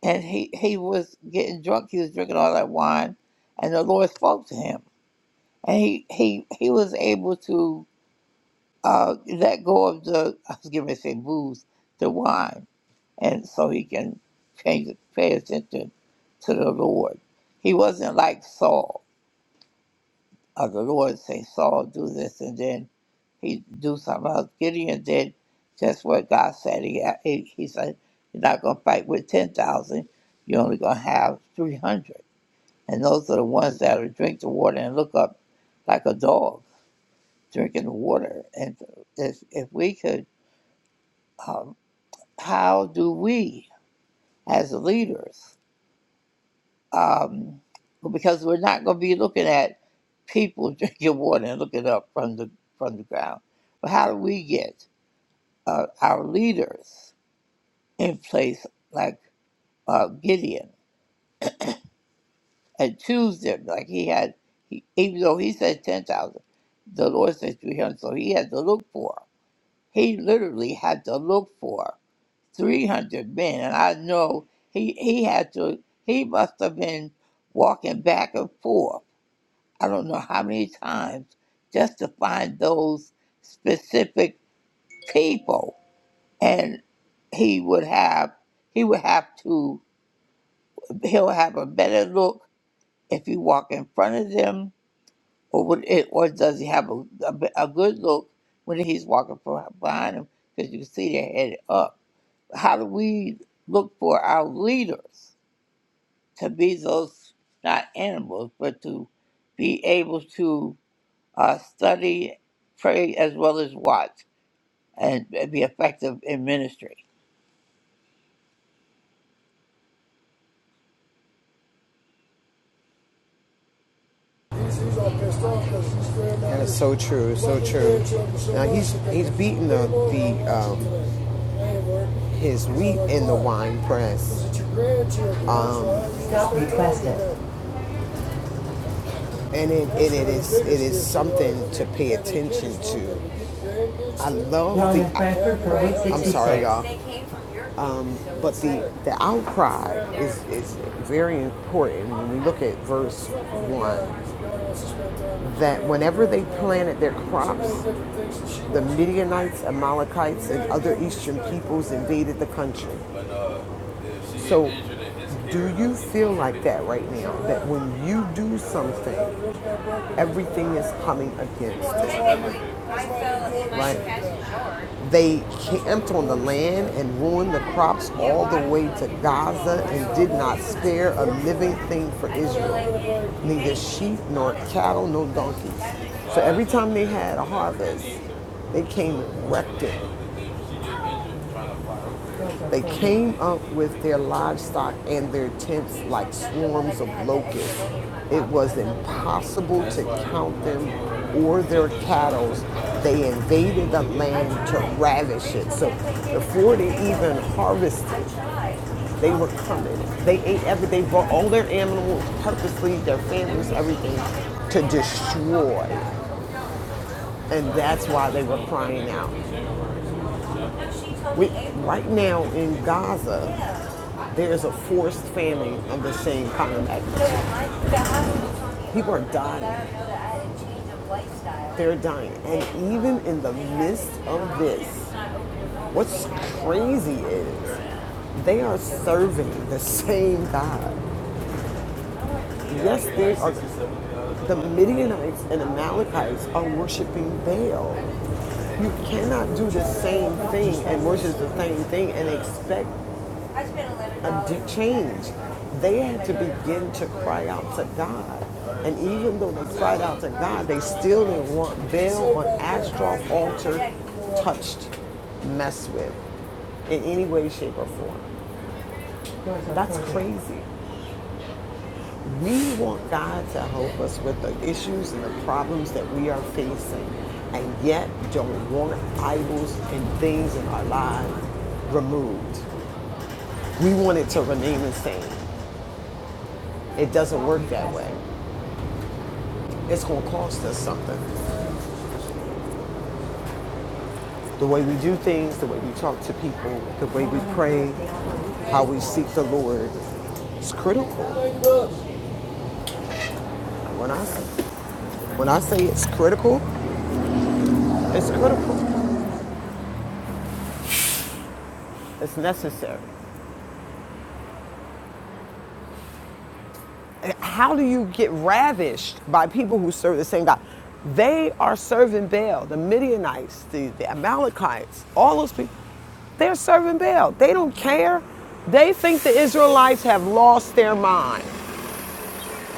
F: and he he was getting drunk. He was drinking all that wine, and the Lord spoke to him, and he he he was able to uh, let go of the I was going to say booze, the wine, and so he can change pay attention to the Lord. He wasn't like Saul. of the Lord say, Saul, do this, and then he do something else. Gideon did just what God said. He, uh, he, he said, you're not going to fight with 10,000. You're only going to have 300. And those are the ones that will drink the water and look up like a dog drinking the water. And if, if we could, um, how do we as leaders? um, because we're not going to be looking at people drinking water and looking up from the from the ground. But how do we get uh, our leaders in place like uh, Gideon and choose them like he had? He, even though he said ten thousand, the Lord said three hundred, so he had to look for. He literally had to look for three hundred men, and I know he he had to. He must have been walking back and forth I don't know how many times just to find those specific people. And he would have he would have to he'll have a better look if you walk in front of them or would it or does he have a, a, be- a good look when he's walking from behind him? because you can see are headed up. How do we look for our leaders to be those not animals but to be able to uh, study, pray, as well as watch, and be effective in ministry.
C: And it's so true, it's so true. so Now he's he's beating the the um, his wheat like, in the wine press. um, and it, and it is it is of something to pay attention to. I love the. that's I'm sorry, y'all. Um, but the the outcry is is very important when we look at verse one. That whenever they planted their crops, the Midianites, Amalekites, and other eastern peoples invaded the country. So, do you feel like that right now? That when you do something, everything is coming against it. Right. They camped on the land and ruined the crops all the way to Gaza and did not spare a living thing for Israel, neither sheep nor cattle nor donkeys. So every time they had a harvest, they came and wrecked it they came up with their livestock and their tents like swarms of locusts. It was impossible to count them or their cattle. They invaded the land to ravish it. So before they even harvested, they were coming. They ate everything, they brought all their animals purposely, their families, everything to destroy. And that's why they were crying out. We, right now in Gaza, there's a forced famine of the same kind of magnitude. People are dying. They're dying. And even in the midst of this, what's crazy is they are serving the same God. Yes, they are. The Midianites and Amalekites are worshiping Baal. You cannot do the same thing and worship the same thing and expect a change. They had to begin to cry out to God. And even though they cried out to God, they still didn't want Baal on Ashtaroth altar touched, messed with in any way, shape, or form. That's crazy. We want God to help us with the issues and the problems that we are facing, and yet don't want idols and things in our lives removed. We want it to remain the same. It doesn't work that way. It's going to cost us something. The way we do things, the way we talk to people, the way we pray, how we seek the Lord, it's critical. When I, when I say it's critical, it's critical. It's necessary. how do you get ravished by people who serve the same God? They are serving Baal, the Midianites, the, the Amalekites, all those people. They're serving Baal. They don't care. They think the Israelites have lost their mind.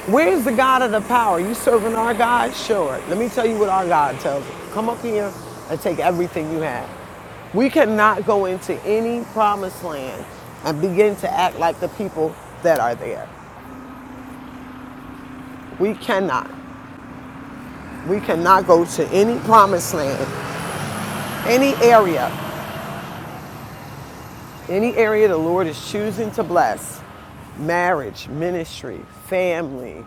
C: Where's the God of the power? You serving our God? Sure. Let me tell you what our God tells us. Come up here and take everything you have. We cannot go into any promised land and begin to act like the people that are there. We cannot. We cannot go to any promised land, any area, any area the Lord is choosing to bless marriage, ministry, family,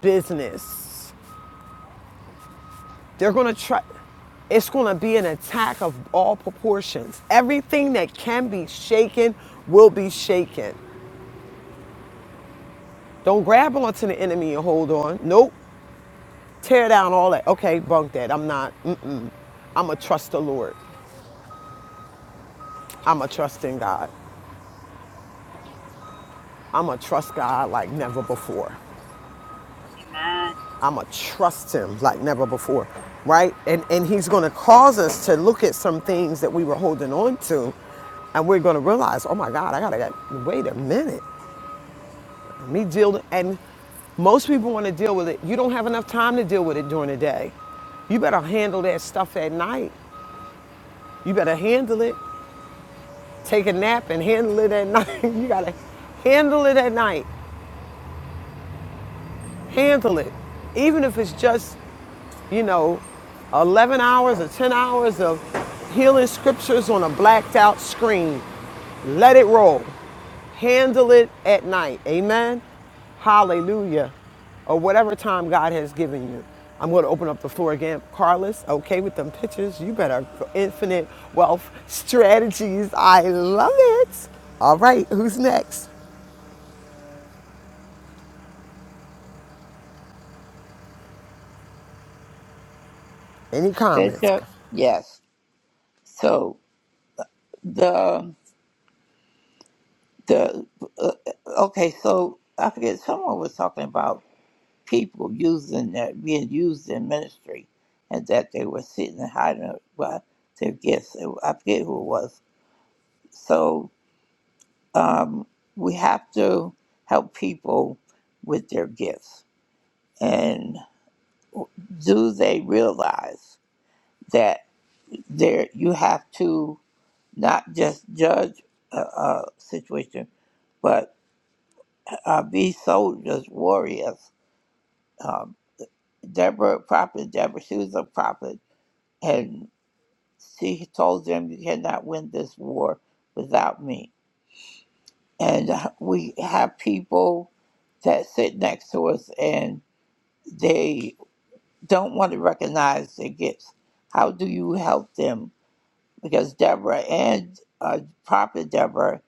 C: business. They're going to try, it's going to be an attack of all proportions. Everything that can be shaken will be shaken. Don't grab onto the enemy and hold on. Nope. Tear down all that. Okay, bunk that. I'm not. Mm-mm. I'm going to trust the Lord. I'm going to trust in God. I'm going to trust God like never before.
G: Amen.
C: I'ma trust him like never before, right? And and he's gonna cause us to look at some things that we were holding on to, and we're gonna realize, oh my God, I gotta wait a minute, let me deal. And most people want to deal with it. You don't have enough time to deal with it during the day. You better handle that stuff at night. You better handle it. Take a nap and handle it at night. you gotta handle it at night. Handle it, even if it's just you know, 11 hours or 10 hours of healing scriptures on a blacked out screen. Let it roll. Handle it at night. Amen. Hallelujah. Or whatever time God has given you. I'm going to open up the floor again. Carlos, okay with them pictures? You better infinite wealth strategies. I love it. All right, who's next? Any comments?
F: Bishop, yes. So the the uh, okay. So I forget someone was talking about people using that being used in ministry, and that they were sitting and hiding well, their gifts. I forget who it was. So um, we have to help people with their gifts, and do they realize? that there you have to not just judge a, a situation, but uh, be soldiers, warriors. Um, Deborah, a prophet, Deborah, she was a prophet, and she told them, "You cannot win this war without me." And uh, we have people that sit next to us, and they don't want to recognize their gifts. How do you help them? Because Deborah and uh, Prophet Deborah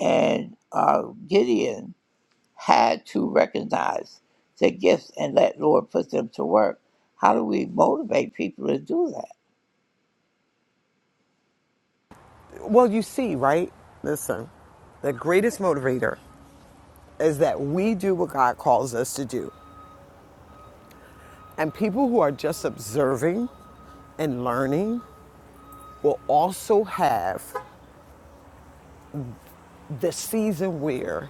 F: And uh, Gideon had to recognize their gifts and let Lord put them to work. How do we motivate people to do that?
C: Well, you see, right? Listen, the greatest motivator is that we do what God calls us to do. And people who are just observing and learning will also have the season where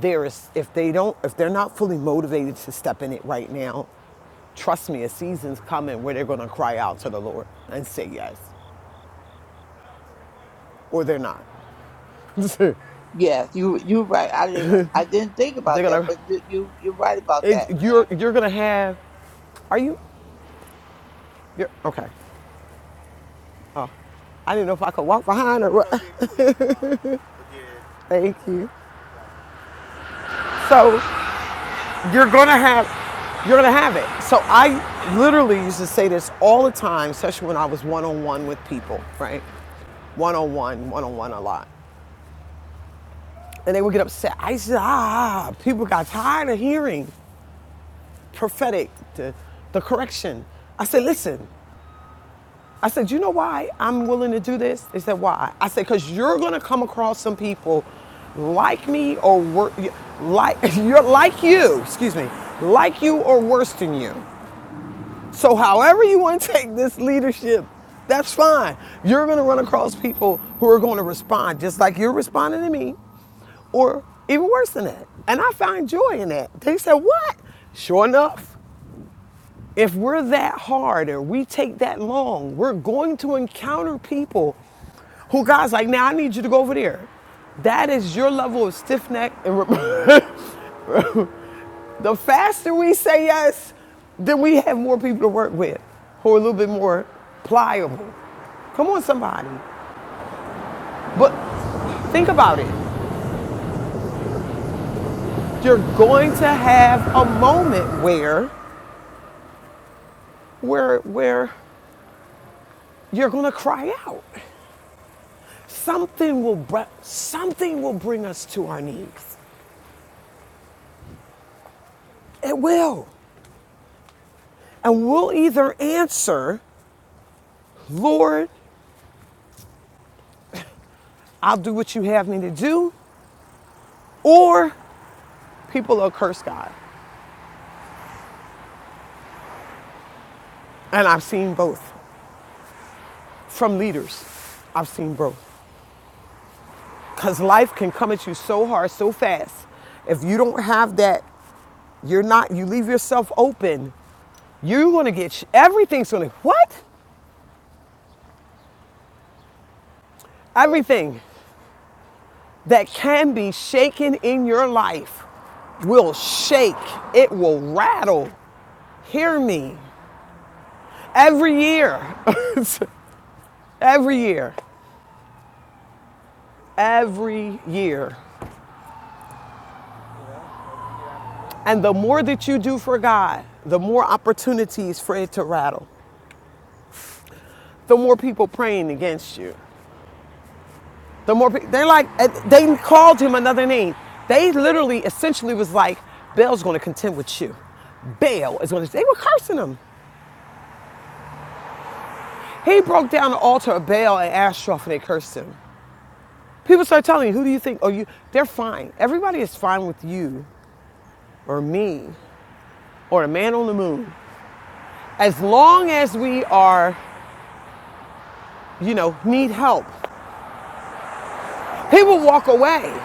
C: there is if they don't if they're not fully motivated to step in it right now, trust me, a season's coming where they're going to cry out to the Lord and say yes or they're not. they're
F: Yes, you you're right. I didn't I didn't think about
C: going
F: that, but you you- you're right about that.
C: to you're you're going to have are you you're okay. Oh, I didn't know if I could walk behind or what. Thank you. So you're gonna have you're gonna have it. So I literally used to say this all the time, especially when I was one on one with people, right? One on one, one on one a lot. And they would get upset. I said, ah, people got tired of hearing prophetic, the, the correction. I said, listen, I said, you know why I'm willing to do this? They said, why? I said, because you're gonna come across some people like me or wor- like you're like you, excuse me, like you or worse than you So, however you want to take this leadership, that's fine. You're going to run across people who are going to respond just like you're responding to me, or even worse than that. And I find joy in that. They said, What? Sure enough, if we're that hard or we take that long, we're going to encounter people who God's like, Now I need you to go over there. That is your level of stiff neck and. The faster we say yes, then we have more people to work with who are a little bit more pliable. Come on, somebody. But think about it. You're going to have a moment where, where, where you're going to cry out. Something will, br- something will bring us to our knees. It will. And we'll either answer, Lord, I'll do what you have me to do, or people will curse God. And I've seen both. from leaders. I've seen both. Because life can come at you so hard, so fast. If you don't have that, you're not, you leave yourself open, you're gonna get, sh- everything's gonna, what? Everything that can be shaken in your life will shake, it will rattle. Hear me. Every year, every year, every year. And the more that you do for God, the more opportunities for it to rattle. the more people praying against you. The more pe- they're like, eh, they called him another name. They literally, essentially, was like, Baal's going to contend with you. Baal is going to. They were cursing him. He broke down the altar of Baal and Ashtaroth, and they cursed him. People start telling you, who do you think? Oh, you? They're fine. Everybody is fine with you or me or a man on the moon, as long as we are, you know, need help. People walk away.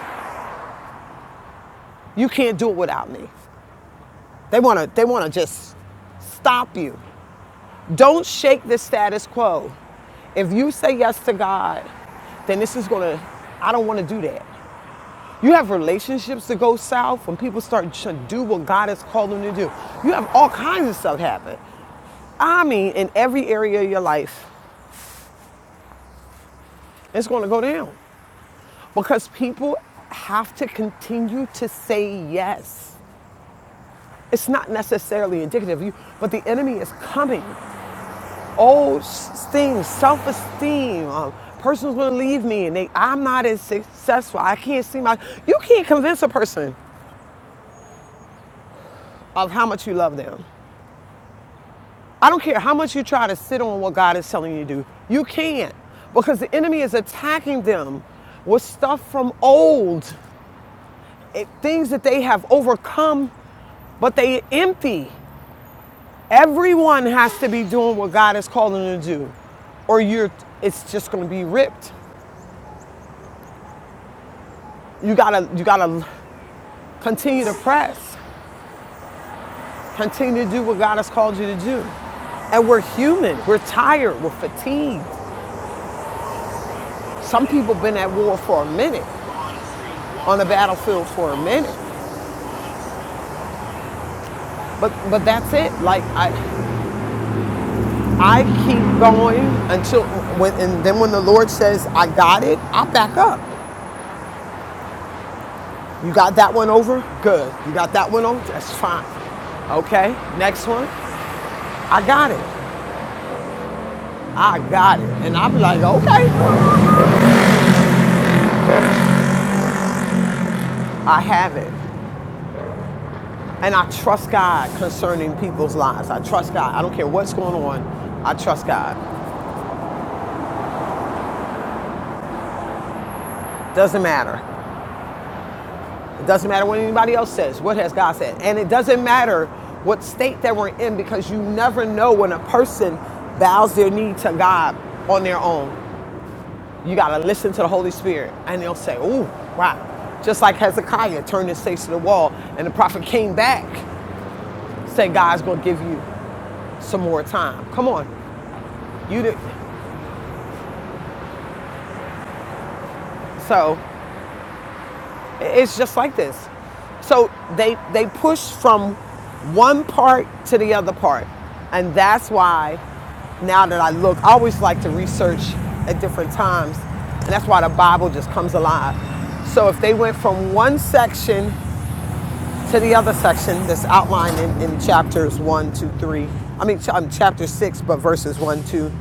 C: You can't do it without me. They want to they want to just stop you. Don't shake the status quo. If you say yes to God, then this is going to I don't want to do that. You have relationships that go south when people start to do what God has called them to do. You have all kinds of stuff happen. I mean, in every area of your life, it's going to go down because people have to continue to say yes. It's not necessarily indicative of you, but the enemy is coming. old things, self-esteem. Um, person's gonna leave me, and they, I'm not as successful. I can't see my. You can't convince a person of how much you love them. I don't care how much you try to sit on what God is telling you to do. You can't because the enemy is attacking them with stuff from old, it, things that they have overcome, but they empty. Everyone has to be doing what God is calling them to do or you're it's just going to be ripped you gotta you gotta Continue to press. Continue to do what God has called you to do. And we're human. We're tired. We're fatigued. Some people have been at war for a minute, on the battlefield for a minute. But but that's it. Like I I keep going until when and then when the Lord says I got it, I back up. You got that one over? Good. You got that one over? That's fine. Okay. Next one. I got it. I got it. And I'm like, okay, I have it. And I trust God concerning people's lives. I trust God. I don't care what's going on. I trust God. Doesn't matter. It doesn't matter what anybody else says. What has God said? And it doesn't matter what state that we're in because you never know when a person bows their knee to God on their own. You got to listen to the Holy Spirit and they'll say, Ooh, wow. Just like Hezekiah turned his face to the wall and the prophet came back, said, God's going to give you some more time. Come on. You did. So It's just like this. So they they push from one part to the other part, and that's why now that I look, I always like to research at different times, and that's why the Bible just comes alive. So if they went from one section to the other section that's outlined in, in chapters one, two, three, I mean ch- um, chapter six, but verses one, two,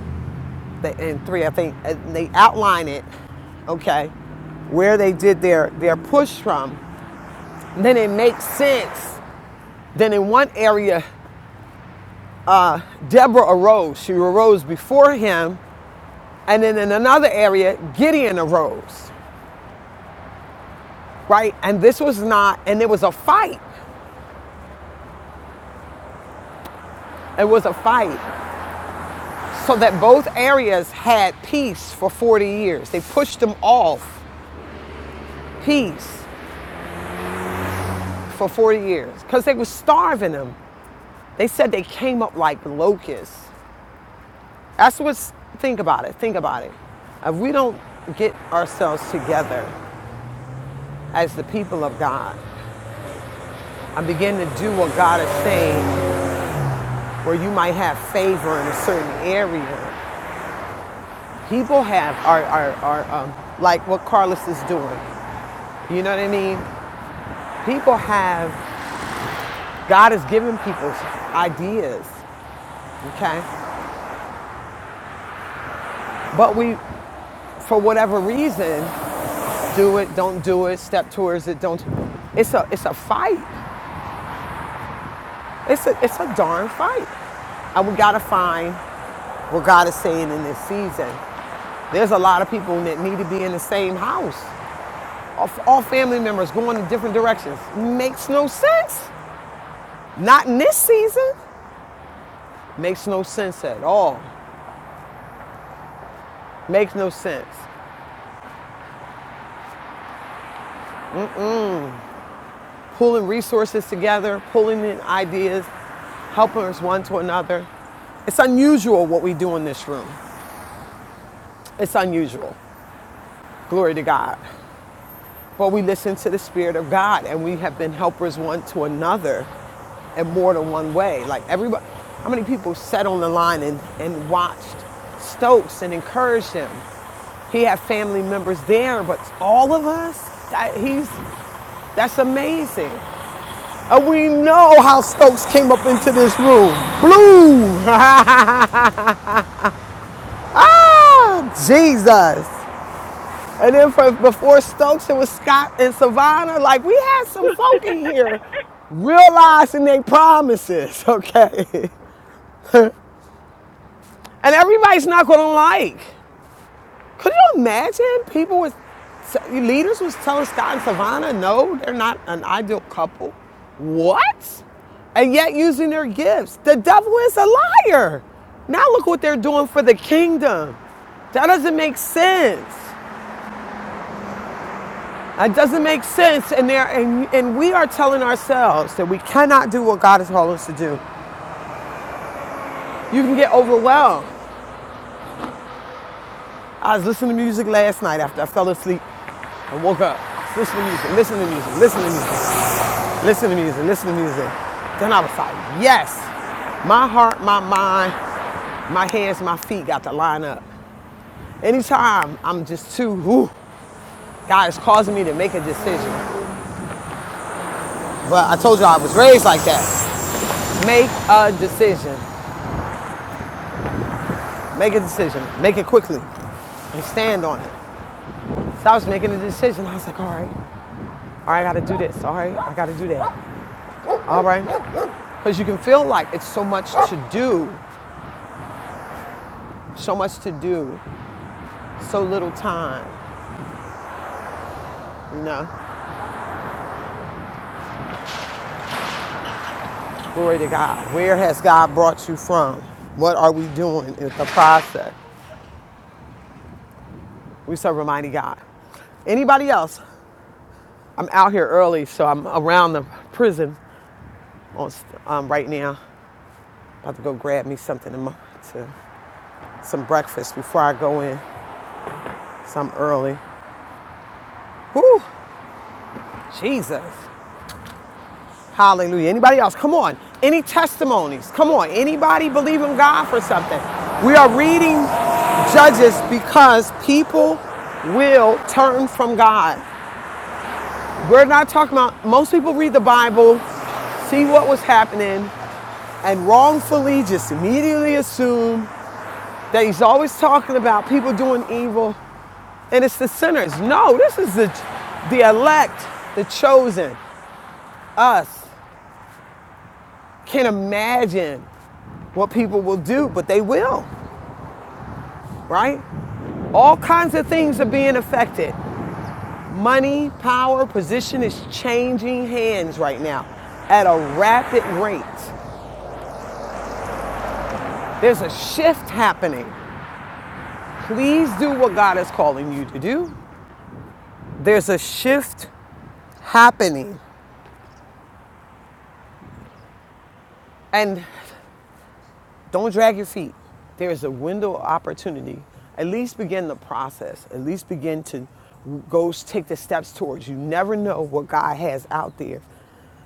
C: and three, I think, and they outline it, okay, where they did their their push from then it makes sense. Then in one area, uh, Deborah arose. She arose before him. And then in another area, Gideon arose, right? And this was not, and it was a fight. It was a fight. So that both areas had peace for 40 years. They pushed them off peace for 40 years because they were starving them. They said they came up like locusts. That's what's, think about it, think about it. If we don't get ourselves together, as the people of God. I begin to do what God is saying, where you might have favor in a certain area. People have are are, are um, like what Carlos is doing. You know what I mean? People have God is giving people ideas, okay? But we, for whatever reason, do it, don't do it, step towards it, don't. It's a it's a fight. It's a it's a darn fight. And we gotta find what God is saying in this season. There's a lot of people that need to be in the same house. All, all family members going in different directions. Makes no sense. Not in this season. Makes no sense at all. Makes no sense. Pulling resources together, pulling in ideas, helping us one to another. It's unusual what we do in this room. It's unusual. Glory to God. But we listen to the Spirit of God and we have been helpers one to another in more than one way. Like everybody, how many people sat on the line and, and watched Stokes and encouraged him? He had family members there, but all of us, that, he's, that's amazing. And we know how Stokes came up into this room. Blue! ah, Jesus! And then for, before Stokes, it was Scott and Savannah. Like we had some folk in here realizing their promises, okay? And everybody's not gonna like. Could you imagine people was leaders was telling Scott and Savannah, no, they're not an ideal couple. What? And yet using their gifts. The devil is a liar. Now look what they're doing for the kingdom. That doesn't make sense. It doesn't make sense. And, there, and, and we are telling ourselves that we cannot do what God has called us to do. You can get overwhelmed. I was listening to music last night after I fell asleep and woke up. Listen to music, listen to music, listen to music, listen to music, listen to music. Then I was like, yes, my heart, my mind, my hands, my feet got to line up. Anytime I'm just too, whew, God is causing me to make a decision. But I told you I was raised like that. Make a decision. Make a decision. Make it quickly. and stand on it. So I was making a decision. I was like, all right, all right, I gotta do this. All right, I gotta do that. All right. Because you can feel like it's so much to do, so much to do, so little time. You know, glory to God. Where has God brought you from? What are we doing in the process? We serve a mighty God. Anybody else? I'm out here early, so I'm around the prison on, um, right now. About to go grab me something to, to some breakfast before I go in. So I'm early. Whew, Jesus. Hallelujah. Anybody else? Come on. Any testimonies? Come on. Anybody believe in God for something? We are reading Judges because people will turn from God. We're not talking about, most people read the Bible, see what was happening, and wrongfully just immediately assume that he's always talking about people doing evil and it's the sinners. No, this is the, the elect, the chosen, us. can not imagine what people will do, but they will, right? All kinds of things are being affected. Money, power, position is changing hands right now at a rapid rate. There's a shift happening. Please do what God is calling you to do. There's a shift happening. And Don't drag your feet. There is a window of opportunity. At least begin the process. At least begin to go take the steps towards. You never know what God has out there.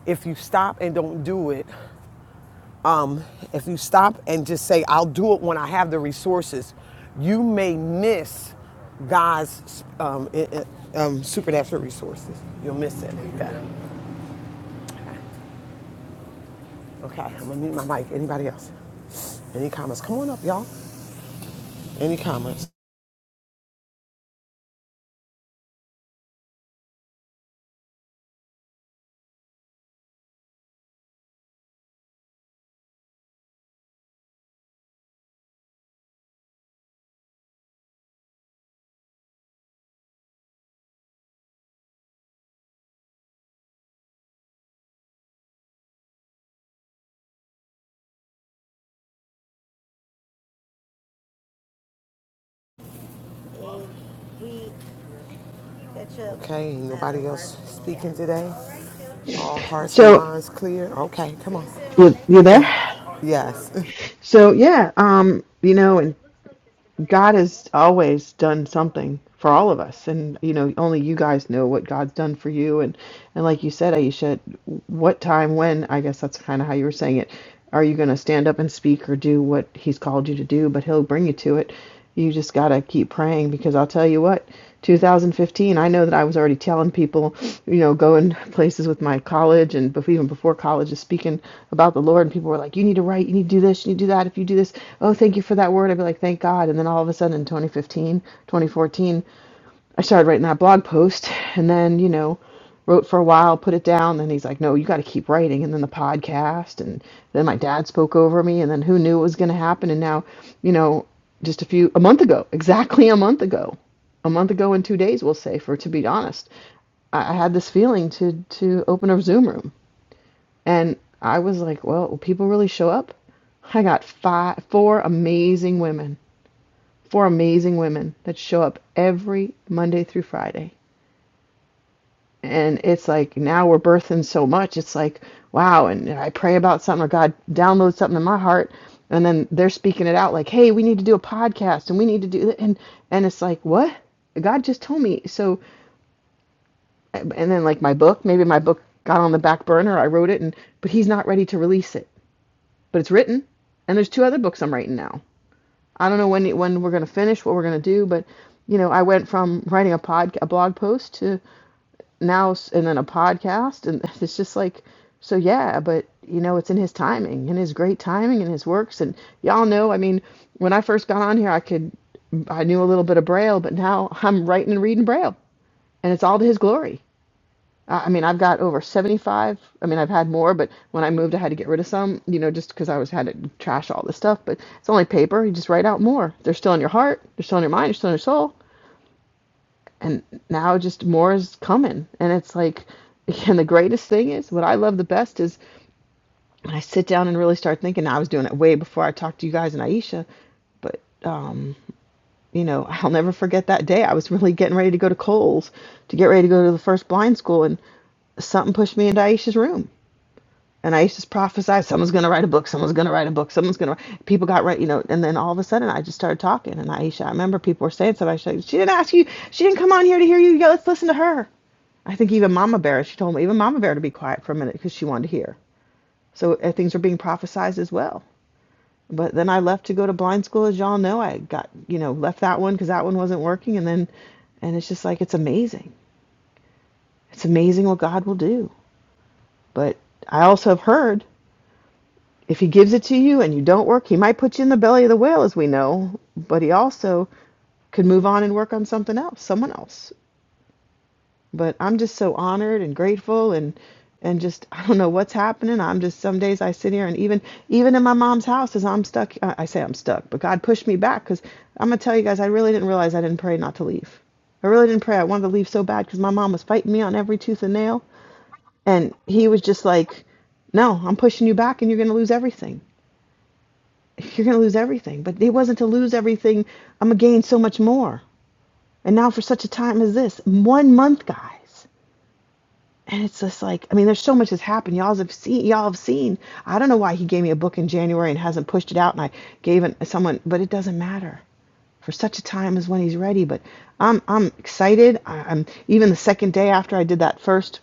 C: If you stop and don't do it, um, if you stop and just say, I'll do it when I have the resources, you may miss God's um, um, supernatural resources. You'll miss it. Okay. Okay, I'm gonna mute my mic. Anybody else? Any comments? Come on up, y'all. Any comments? Okay, ain't nobody else speaking today? All hearts and
H: So
C: minds clear? Okay, come on.
H: you you there?
C: Yes.
H: So yeah, um, you know, and God has always done something for all of us, and you know, only you guys know what God's done for you, and and like you said, Aisha, what time, when? I guess that's kind of how you were saying it. Are you going to stand up and speak or do what He's called you to do? But He'll bring you to it. You just gotta keep praying because I'll tell you what. 2015, I know that I was already telling people, you know, going places with my college and even before college, just speaking about the Lord. And people were like, you need to write, you need to do this, you need to do that. If you do this, oh, thank you for that word. I'd be like, thank God. And then all of a sudden in 2015, 2014, I started writing that blog post and then, you know, wrote for a while, put it down. Then he's like, no, you got to keep writing. And then the podcast. And then my dad spoke over me. And then who knew it was going to happen? And now, you know, just a few, a month ago, exactly a month ago, a month ago in two days, we'll say, for to be honest, I, I had this feeling to, to open a Zoom room. And I was like, well, will people really show up? I got five, four amazing women, four amazing women that show up every Monday through Friday and it's like now we're birthing so much it's like wow and i pray about something or god downloads something in my heart and then they're speaking it out like hey we need to do a podcast and we need to do that and and it's like what god just told me so and then like my book maybe my book got on the back burner i wrote it and but he's not ready to release it but it's written and there's two other books i'm writing now i don't know when when we're going to finish what we're going to do but you know i went from writing a pod a blog post to now and then a podcast and it's just like so yeah but you know it's in his timing in his great timing in his works and y'all know i mean when i first got on here i could i knew a little bit of braille but now i'm writing and reading braille and it's all to his glory i I mean i've got over 75 i mean i've had more but when i moved i had to get rid of some you know just because i was had to trash all this stuff but it's only paper you just write out more they're still in your heart they're still in your mind they're still in your soul and now just more is coming and it's like and the greatest thing is what i love the best is when i sit down and really start thinking i was doing it way before i talked to you guys and aisha but um you know i'll never forget that day i was really getting ready to go to cole's to get ready to go to the first blind school and something pushed me into aisha's room and I used to prophesy, someone's going to write a book, someone's going to write a book, someone's going to. People got right, you know. And then all of a sudden, I just started talking. And Aisha, I remember people were saying something. I she didn't ask you, she didn't come on here to hear you. Yeah, let's listen to her. I think even Mama Bear, she told me, even Mama Bear to be quiet for a minute because she wanted to hear. So uh, things were being prophesized as well. But then I left to go to blind school, as y'all know. I got, you know, left that one because that one wasn't working. And then, and it's just like, it's amazing. It's amazing what God will do. But I also have heard If he gives it to you and you don't work, he might put you in the belly of the whale, as we know, but he also could move on and work on something else, someone else. But I'm just so honored and grateful and and just I don't know what's happening. I'm just some days I sit here and even even in my mom's house as I'm stuck, I say I'm stuck, but God pushed me back because I'm gonna tell you guys I really didn't realize I didn't pray not to leave. I really didn't pray. I wanted to leave so bad because my mom was fighting me on every tooth and nail, and he was just like, "No, I'm pushing you back, and you're gonna lose everything." you're going to lose everything. But it wasn't to lose everything. I'm going to gain so much more. And now for such a time as this, one month, guys. And it's just like, I mean, there's so much has happened. Y'all have seen, y'all have seen. I don't know why he gave me a book in January and hasn't pushed it out. And I gave it to someone, but it doesn't matter for such a time as when he's ready. But I'm I'm excited. I, I'm even the second day after I did that first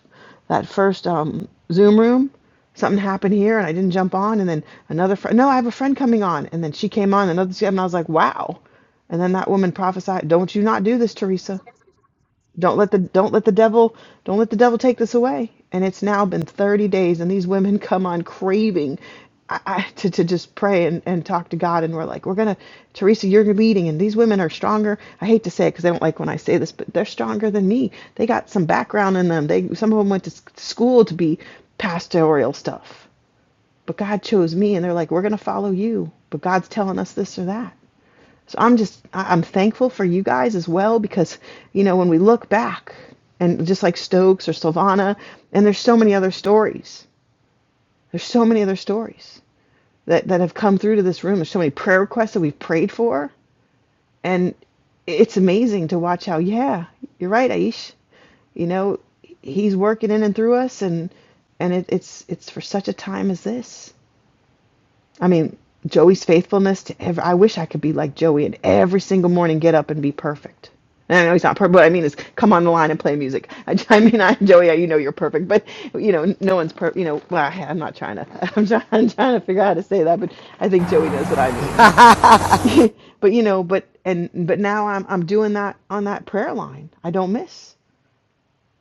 H: that first um, Zoom room, something happened here and I didn't jump on. And then another friend, no, I have a friend coming on. And then she came on another, and I was like, wow. And then that woman prophesied, don't you not do this, Teresa. Don't let the don't let the devil don't let the devil take this away. And it's now been 30 days, and these women come on craving I, I, to to just pray and, and talk to God. And we're like, we're gonna Teresa, you're leading, and these women are stronger. I hate to say it because I don't like when I say this, but they're stronger than me. They got some background in them. They some of them went to school to be pastoral stuff, but God chose me, and they're like, we're gonna follow you. But God's telling us this or that. So I'm just I- am thankful for you guys as well because you know when we look back and just like Stokes or Silvana and there's so many other stories. There's so many other stories that that have come through to this room. There's so many prayer requests that we've prayed for and it's amazing to watch how yeah, you're right, Aish. You know, he's working in and through us and and it, it's it's for such a time as this. I mean, Joey's faithfulness to every, I wish I could be like Joey and every single morning get up and be perfect. And I know he's not perfect, but I mean, is come on the line and play music. I, I mean, I, Joey, you know you're perfect, but you know, no one's perfect. You know, well, I, I'm not trying to, I'm trying, I'm trying to figure out how to say that, but I think Joey knows what I mean. but you know, but, and, but now I'm, I'm doing that on that prayer line. I don't miss,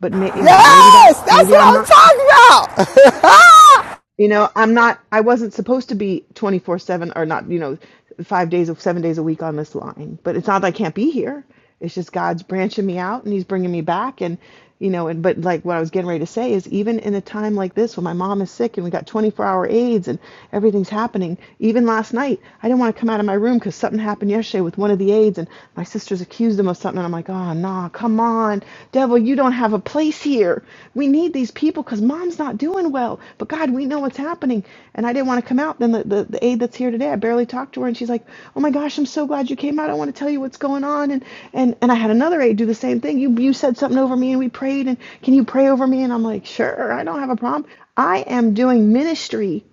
H: but may, you know, maybe that,
C: Yes! That's
H: maybe
C: what
H: I'm
C: I'm
H: not.
C: talking about!
H: you know i'm not i wasn't supposed to be 24 7 or not you know five days of seven days a week on this line but it's not that i can't be here it's just god's branching me out and he's bringing me back and you know and but like what i was getting ready to say is even in a time like this when my mom is sick and we got 24 hour aids and everything's happening even last night i didn't want to come out of my room because something happened yesterday with one of the aides and my sisters accused him of something and I'm like, oh, nah, come on. Devil, you don't have a place here. We need these people because mom's not doing well. But God, we know what's happening. And I didn't want to come out. Then the, the, the aide that's here today, I barely talked to her. And she's like, oh my gosh, I'm so glad you came out. I want to tell you what's going on. And, and, and I had another aide do the same thing. You, you said something over me and we prayed. And can you pray over me? And I'm like, sure, I don't have a problem. I am doing ministry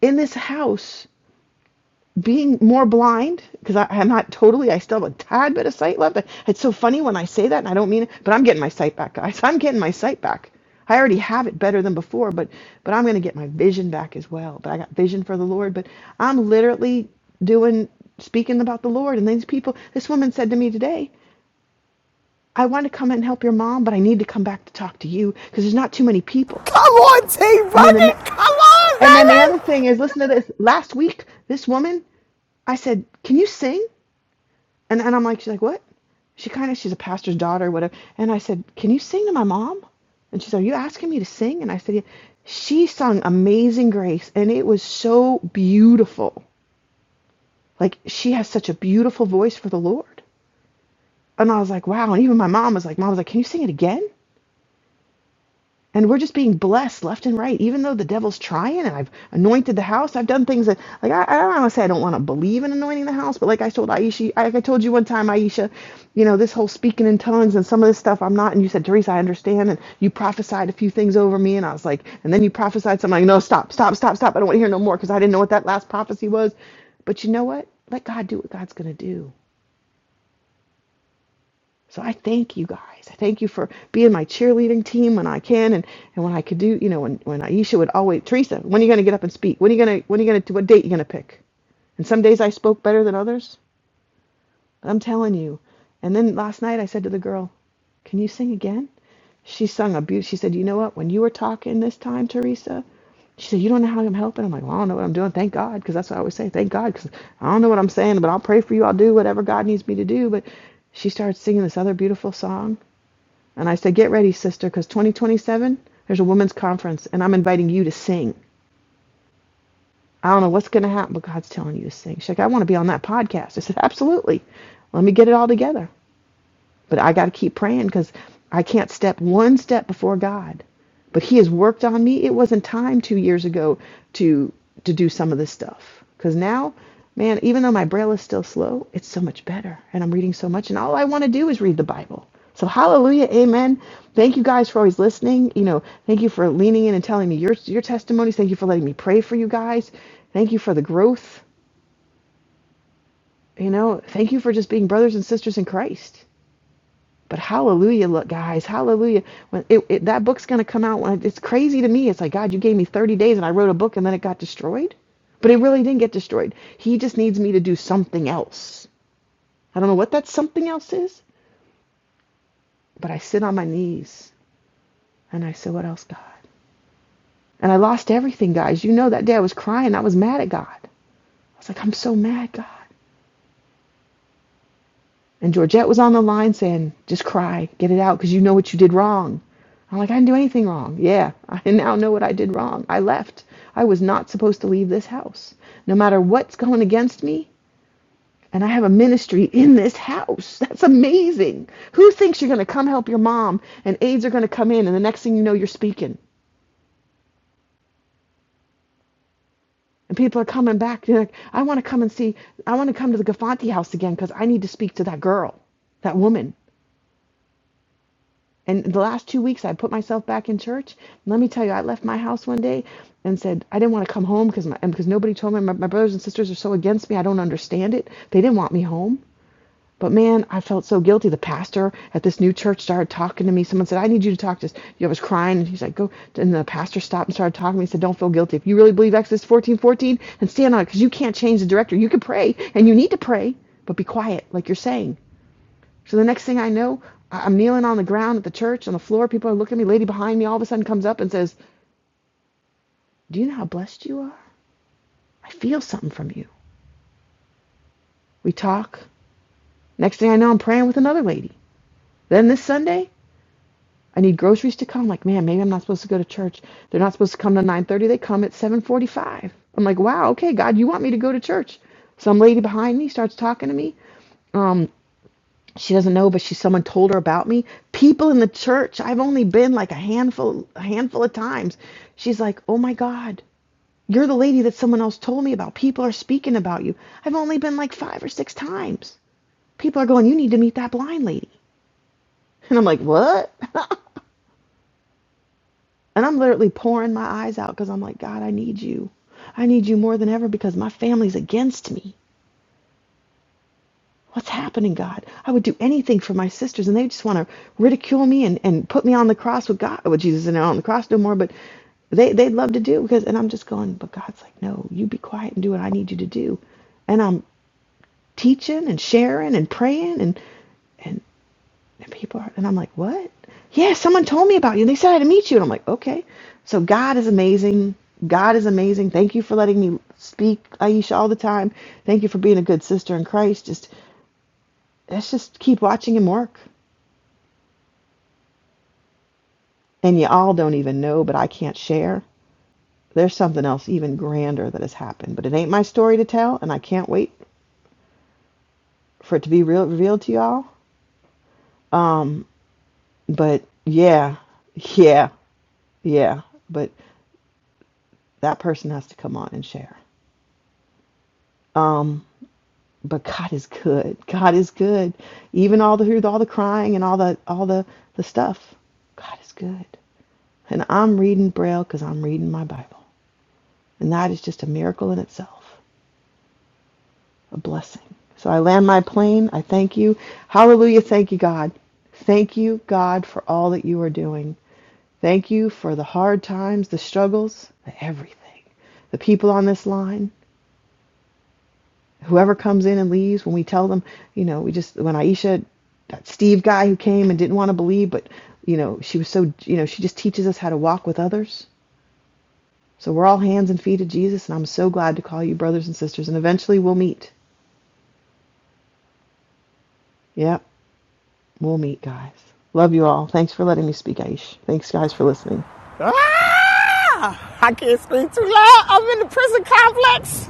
H: in this house being more blind because I'm not totally. I still have a tad bit of sight left. It's so funny when I say that, and I don't mean it, but I'm getting my sight back, guys. I'm getting my sight back. I already have it better than before, but but I'm going to get my vision back as well. But I got vision for the Lord. But I'm literally doing speaking about the Lord, and these people. This woman said to me today, "I want to come and help your mom, but I need to come back to talk to you because there's not too many people."
C: come on, Team
H: And then the
C: Bucket! Come on,
H: and then the other
C: baby!
H: thing is, listen to this. Last week, this woman, I said, "Can you sing?" And and I'm like, she's like, what? She kind of, she's a pastor's daughter, whatever. And I said, can you sing to my mom? And she's, like, are you asking me to sing? And I said, yeah. She sung Amazing Grace, and it was so beautiful. Like she has such a beautiful voice for the Lord. And I was like, wow. And even my mom was like, mom was like, can you sing it again? and we're just being blessed left and right even though the devil's trying and i've anointed the house i've done things that like i, I don't want to say i don't want to believe in anointing the house but like i told aisha I- like i told you one time aisha you know this whole speaking in tongues and some of this stuff i'm not and you said teresa i understand and you prophesied a few things over me and i was like and then you prophesied something I'm like no stop stop stop stop i don't want to hear no more because i didn't know what that last prophecy was but you know what let god do what god's going to do so I thank you guys. I thank you for being my cheerleading team when I can and, and when I could do, you know, when, when Aisha would always, Teresa, when are you going to get up and speak? When are you going to, when are you going to, what date you going to pick? And some days I spoke better than others. I'm telling you. And then last night I said to the girl, can you sing again? She sung a beaut. She said, you know what? When you were talking this time, Teresa, she said, you don't know how I'm helping. I'm like, well, I don't know what I'm doing. Thank God. Cause that's what I always say. Thank God. Cause I don't know what I'm saying, but I'll pray for you. I'll do whatever God needs me to do. But she started singing this other beautiful song and I said, get ready, sister, because 2027, there's a women's conference, and I'm inviting you to sing. I don't know what's going to happen, but God's telling you to sing. She's like, I want to be on that podcast. I said, absolutely. Let me get it all together. But I got to keep praying because I can't step one step before God. But He has worked on me. It wasn't time two years ago to to do some of this stuff because now, man, even though my braille is still slow, it's so much better, and I'm reading so much, and all I want to do is read the Bible. So hallelujah, amen. Thank you guys for always listening. You know, thank you for leaning in and telling me your your testimonies. Thank you for letting me pray for you guys. Thank you for the growth. You know, thank you for just being brothers and sisters in Christ. But hallelujah, look, guys, hallelujah. When it, it, that book's going to come out, when it, it's crazy to me. It's like, God, you gave me 30 days and I wrote a book and then it got destroyed. But it really didn't get destroyed. He just needs me to do something else. I don't know what that something else is, but I sit on my knees and I say, What else, God? And I lost everything, guys. You know that day I was crying. I was mad at God. I was like, I'm so mad, God. And Georgette was on the line saying, just cry, get it out, because you know what you did wrong. I'm like, I didn't do anything wrong. Yeah, I now know what I did wrong. I left. I was not supposed to leave this house. No matter what's going against me, and I have a ministry in this house. That's amazing. Who thinks you're going to come help your mom and aides are going to come in and the next thing you know, you're speaking? And people are coming back. You're like, I want to come and see, I want to come to the Gafanti house again because I need to speak to that girl, that woman. And the last two weeks, I put myself back in church. let me tell you, I left my house one day and said I didn't want to come home because my, and because nobody told me. My, my brothers and sisters are so against me. I don't understand it. They didn't want me home. But man, I felt so guilty. The pastor at this new church started talking to me. Someone said, "I need you to talk to." Us. You know, I was crying, and he's like, "Go." And the pastor stopped and started talking to me. He said, "Don't feel guilty. If you really believe Exodus 14:14, and stand on it, because you can't change the director. You can pray, and you need to pray, but be quiet, like you're saying." So the next thing I know, I- am kneeling on the ground at the church on the floor. People are looking at me. Lady behind me all of a sudden comes up and says, "Do you know how blessed you are? I feel something from you." We talk. Next thing I know, I'm praying with another lady. Then this Sunday, I need groceries to come. I'm Like, man, maybe I'm not supposed to go to church. They're not supposed to come to 9:30. They come at 7:45. I'm like, wow, okay, God, you want me to go to church? Some lady behind me starts talking to me. she doesn't know, but she someone told her about me. People in the church, I've only been like a handful a handful of times. She's like, "Oh my god, you're the lady that someone else told me about. People are speaking about you. I've only been like 5 or 6 times. People are going, "You need to meet that blind lady." And I'm like, "What?" And I'm literally pouring my eyes out cuz I'm like, "God, I need you. I need you more than ever because my family's against me." What's happening, God? I would do anything for my sisters, and they just want to ridicule me and, and put me on the cross with God, with Jesus, and on the cross no more. But they they'd love to do because, and I'm just going. But God's like, no, you be quiet and do what I need you to do. And I'm teaching and sharing and praying and and, and people are, and I'm like, what? Yeah, someone told me about you. They said I had to meet you, and I'm like, okay. So God is amazing. God is amazing. Thank you for letting me speak, Aisha, all the time. Thank you for being a good sister in Christ. Just let's just keep watching him work. And you all don't even know, but I can't share. There's something else even grander that has happened, but it ain't my story to tell, and I can't wait for it to be real, revealed to y'all. Um, but yeah, yeah, yeah. But that person has to come on and share. Um, but God is good. God is good. Even all the through all the crying and all the all the the stuff, God is good. And I'm reading Braille because I'm reading my Bible, and that is just a miracle in itself. a blessing. So I land my plane. I thank you. Hallelujah. Thank you, God. Thank you, God, for all that you are doing. Thank you for the hard times, the struggles, the everything. The people on this line, whoever comes in and leaves, when we tell them, you know, we just, when Aisha, that Steve guy who came and didn't want to believe, but, you know, she was so, you know, she just teaches us how to walk with others. So we're all hands and feet of Jesus, and I'm so glad to call you brothers and sisters, and eventually we'll meet. Yep. We'll meet, guys. Love you all. Thanks for letting me speak, Aish. Thanks, guys, for listening.
C: Ah! I can't speak too loud. I'm in the prison complex.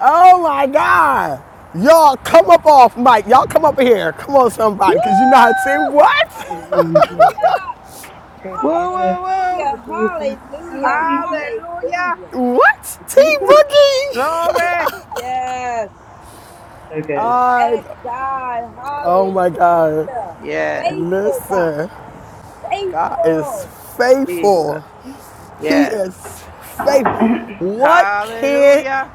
C: Oh my God. Y'all come up off Mike. Y'all come up here. Come on,
I: Woo!
C: somebody, because you know how to say what?
G: Come on, Jesus. Go,
F: Woo
G: Jesus.
F: woo
G: Go,
F: woo!
I: Hallelujah!
G: Jesus. Go,
I: Hallelujah!
G: Jesus.
I: Hallelujah!
F: Hallelujah!
I: Hallelujah!
C: What? Team Boogie.
F: Glory!
I: Yes.
G: so good.
I: Look
C: I,
I: at God.
C: oh
I: Hallelujah.
C: my God.
F: Yes,
I: Faithful God.
C: Listen, God is
I: Faithful.
F: Jesus.
C: faithful. He
F: Yes,
C: is faithful. What can not
F: Hallelujah!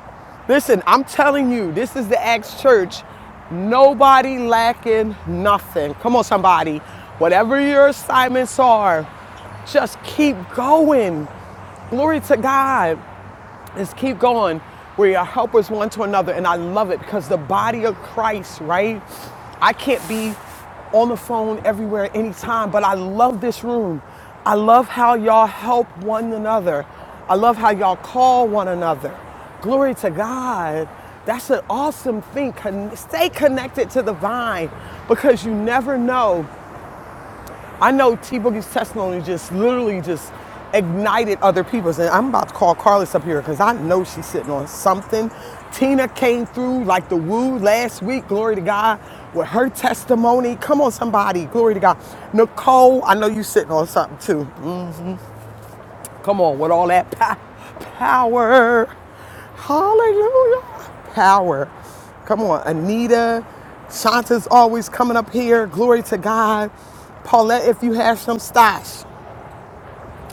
C: listen? I'm telling you, this is the Acts Church. Nobody lacking nothing. Come on, somebody. Whatever your assignments are, just keep going. Glory to God is keep going where you're helpers one to another. And I love it because the body of Christ, right? I can't be on the phone everywhere anytime, but I love this room. I love how y'all help one another. I love how y'all call one another. Glory to God. That's an awesome thing. Con- stay connected to the vine because you never know I know T Boogie's testimony just literally just ignited other people's. And I'm about to call Carlos up here because I know she's sitting on something. Tina came through like the woo last week, glory to God, with her testimony. Come on, somebody, glory to God. Nicole, I know you are sitting on something too. Come on, with all that power. Hallelujah. Power. Come on, Anita. Shanta's always coming up here. Glory to God. Paulette, if you have some stash,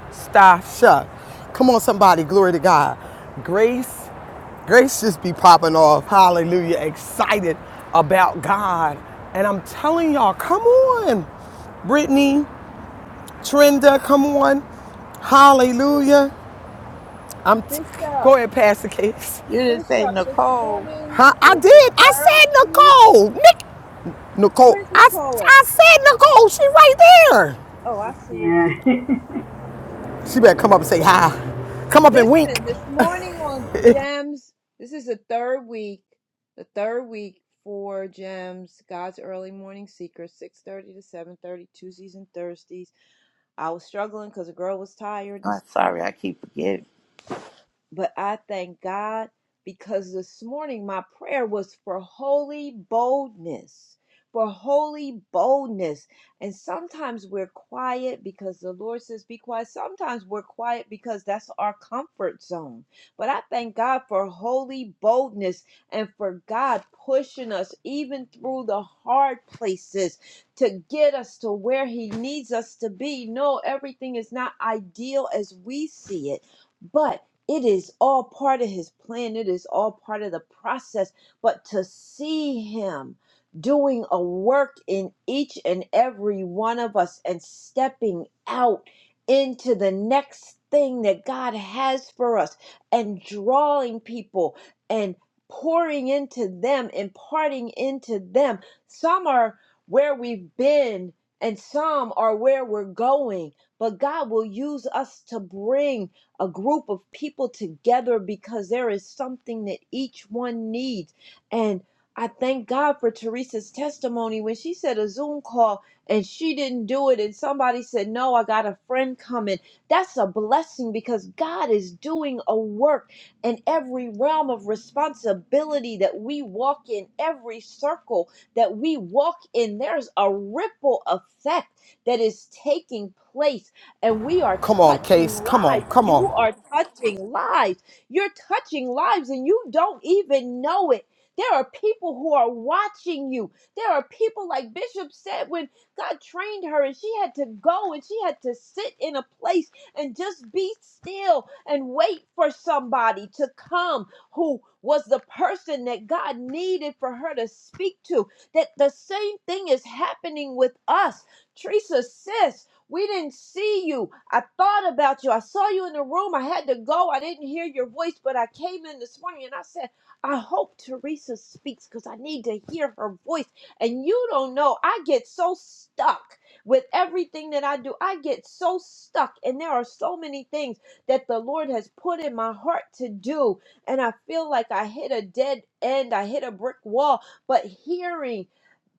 C: stasha. Come on, somebody. Glory to God. Grace, Grace just be popping off. Hallelujah. Excited about God. And I'm telling y'all, come on. Brittany, Trenda, come on. Hallelujah. I'm t-
I: Bishop.
C: go ahead, pass the case.
F: You didn't say
I: Bishop. This
F: Nicole.
I: morning
C: Huh? I
I: was the
C: did. I
I: third
C: said
I: week.
C: Nicole. Nick. Nicole.
I: Where's
C: I,
I: Nicole at?
C: I said Nicole. She right there.
I: Oh, I see her too.
G: Yeah.
C: She better come up and say hi. Come up and wink.
I: Listen, this morning on Gems, this is the third week, the third week for Gems, God's Early Morning Secret, 6.30 to 7.30, Tuesdays and Thursdays. I was struggling because the girl was tired.
F: I'm
I: this
F: sorry, I keep forgetting.
I: but I thank God because this morning my prayer was for holy boldness, for holy boldness. And sometimes we're quiet because the Lord says, be quiet. Sometimes we're quiet because that's our comfort zone. But I thank God for holy boldness and for God pushing us even through the hard places to get us to where He needs us to be. No, everything is not ideal as we see it. But it is all part of his plan. It is all part of the process. But to see him doing a work in each and every one of us and stepping out into the next thing that God has for us and drawing people and pouring into them, imparting into them. Some are where we've been and some are where we're going, but God will use us to bring a group of people together because there is something that each one needs. And I thank God for Teresa's testimony when she said a Zoom call and she didn't do it, and somebody said, No, I got a friend coming. That's a blessing because God is doing a work in every realm of responsibility that we walk in, every circle that we walk in. There's a ripple effect that is taking place and we are
C: Come on,
I: touching
C: Case. Come on.
I: lives.
C: Come on.
I: You are touching lives. You're touching lives, and you don't even know it. There are people who are watching you. There are people, like Bishop said, when God trained her and she had to go and she had to sit in a place and just be still and wait for somebody to come who was the person that God needed for her to speak to. That the same thing is happening with us. Teresa, sis, we didn't see you. I thought about you. I saw you in the room. I had to go. I didn't hear your voice, but I came in this morning and I said, I hope Teresa speaks because I need to hear her voice. And you don't know, I get so stuck with everything that I do. I get so stuck, and there are so many things that the Lord has put in my heart to do. And I feel like I hit a dead end, I hit a brick wall. But hearing,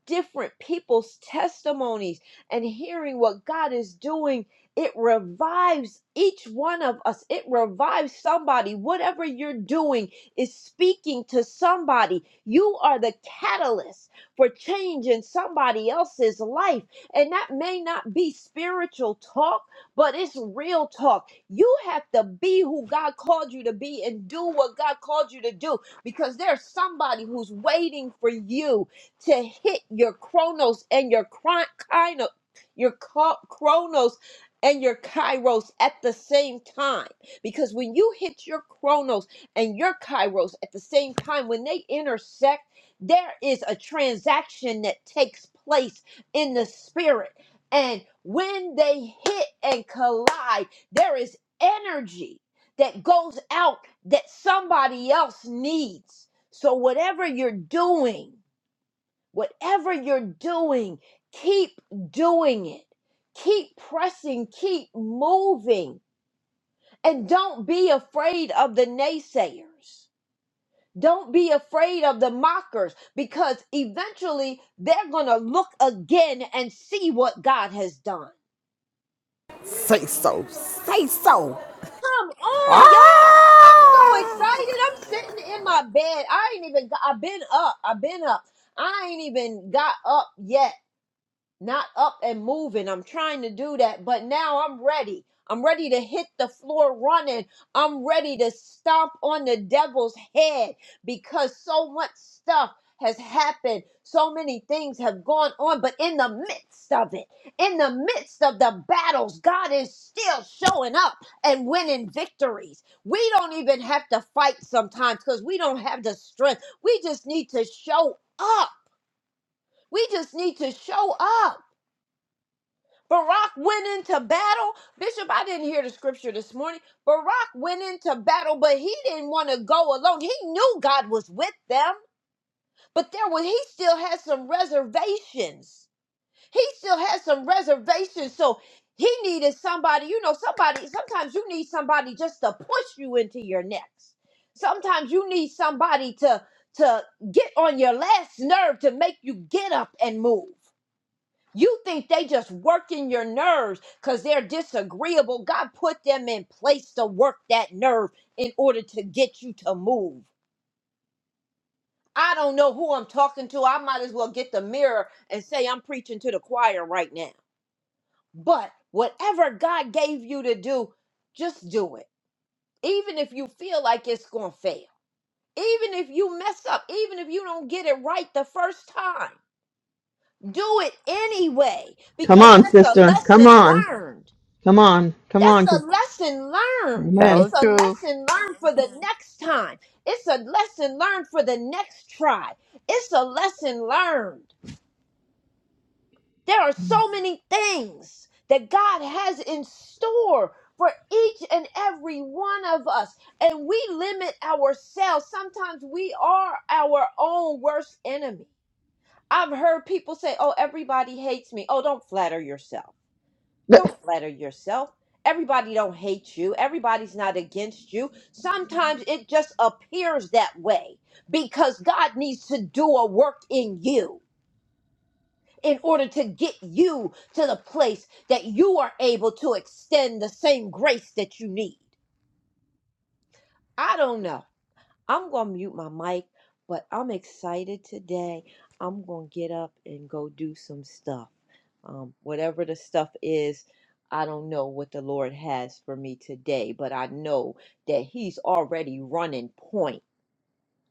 I: different people's testimonies and hearing what God is doing, it revives each one of us. It revives somebody. Whatever you're doing is speaking to somebody. You are the catalyst for change in somebody else's life. And that may not be spiritual talk, but it's real talk. You have to be who God called you to be and do what God called you to do because there's somebody who's waiting for you to hit your chronos and your chron- kino, your co- chronos and your kairos at the same time. Because when you hit your chronos and your kairos at the same time, when they intersect, there is a transaction that takes place in the spirit. And when they hit and collide, there is energy that goes out that somebody else needs. So, whatever you're doing, Whatever you're doing, keep doing it. Keep pressing, keep moving, and don't be afraid of the naysayers. Don't be afraid of the mockers because eventually they're going to look again and see what God has done.
C: Say so. Say so.
I: Come
C: Ah!
I: on, y'all. I'm so excited. I'm sitting in my bed. I ain't even got, I've been up. I've been up. I ain't even got up yet not up and moving. I'm trying to do that, but now I'm ready. I'm ready to hit the floor running. I'm ready to stomp on the devil's head because so much stuff has happened. So many things have gone on, but in the midst of it, in the midst of the battles, God is still showing up and winning victories. We don't even have to fight sometimes because we don't have the strength. We just need to show up. We just need to show up. Barak went into battle. Bishop, I didn't hear the scripture this morning. Barak went into battle, but he didn't want to go alone. He knew God was with them, but there was he still had some reservations. He still had some reservations. So he needed somebody, you know, somebody, sometimes you need somebody just to push you into your next. Sometimes you need somebody to to get on your last nerve to make you get up and move. You think they just working your nerves because they're disagreeable. God put them in place to work that nerve in order to get you to move. I don't know who I'm talking to. I might as well get the mirror and say I'm preaching to the choir right now. But whatever God gave you to do, just do it. Even if you feel like it's going to fail, even if you mess up, even if you don't get it right the first time, do it anyway
H: Come
I: because
H: on,
I: that's a
H: sister. Come
I: lesson
H: on.
I: learned.
H: Come on. Come
I: That's
H: on.
I: a
H: Cause,
I: lesson learned.
F: Tell
H: amen.
F: the
I: It's a
F: truth.
I: lesson learned for the next time. It's a lesson learned for the next try. It's a lesson learned. There are so many things that God has in store for each and every one of us, and we limit ourselves. Sometimes we are our own worst enemy. I've heard people say, Oh, everybody hates me. Oh, don't flatter yourself don't flatter yourself. Everybody don't hate you. Everybody's not against you. Sometimes it just appears that way because God needs to do a work in you in order to get you to the place that you are able to extend the same grace that you need. I don't know. I'm going to mute my mic, but I'm excited today. I'm going to get up and go do some stuff. Um, whatever the stuff is, I don't know what the Lord has for me today, but I know that He's already running point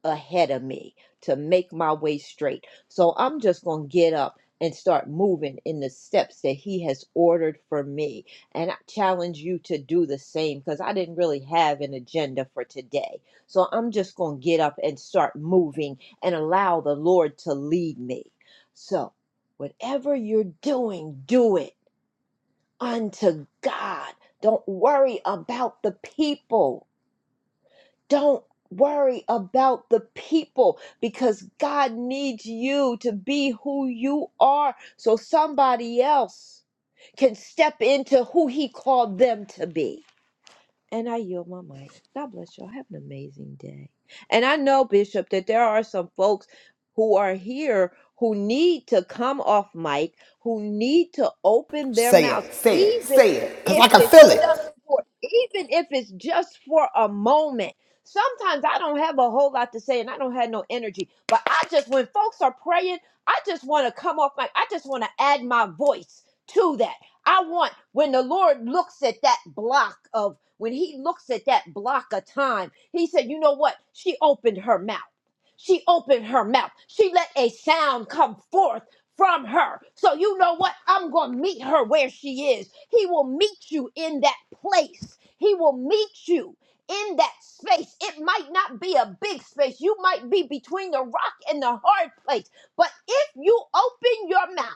I: ahead of me to make my way straight. So I'm just going to get up and start moving in the steps that he has ordered for me. And I challenge you to do the same because I didn't really have an agenda for today. So I'm just going to get up and start moving and allow the Lord to lead me. So, whatever you're doing, do it unto God. Don't worry about the people don't worry about the people because God needs you to be who you are so somebody else can step into who He called them to be. And I yield my mic. God bless y'all. Have an amazing day. And I know, Bishop, that there are some folks who are here who need to come off mic, who need to open their
C: Say
I: mouths,
C: it. Say it.
I: even
C: Say it. Cause
I: if
C: I can
I: it's
C: feel it.
I: just for even if it's just for a moment. Sometimes I don't have a whole lot to say and I don't have no energy. But I just when folks are praying, I just want to come off mic. I just want to add my voice to that. I want when the Lord looks at that block of when he looks at that block of time, he said, "You know what? She opened her mouth. She opened her mouth. She let a sound come forth from her. So you know what? I'm going to meet her where she is. He will meet you in that place. He will meet you in that space. It might not be a big space. You might be between the rock and the hard place. But if you open your mouth,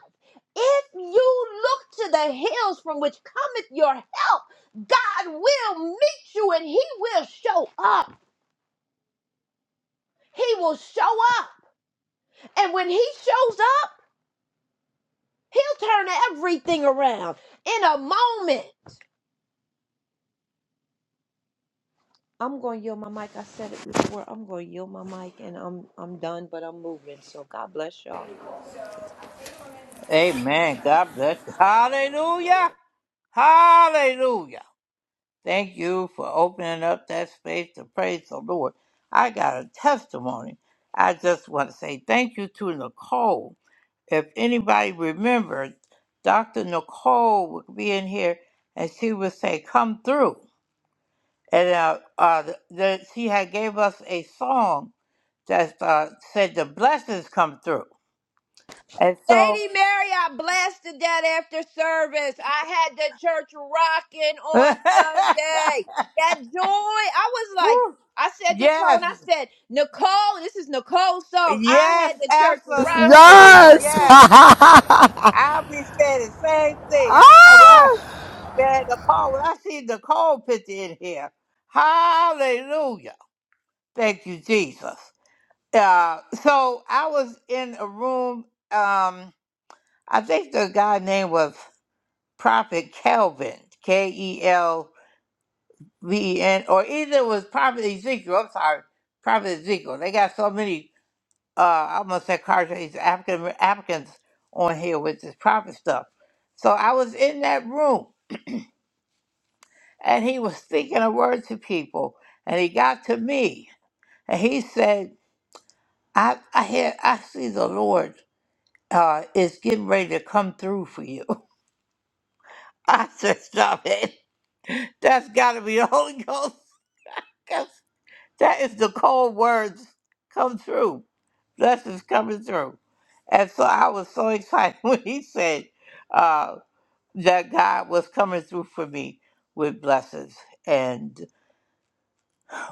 I: if you look to the hills from which cometh your help, God will meet you and he will show up. He will show up. And when he shows up, he'll turn everything around in a moment. I'm going to yield my mic. I said it before. I'm going to yield my mic and I'm I'm done, but I'm moving. Bless y'all.
F: Amen. God bless. You. Hallelujah. Hallelujah. Thank you for opening up that space to praise the Lord. I got a testimony. I just want to say thank you to Nicole. If anybody remembers, Dr. Nicole would be in here and she would say, Come through. And uh, uh, the, the- she had gave us a song that uh, said, The blessings come through. And so,
I: Lady Mary, I blessed to death after service. I had the church rocking on Sunday. That joy, I was like,
F: Woo.
I: I said to Tone,
F: yes,
I: I said, Nicole, this is Nicole's song. I
F: Yes,
I: had the church rocking
F: absolutely.
C: Yes.
I: Sunday.
F: Yes.
C: ah!
F: I'll be saying the same thing. I, I, I, man, Nicole, when I see Nicole picture in here, hallelujah. Thank you, Jesus. Uh, so I was in a room, um, I think the guy name was Prophet Kelvin, K E L V E N, or either it was Prophet Ezekiel. I'm sorry, Prophet Ezekiel. They got so many. uh, I'm gonna say Carja's African Africans on here with this prophet stuff. So I was in that room and he was speaking a word to people and he got to me and he said, I I hear I see the Lord uh, is getting ready to come through for you. I said, Stop it. That's gotta be the Holy Ghost. That's, that is the cold words come through. Blessings coming through. And so I was so excited when he said, uh, that God was coming through for me with blessings. And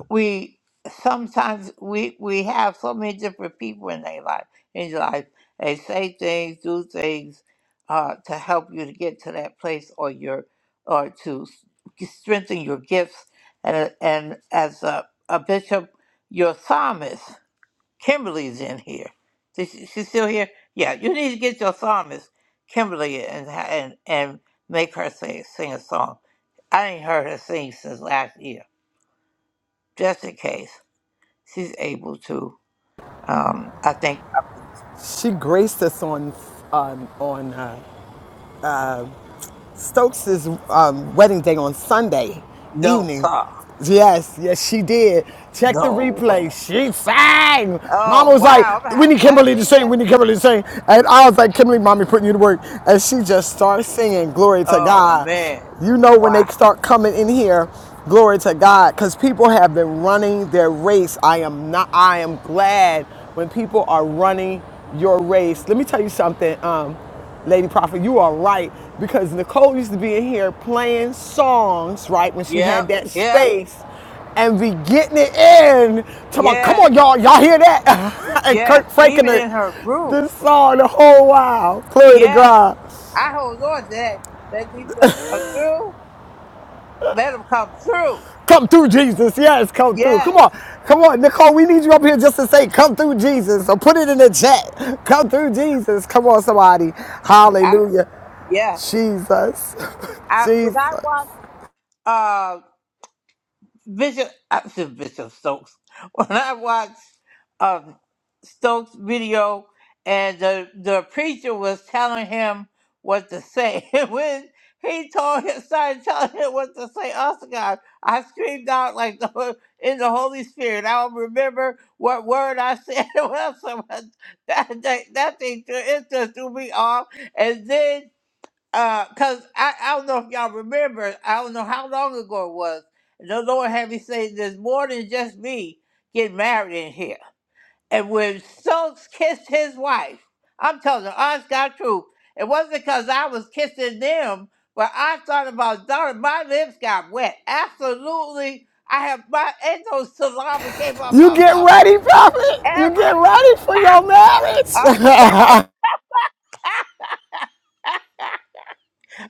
F: we sometimes we we have so many different people in their life in your life. They say things, do things uh, to help you to get to that place or your or to s- strengthen your gifts. And and as a, a bishop, your psalmist. Kimberly's in here. Is she- She's still here. Yeah, you need to get your psalmist, Kimberly, and ha- and and make her sing sing a song. I ain't heard her sing since last year. Just in case she's able to. Um, I think
C: She graced us on on on uh, Stokes' um, wedding day on Sunday
F: no
C: evening.
F: song,
C: Yes, yes, she did. Check the
F: no
C: replay.
F: way.
C: She sang. Mama
F: Oh
C: was like,
F: wow,
C: we
F: have
C: need
F: I
C: Kimberly to
F: seen
C: sing, we
F: that?
C: need Kimberly to sing. And I was like, Kimberly, mommy putting you to work. And she just started singing, glory to
F: Oh
C: God.
F: man,
C: You know when they
F: wow.
C: start coming in here, glory to God, because people have been running their race. I am not, I am glad when people are running your race. Let me tell you something. Um, Lady Prophet, you are right because Nicole used to be in here playing songs, right, when she had
F: Yep,
C: that
F: yep,
C: space and be getting it in. Talking about, come
F: yes,
C: on, y'all, y'all hear that? and
F: yes.
C: Kirk Franken
F: Even
C: the,
F: in her group,
C: the song the whole while. Glory to
F: yes.
C: God.
F: I hold on to that. That these bless her through. Let them come through.
C: Come through, Jesus. Yes, come through. Come
F: Yes.
C: on. Come on, Nicole, we need you up here just to say, come through, Jesus. So put it in the chat. Come through, Jesus. Come on, somebody.
F: I,
C: Hallelujah.
F: yes.
C: Jesus.
F: I when I
C: Jesus.
F: watched uh, Bishop, I said Bishop Stokes. When I watched um, Stokes' video and the, the preacher was telling him what to say, and when he told him, started telling him what to say, also God, I screamed out like the, ho- in the Holy Spirit. I will remember what word I said. Well, so much- that, that, that thing threw, it just threw me off. And then uh, cause I, I don't know if y'all remember, I don't know how long ago it was. The Lord had me say there's more than just me getting married in here. And when Schultz kissed his wife, I'm telling you, honest God truth, it wasn't because I was kissing them, but I thought about daughter. my lips got wet. Absolutely. I have my and those salami came out
C: You
F: my
C: get
F: mouth
C: ready, prophet. You
F: ever.
C: get ready for your marriage.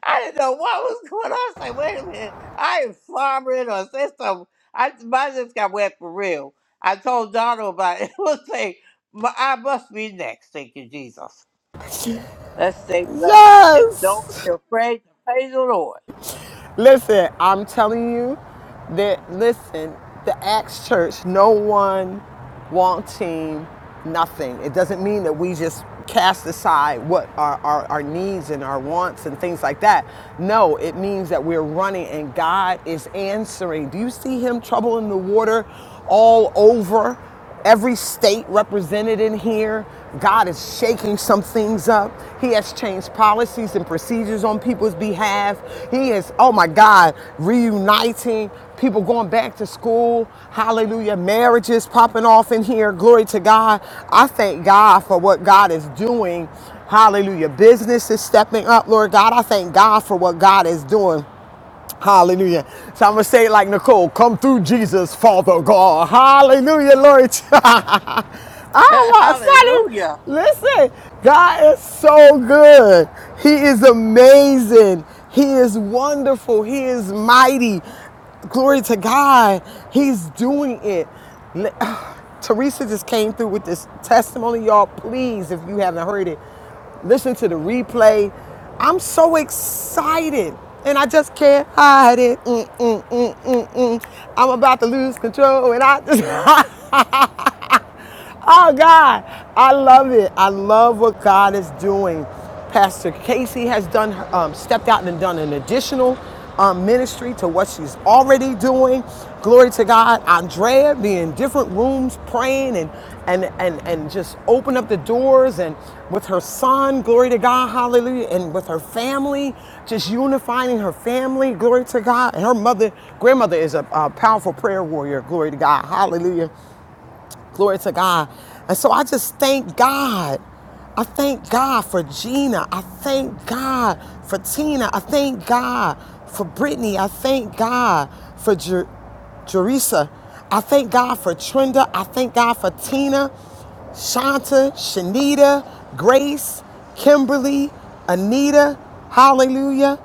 F: I didn't know what was going on. I was like, wait a minute, I ain't farming or say something. I my just got wet for real. I told Donald about it. It was like, "My- I must be next. Thank you, Jesus. Let's stay blessed and don't
C: yes.
F: be afraid to praise the Lord.
C: Listen, I'm telling you that, listen, the Acts Church, no one wanting nothing. It doesn't mean that we just cast aside what our, our, our needs and our wants and things like that. No, it means that we're running and God is answering. Do you see Him troubling the water all over? every state represented in here. God is shaking some things up. He has changed policies and procedures on people's behalf. He is, oh my God, reuniting people going back to school. Hallelujah. Marriages popping off in here. Glory to God. I thank God for what God is doing. Hallelujah. Business is stepping up, Lord God. I thank God for what God is doing. Hallelujah. So I'm going to say it like Nicole come through Jesus, Father God. Hallelujah, Lord. oh, my
F: Hallelujah.
C: Listen, God is so good. He is amazing. He is wonderful. He is mighty. Glory to God. He's doing it. Teresa just came through with this testimony, y'all. Please, if you haven't heard it, listen to the replay. I'm so excited and I just can't hide it. Mm, mm, mm, mm, mm. mm. I'm about to lose control and I just Oh God, I love it. I love what God is doing. Pastor Casey has done um, stepped out and done an additional um, ministry to what she's already doing. Glory to God. Andrea being in different rooms praying and and and and just open up the doors and with her son, glory to God, hallelujah, and with her family, just unifying her family, glory to God. And her mother, grandmother is a, a powerful prayer warrior, glory to God, hallelujah. Glory to God. And so I just thank God. I thank God for Gina. I thank God for Tina. I thank God for Brittany. I thank God for Jer- Jerisa. I thank God for Trinda. I thank God for Tina, Shanta, Shanita, Grace, Kimberly, Anita. Hallelujah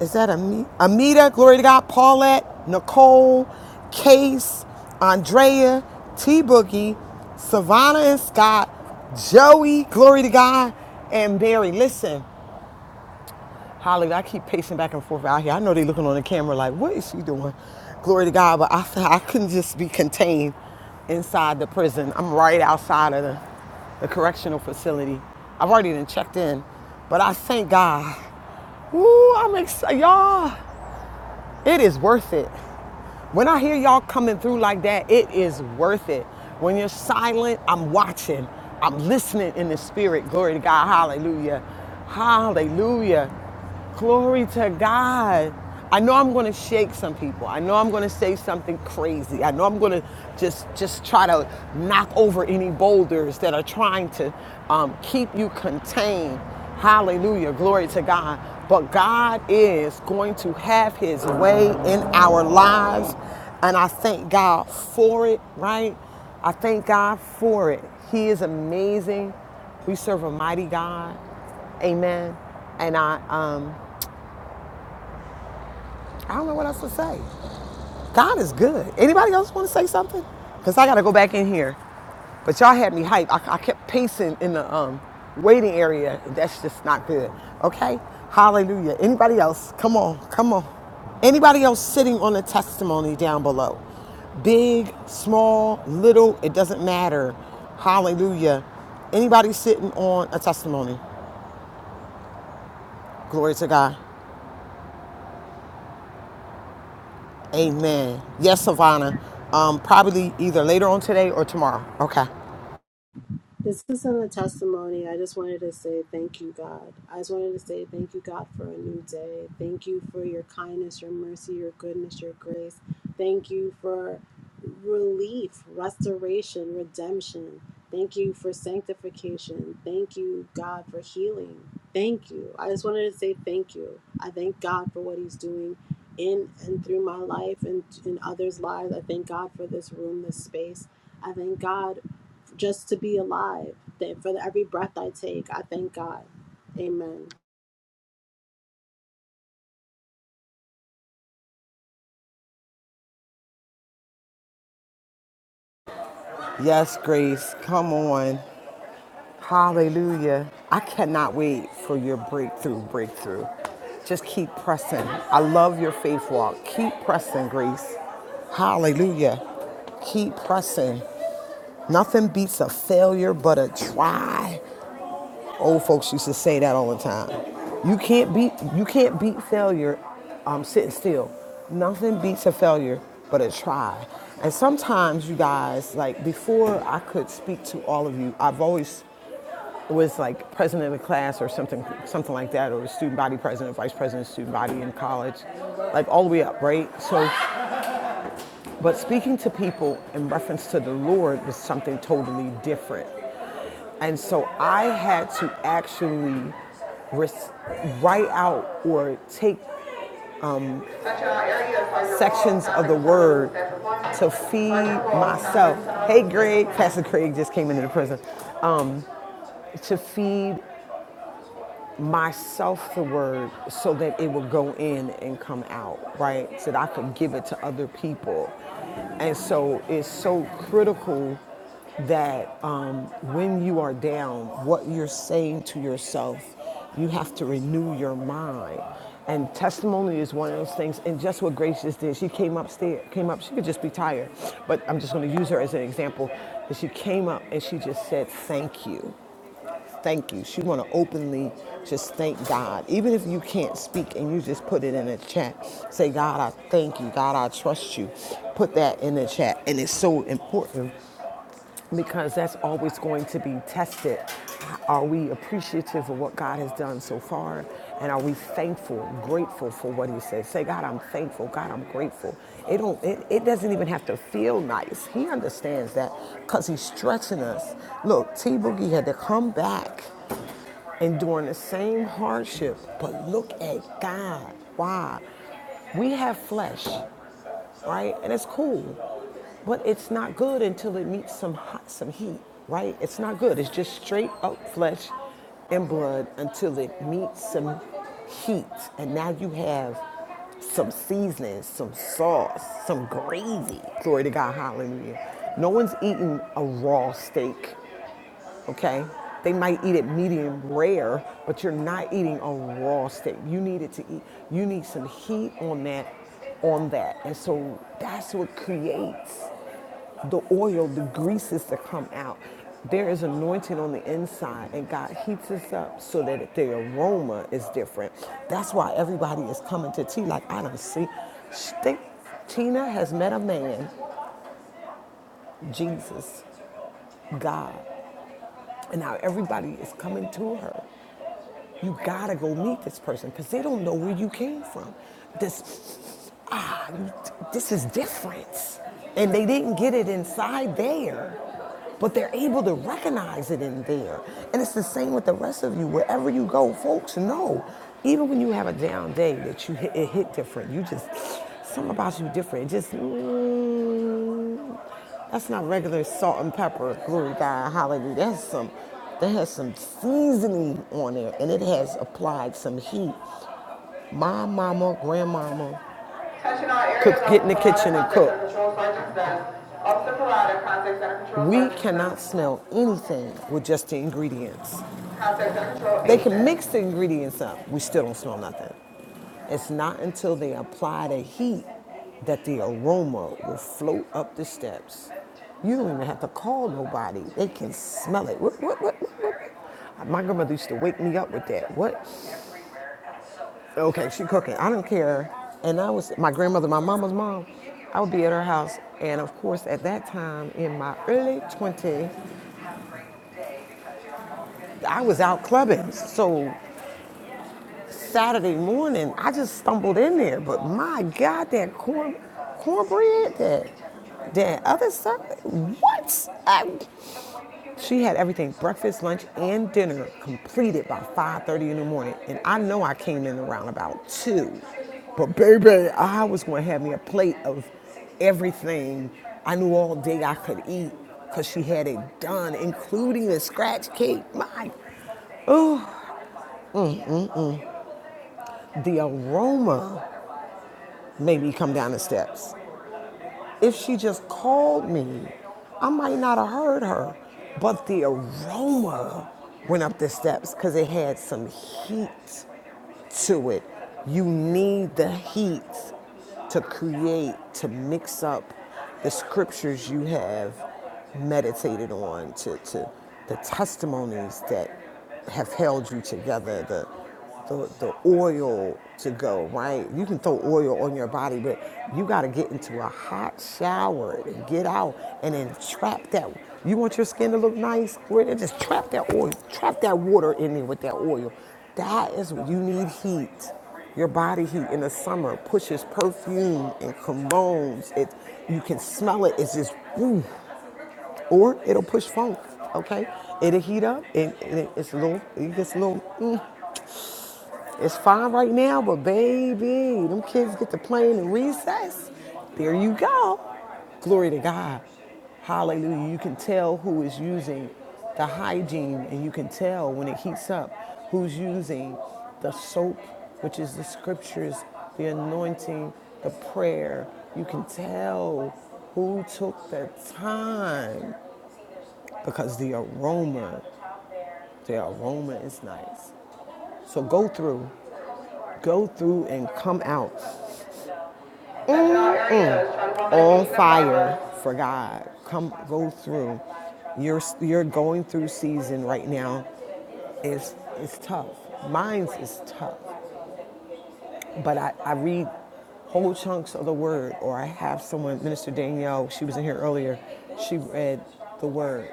C: is that Ami- Amita, glory to God, Paulette, Nicole, Case, Andrea, T Boogie, Savannah and Scott, Joey, glory to God, and Barry. Listen, Holly, I keep pacing back and forth out here. I know they looking on the camera like, what is she doing? Glory to God, but I, I couldn't just be contained inside the prison. I'm right outside of the, the correctional facility. I've already been checked in, but I thank God Ooh, I'm excited, y'all. It is worth it. When I hear y'all coming through like that, it is worth it. When you're silent, I'm watching. I'm listening in the spirit. Glory to God. Hallelujah. Hallelujah. Glory to God. I know I'm going to shake some people. I know I'm going to say something crazy. I know I'm going to just just try to knock over any boulders that are trying to um, keep you contained. Hallelujah. Glory to God. But God is going to have his way in our lives. And I thank God for it, right? I thank God for it. He is amazing. We serve a mighty God. Amen. And I, um, I don't know what else to say. God is good. Anybody else want to say something? Cause I got to go back in here. But y'all had me hyped. I, I kept pacing in the um, waiting area. That's just not good. Okay. Hallelujah. Anybody else? Come on. Come on. Anybody else sitting on a testimony down below? Big, small, little, it doesn't matter. Hallelujah. Anybody sitting on a testimony? Glory to God. Amen. Yes, Savannah. Um, probably either later on today or tomorrow. Okay.
J: This isn't a testimony. I just wanted to say thank you, God. I just wanted to say thank you, God, for a new day. Thank you for your kindness, your mercy, your goodness, your grace. Thank you for relief, restoration, redemption. Thank you for sanctification. Thank you, God, for healing. Thank you. I just wanted to say thank you. I thank God for what He's doing in and through my life and in others' lives. I thank God for this room, this space. I thank God just to be alive. That for every breath I take, I thank God. Amen.
C: Yes, Grace. Come on. Hallelujah. I cannot wait for your breakthrough, breakthrough. Just keep pressing. I love your faith walk. Keep pressing, Grace. Hallelujah. Keep pressing. Nothing beats a failure but a try. Old folks used to say that all the time. You can't beat you can't beat failure um, sitting still. Nothing beats a failure but a try. And sometimes you guys, like before I could speak to all of you, I've always was like president of the class or something something like that, or student body president, vice president of student body in college, like all the way up, right? So but speaking to people in reference to the Lord was something totally different. And so I had to actually res- write out or take sections of the word to feed myself. Hey, Greg, Pastor Craig just came into the prison to feed myself the word so that it would go in and come out, right? So that I could give it to other people. And so it's so critical that um, when you are down, what you're saying to yourself, you have to renew your mind. And testimony is one of those things. And just what Grace just did, she came upstairs, came up, she could just be tired, but I'm just gonna use her as an example. And she came up and she just said, Thank you thank you. She want to openly just thank God. Even if you can't speak and you just put it in the chat. Say, God, I thank you. God, I trust you. Put that in the chat. And it's so important because that's always going to be tested. Are we appreciative of what God has done so far? And are we thankful, grateful for what he said? Say, God, I'm thankful. God, I'm grateful. It don't it, it doesn't even have to feel nice. He understands that because he's stretching us. Look, T Boogie had to come back enduring the same hardship, but look at God. Why? We have flesh, right? And it's cool, but it's not good until it meets some hot, some heat, right? It's not good. It's just straight up flesh and blood until it meets some heat, and now you have some seasoning, some sauce, some gravy. Glory to God, hallelujah. No one's eating a raw steak okay? They might eat it medium rare, but you're not eating a raw steak. You need it to eat, you need some heat on that, on that. And so that's what creates the oil, the greases that come out. There is anointing on the inside, and God heats us up so that the aroma is different. That's why everybody is coming to tea. Like, I don't see. Sh- Think Tina has met a man, Jesus, God, and now everybody is coming to her You gotta go meet this person because they don't know where you came from. This, ah, this is different. And they didn't get it inside there, but they're able to recognize it in there. And it's the same with the rest of you. Wherever you go, folks know, even when you have a down day, that you hit, it hit different. You just, something about you different. It just, mm, that's not regular salt and pepper. Glory God, hallelujah. That's some that has some seasoning on there, and it has applied some heat. My mama, grandmama could get in the kitchen and cook. We cannot smell anything with just the ingredients. They can mix the ingredients up. We still don't smell nothing. It's not until they apply the heat that the aroma will float up the steps. You don't even have to call nobody. They can smell it. What? What? What? what? My grandmother used to wake me up with that. What? Okay, she cooking. I don't care. And I was my grandmother, my mama's mom. I would be at her house, and of course, at that time in my early 20s, I was out clubbing. So Saturday morning, I just stumbled in there. But my God, that corn cornbread, that that other stuff. What? I, She had everything, breakfast, lunch, and dinner completed by 5.30 in the morning. And I know I came in around about 2. But baby, I was going to have me a plate of everything I knew all day I could eat because she had it done, including the scratch cake. My, oh, the aroma made me come down the steps. If she just called me, I might not have heard her. But the aroma went up the steps because it had some heat. to it. You need the heat to create, to mix up the scriptures you have meditated on, to, to the testimonies that have held you together, the, the, the oil to go, right? You can throw oil on your body, but you got to get into a hot shower and get out and then trap that. You want your skin to look nice? Where just trap that oil, trap that water in there with that oil. That is you need heat. Your body heat in the summer pushes perfume and colognes. It you can smell it. It's just ooh. Or it'll push funk. Okay, it'll heat up and, and it- it's a little. It gets a little. mm, it's fine right now, but baby, them kids get to playing in recess. There you go. Glory to God. Hallelujah. You can tell who is using the hygiene, and you can tell when it heats up who's using the soap, which is the scriptures, the anointing, the prayer. You can tell who took the time because the aroma, the aroma is nice. So go through, go through and come out on fire for God. Come, go through. You're you're going through season right now. It's it's tough. Mine's is tough, but I, I read whole chunks of the Word, or I have someone, Minister Danielle. She was in here earlier. She read the Word,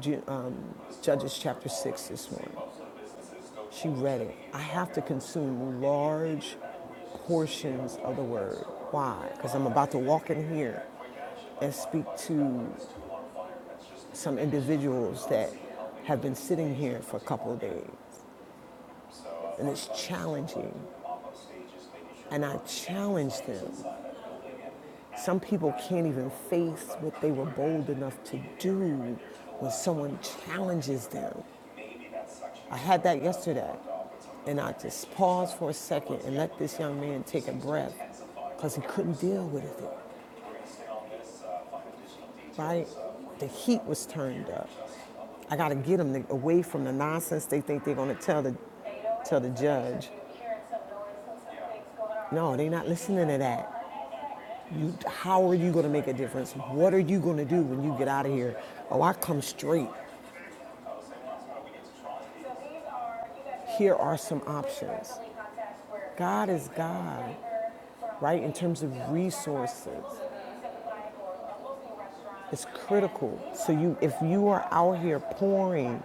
C: Gen- um, Judges chapter six this morning. She read it. I have to consume large portions of the word. Why? Because I'm about to walk in here and speak to some individuals that have been sitting here for a couple of days. And it's challenging. And I challenge them. Some people can't even face what they were bold enough to do when someone challenges them. I had that yesterday. And I just paused for a second and let this young man take a breath because he couldn't deal with it. Right, the heat was turned up. I got to get them away from the nonsense they think they're going to tell the, tell the judge. No, they're not listening to that. You, how are you going to make a difference? What are you going to do when you get out of here? Oh, I come straight. Here are some options. God is God, right? In terms of resources. It's critical. So you, if you are out here pouring,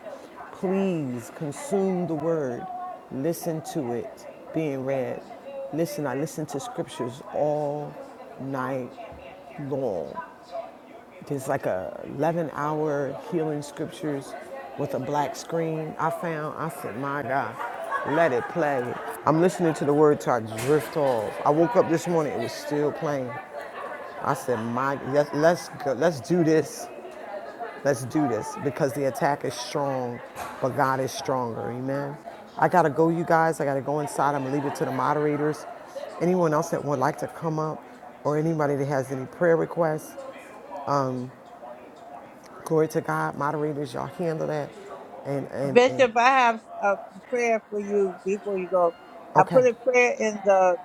C: please consume the word, listen to it being read. Listen, I listen to scriptures all night long. There's like a 11 hour healing scriptures with a black screen. I found, I said, my God, let it play. I'm listening to the word till I drift off. I woke up this morning, it was still playing. I said, my, let's, let's, go, let's do this. Let's do this because the attack is strong, but God is stronger. Amen. I got to go, you guys. I got to go inside. I'm going to leave it to the moderators. Anyone else that would like to come up or anybody that has any prayer requests, glory to God. Moderators, y'all handle that. And, and, and,
F: Bishop, I have a prayer for you before you go. I
C: okay.
F: put a prayer in the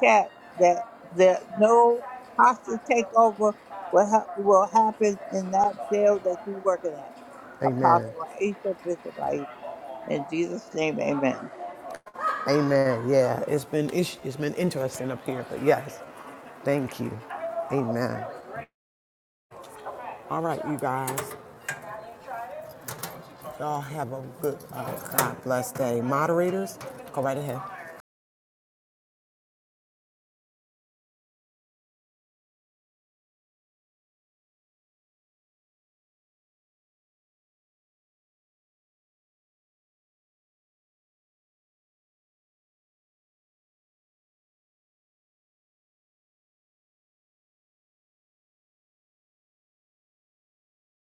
F: chat that there no hostage takeover will, ha- will happen in that jail that you're working at.
C: Amen.
F: Apostle Aisha, Bishop Aisha. In Jesus' name, amen.
C: Amen. Yeah, it's been, it's been interesting up here, but yes, thank you. Amen. All right, you guys. Y'all have a good, uh, God bless day. Moderators, go right ahead.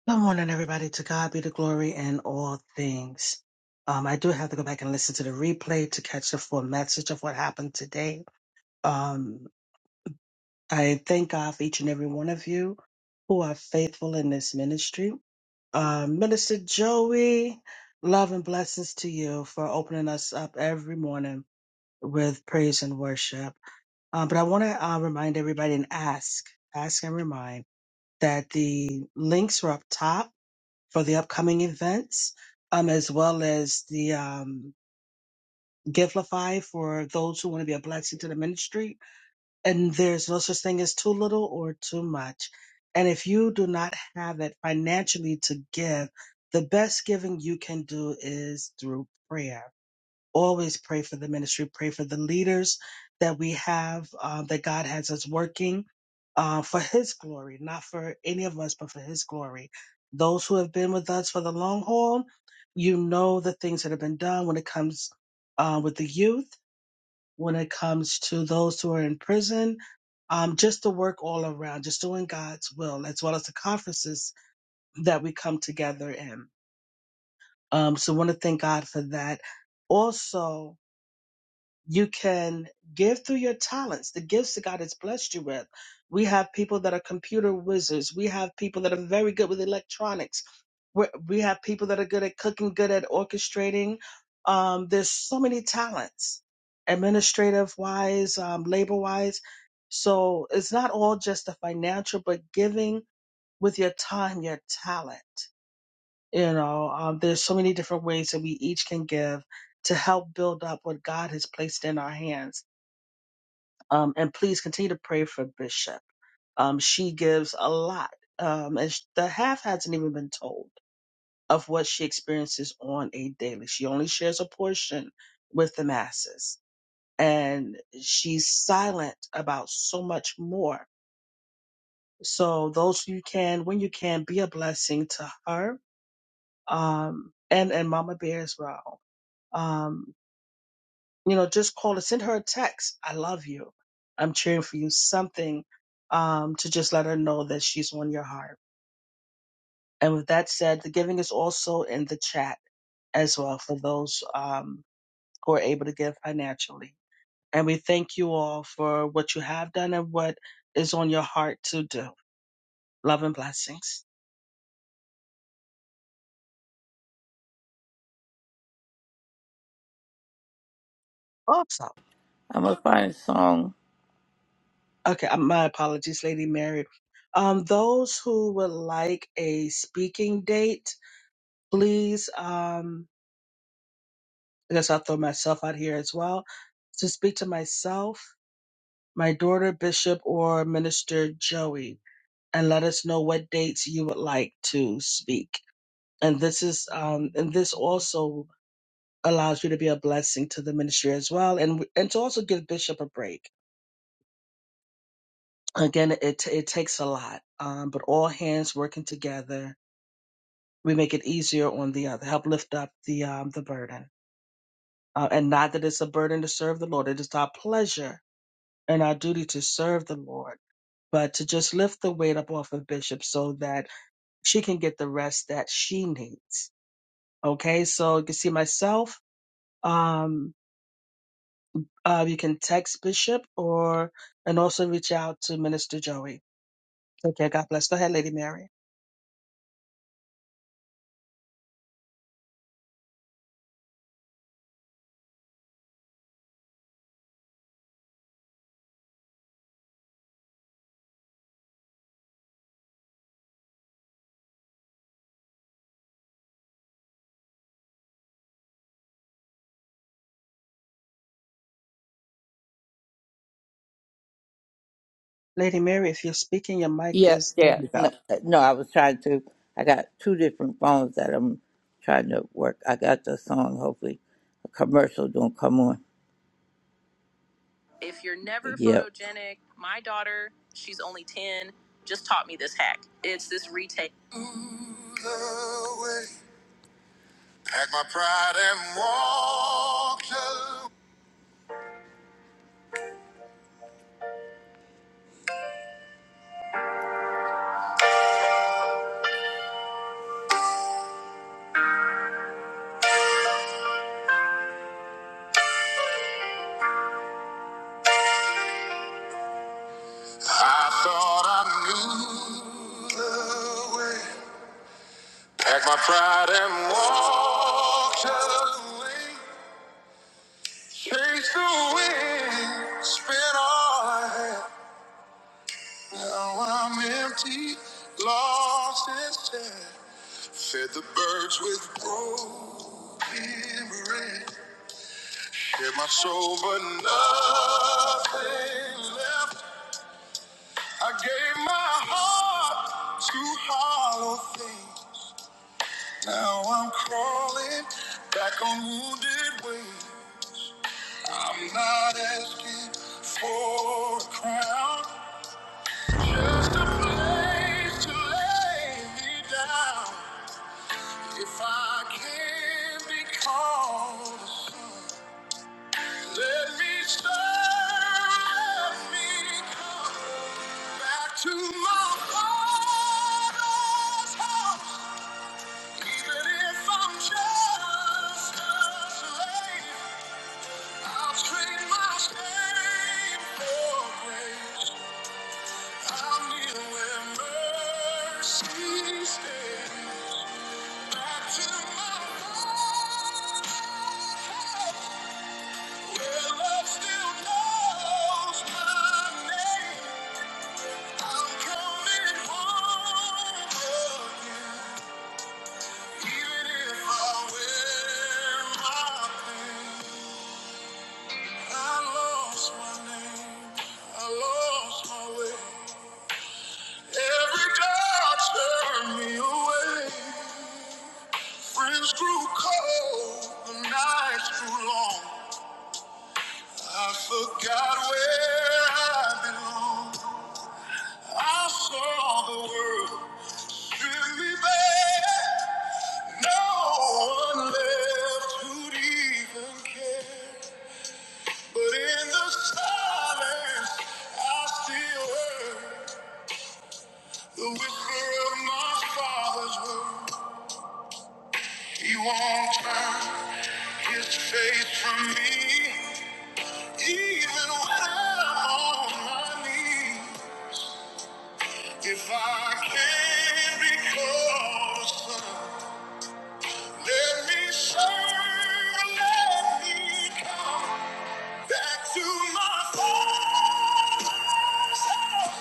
K: Good morning, everybody. To God be the glory in all things. Um, I do have to go back and listen to the replay to catch the full message of what happened today. Um, I thank God for each and every one of you who are faithful in this ministry. Um, Minister Joey, love and blessings to you for opening us up every morning with praise and worship. Um, but I want to uh, remind everybody and ask, ask and remind that the links are up top for the upcoming events, um, as well as the um, Givelify for those who want to be a blessing to the ministry. And there's no such thing as too little or too much. And if you do not have it financially to give, the best giving you can do is through prayer always pray for the ministry, pray for the leaders that we have, uh, that God has us working uh, for His glory, not for any of us, but for His glory. Those who have been with us for the long haul, you know the things that have been done when it comes uh, with the youth, when it comes to those who are in prison, um, just the work all around, just doing God's will, as well as the conferences that we come together in. Um, so, I want to thank God for that. Also, you can give through your talents, the gifts that God has blessed you with. We have people that are computer wizards. We have people that are very good with electronics. We we have people that are good at cooking, good at orchestrating. Um, there's so many talents, administrative wise, um, labor wise. So it's not all just the financial, but giving with your time, your talent. You know, um, there's so many different ways that we each can give to help build up what God has placed in our hands. Um, and please continue to pray for Bishop. Um, she gives a lot, um, and sh- the half hasn't even been told of what she experiences on a daily. She only shares a portion with the masses, and she's silent about so much more. So those you can, when you can, be a blessing to her um, and and Mama Bear as well. Um, you know, just call her, send her a text. I love you. I'm cheering for you. Something um, to just let her know that she's on your heart. And with that said, the giving is also in the chat as well for those um, who are able to give financially. And we thank you all for what you have done and what is on your heart to do. Love and blessings. Also,
F: I'm going to find a song.
K: okay, uh, my apologies, Lady Mary. Um, those who would like a speaking date, please. Um, I guess I'll throw myself out here as well to speak to myself, my daughter, Bishop, or Minister Joey, and let us know what dates you would like to speak. And this is, um, and this also allows you to be a blessing to the ministry as well, and and to also give Bishop a break. Again, it it takes a lot, um, but all hands working together, we make it easier on the other, help lift up the um, the burden, uh, and not that it's a burden to serve the Lord. It is our pleasure and our duty to serve the Lord, but to just lift the weight up off of Bishop so that she can get the rest that she needs. Okay, so you can see myself. Um, uh, you can text Bishop or and also reach out to Minister Joey. Okay, God bless. Go ahead, Lady Mary. Lady Mary, if you're speaking, your mic
F: Yeah,
K: is there.
F: yeah.
K: You go.
F: No, no, I was trying to. I got two different phones that I'm trying to work. I got the song, hopefully. A commercial don't come on. If you're never Yep. photogenic, my daughter, she's only 10. Packed my pride and walked away. I thought I knew the way. Packed my pride and walked away. Chased the wind, spent all I had. Now I'm empty, lost and sad. Fed the birds with broken bread. Shared my soul, but nothing left. I gave my heart to hollow things. Now I'm crawling back on wounded wing. I'm not asking for a crown, just a place to lay me down. If I can be called a son, let me serve, let me come back to my father's house. Even if I wear my pain I lost my name. I lost my way. Every doubt turned me away. Friends grew cold. The nights grew long. I forgot where I belong. I saw the world strip me bare. No one left who'd even care. But in the silence, I still heard. The whisper of my father's word. He won't turn his face from me, even when I'm on my knees. If I can not be close, son, let me serve, let me come back to my father's house,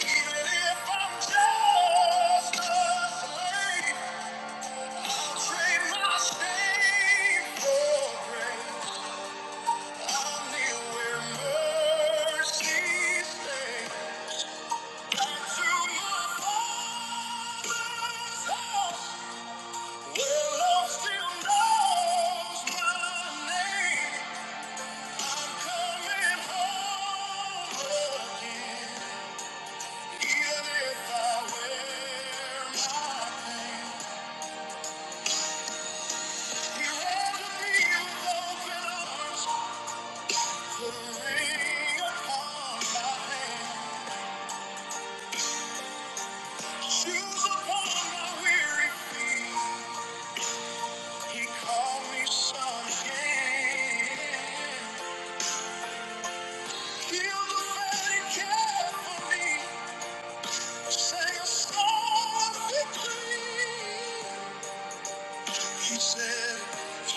F: even if I'm just a slave. He held me with open arms. He said,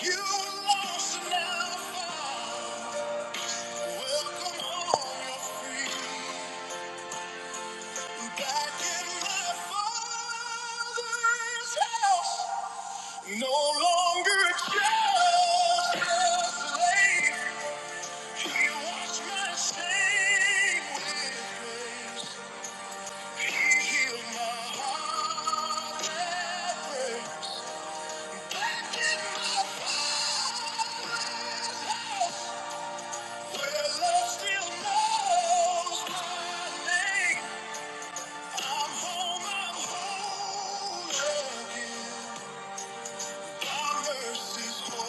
F: You were lost and now found. Welcome home, you're free. Back in my father's house. No longer just a slave. He washed my shame with grace. He healed my heart that breaks. Back in my father's house, where love still knows my name. I'm home, I'm whole again. Thy mercy's holy.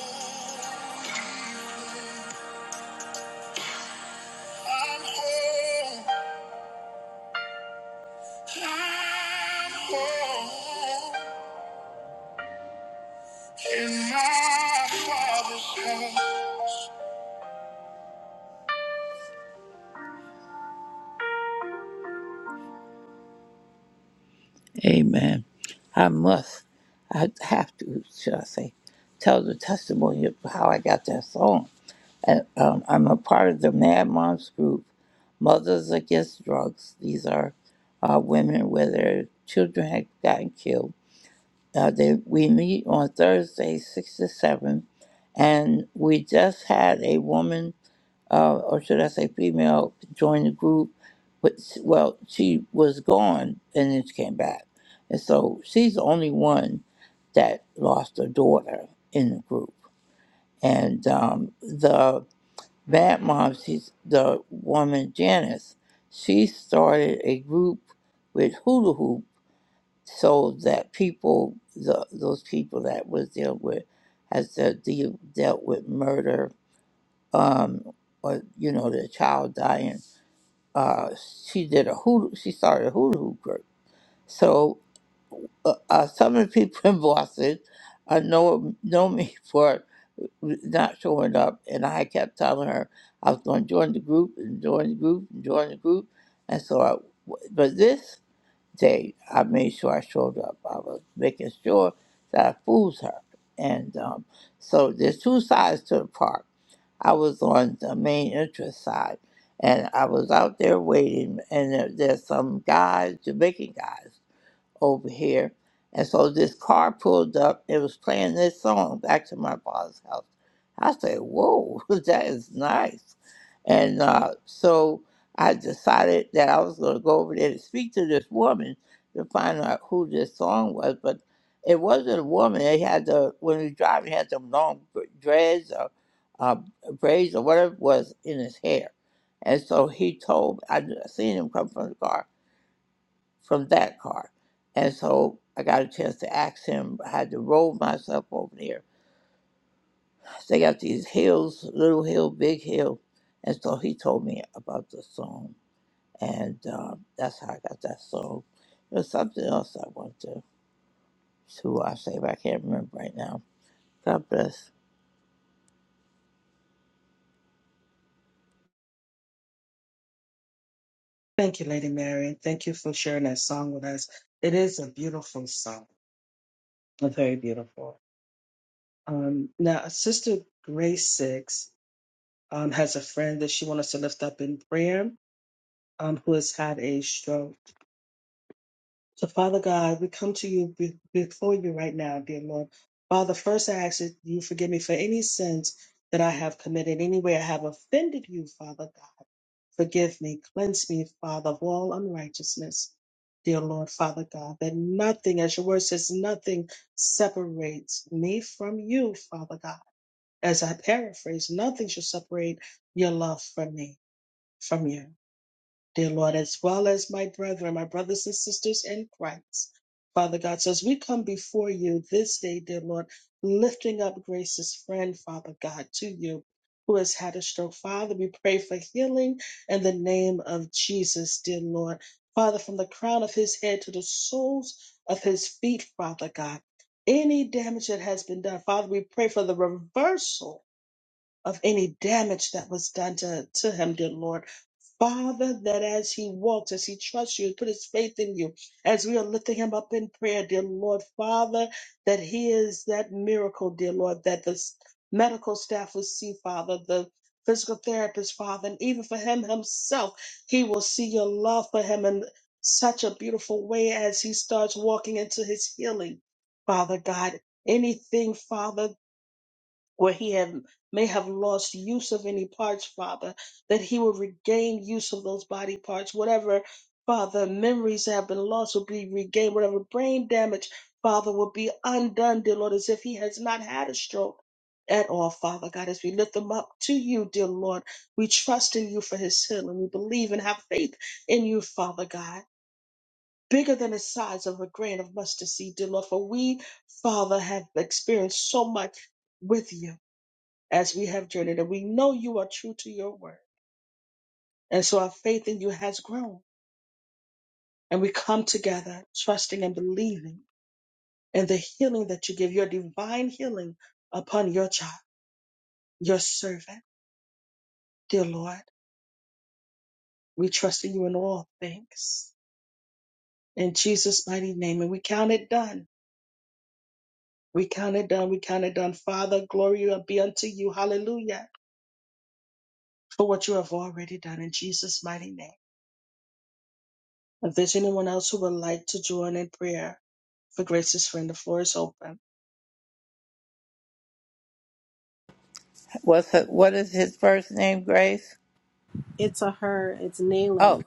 F: flame. I'm whole. I'm whole. In my father's house. Amen. I must, I have to, should I say, tell the testimony of how I got that song. And, um, I'm a part of the Mad Moms group, Mothers Against Drugs. These are uh, women where their children had gotten killed Uh, they, we meet on Thursday, 6 to 7, and we just had a woman, uh, or should I say female, join the group. But, s- well, she was gone and then she came back. And so she's the only one that lost her daughter in the group. And um, the bad mom, she's the woman, Janice, she started a group with Hula Hoop so that people, the, those people that was dealt with, has to deal, dealt with murder, um, or you know, the child dying. Uh, she did a hoodoo. She started a hoodoo group. So uh, uh, some of the people in Boston uh, know know me for not showing up, and I kept telling her I was going to join the group and join the group and join the group, and so I. But this they I made sure I showed up. I was making sure that I fooled her. And um, so there's two sides to the park. I was on the main entrance side and I was out there waiting and there, there's some guys, Jamaican guys over here. And so this car pulled up It was playing this song back to my father's house. I said, Whoa, that is nice. And uh, so I decided that I was going to go over there to speak to this woman to find out who this song was. But it wasn't a woman. They had the, when he was driving, he had them long br- dreads or uh, braids or whatever it was in his hair. And so he told, I seen him come from the car from that car. And so I got a chance to ask him. I had to roll myself over there. They got these hills, little hill, big hill. And so he told me about the song. And uh, that's how I got that song. There's something else I want to, to I say, but I can't remember right now. God bless.
K: Thank you, Lady Mary, and thank you for sharing that song with us. It is a beautiful song, a very beautiful. Um, now, Sister Grace Six. um, has a friend that she wants us to lift up in prayer um, who has had a stroke. So, Father God, we come to you be- before you right now, dear Lord. Father, first I ask that you forgive me for any sins that I have committed, any way I have offended you, Father God. Forgive me, cleanse me, Father, of all unrighteousness, dear Lord, Father God, that nothing, as your word says, nothing separates me from you, Father God. As I paraphrase, nothing shall separate your love from me from you, dear Lord, as well as my brethren, my brothers and sisters in Christ. Father God, so as we come before you this day, dear Lord, lifting up Grace's friend, Father God, to you, who has had a stroke. Father, we pray for healing in the name of Jesus, dear Lord. Father, from the crown of his head to the soles of his feet, Father God, any damage that has been done, Father, we pray for the reversal of any damage that was done to, to him, dear Lord. Father, that as he walks, as he trusts you, put his faith in you, as we are lifting him up in prayer, dear Lord, Father, that he is that miracle, dear Lord, that the s- medical staff will see, Father, the physical therapist, Father, and even for him himself, he will see your love for him in such a beautiful way as he starts walking into his healing, Father God. Anything, Father where he had may have lost use of any parts, Father, that he will regain use of those body parts, whatever, Father, memories that have been lost will be regained, whatever brain damage, Father, will be undone, dear Lord, as if he has not had a stroke. At all, Father God, as we lift him up to you, dear Lord, we trust in you for his healing. We believe and have faith in you, Father God, bigger than the size of a grain of mustard seed, dear Lord. For we, Father, have experienced so much with you as we have journeyed, and we know you are true to your word. And so our faith in you has grown, and we come together trusting and believing in the healing that you give, your divine healing upon your child, your servant. Dear Lord, we trust in you in all things. In Jesus' mighty name, and we count it done. We count it done. We count it done. Father, glory be unto you. Hallelujah. For what you have already done in Jesus' mighty name. If there's anyone else who would like to join in prayer for Grace's friend, the floor is open.
F: What's her, what is his first name, Grace?
J: It's a her. It's Naylan.
F: Oh,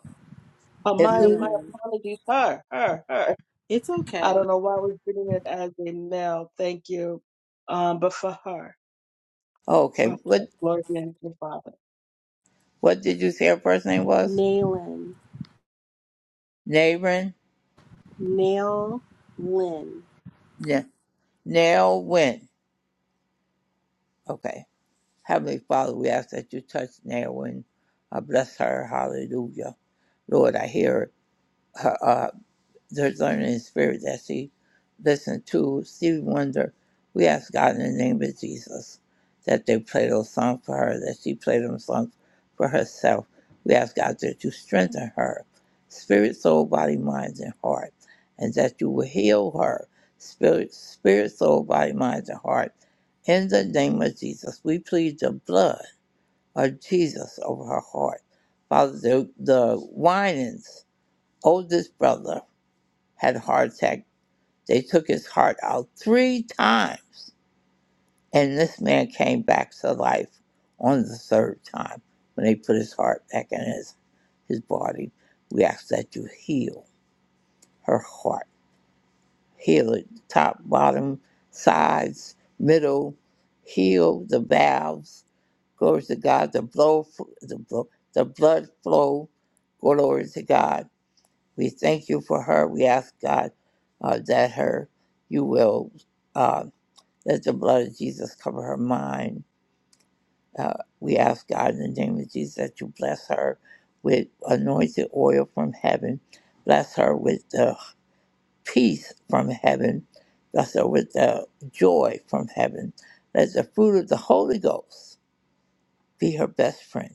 K: Oh,
F: it's
K: my, my
F: who?
J: Naylan.
K: apologies. Her, her, her.
J: It's
K: I
J: okay.
K: don't know why we're treating it as a male. Thank you. Um, but for her,
F: Oh, okay.
K: for her,
F: What
K: glory be unto the Father.
F: what did you say her first name was?
J: Naylan.
F: Naren?
J: Nail Lynn.
F: Yeah. Nail Wynn. Okay. Heavenly Father, we ask that you touch Naomi. Uh, bless her. Hallelujah. Lord, I hear her, uh, the learning spirit that she listened to. Stevie Wonder, we ask God in the name of Jesus that they play those songs for her, that she play them songs for herself. We ask God that you strengthen her, spirit, soul, body, mind, and heart, and that you will heal her, spirit, spirit soul, body, mind, and heart. In the name of Jesus, we plead the blood or Jesus over her heart. Father, the, the Winans' oldest brother had a heart attack. They took his heart out three times, and this man came back to life on the third time when they put his heart back in his, his body. We ask that you heal her heart. Heal it top, bottom, sides, middle. Heal the valves Glory to God. The blood, the, blo- the blood flow. Glory to God. We thank you for her. We ask God uh, that her, you will uh, let the blood of Jesus cover her mind. Uh, we ask God in the name of Jesus that you bless her with anointed oil from heaven. Bless her with the peace from heaven. Bless her with the joy from heaven. Let the fruit of the Holy Ghost be her best friend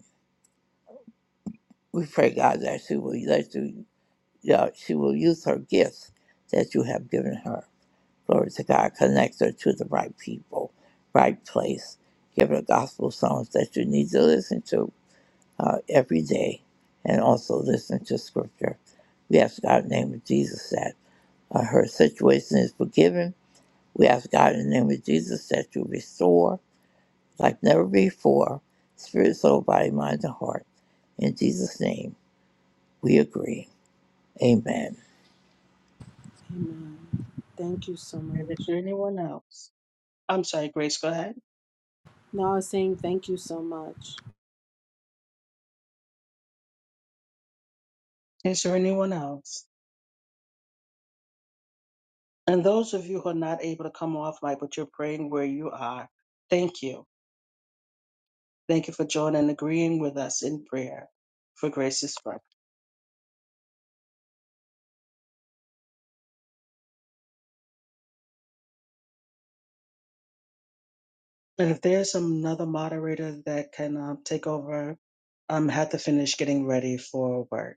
F: We pray, God, that she will that you, that she will use her gifts that you have given her. Glory to God. Connect her to the right people, right place. Give her gospel songs that you need to listen to uh, every day, and also listen to Scripture. We ask God in the name of Jesus that uh, her situation is forgiven. We ask God in the name of Jesus that you restore like never before, spirit, soul, body, mind, and heart. In Jesus' name, we agree. Amen.
J: Amen. Thank you so
K: And is
J: much.
K: there anyone else? I'm sorry, Grace, go ahead.
J: No, I was saying thank you so much.
K: Is there anyone else? And those of you who are not able to come off mic, but you're praying where you are, thank you. Thank you for joining and agreeing with us in prayer for Grace's friend. And if there's another moderator that can um, take over, um, have to finish getting ready for work.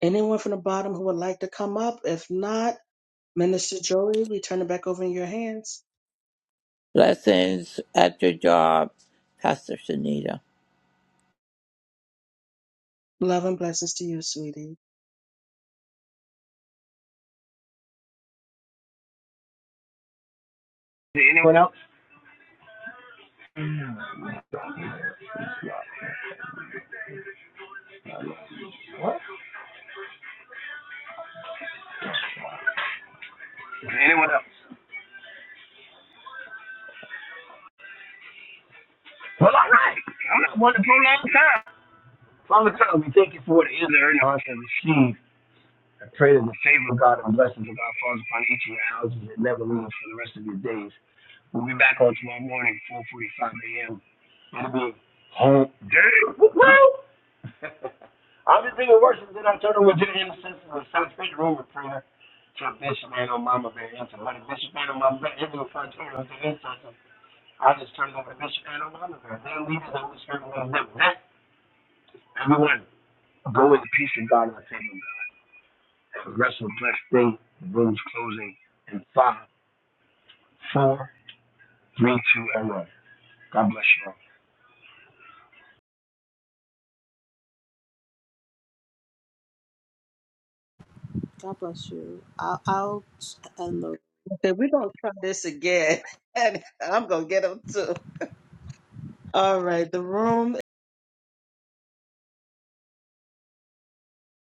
K: Anyone from the bottom who would like to come up? If not, Minister Joey, we turn it back over in your hands.
F: Blessings at your job, Pastor Sunita.
K: Love and blessings to you, sweetie.
A: Anyone else? Anyone else? Well, all right. I'm not one to prolong time. Father God, we thank you for the answer and hearts that received. I pray that the favor of God and blessings of God falls upon each of your houses and never leaves for the rest of your days. We'll be back on tomorrow morning, 4.45 a.m. It'll be home. Damn. Woo! woo. I'll be bringing worship, then I'll turn over to the intercessors of South Street Room of Prayer to Bishop and on Mama Bear, and to Honey Bishop and on Mama Bear, and to Fontaine, to the intercessors I just turned over to Bishop and Orlando. Their leaders over here will live that. Everyone go in peace and God will save you. Have a restful, blessed day. The room's closing in five, four, three, two, and one. God bless you all.
J: God bless you. I'll, I'll end the
K: Okay, we're gonna try this again, and I'm gonna get them too. All right, the room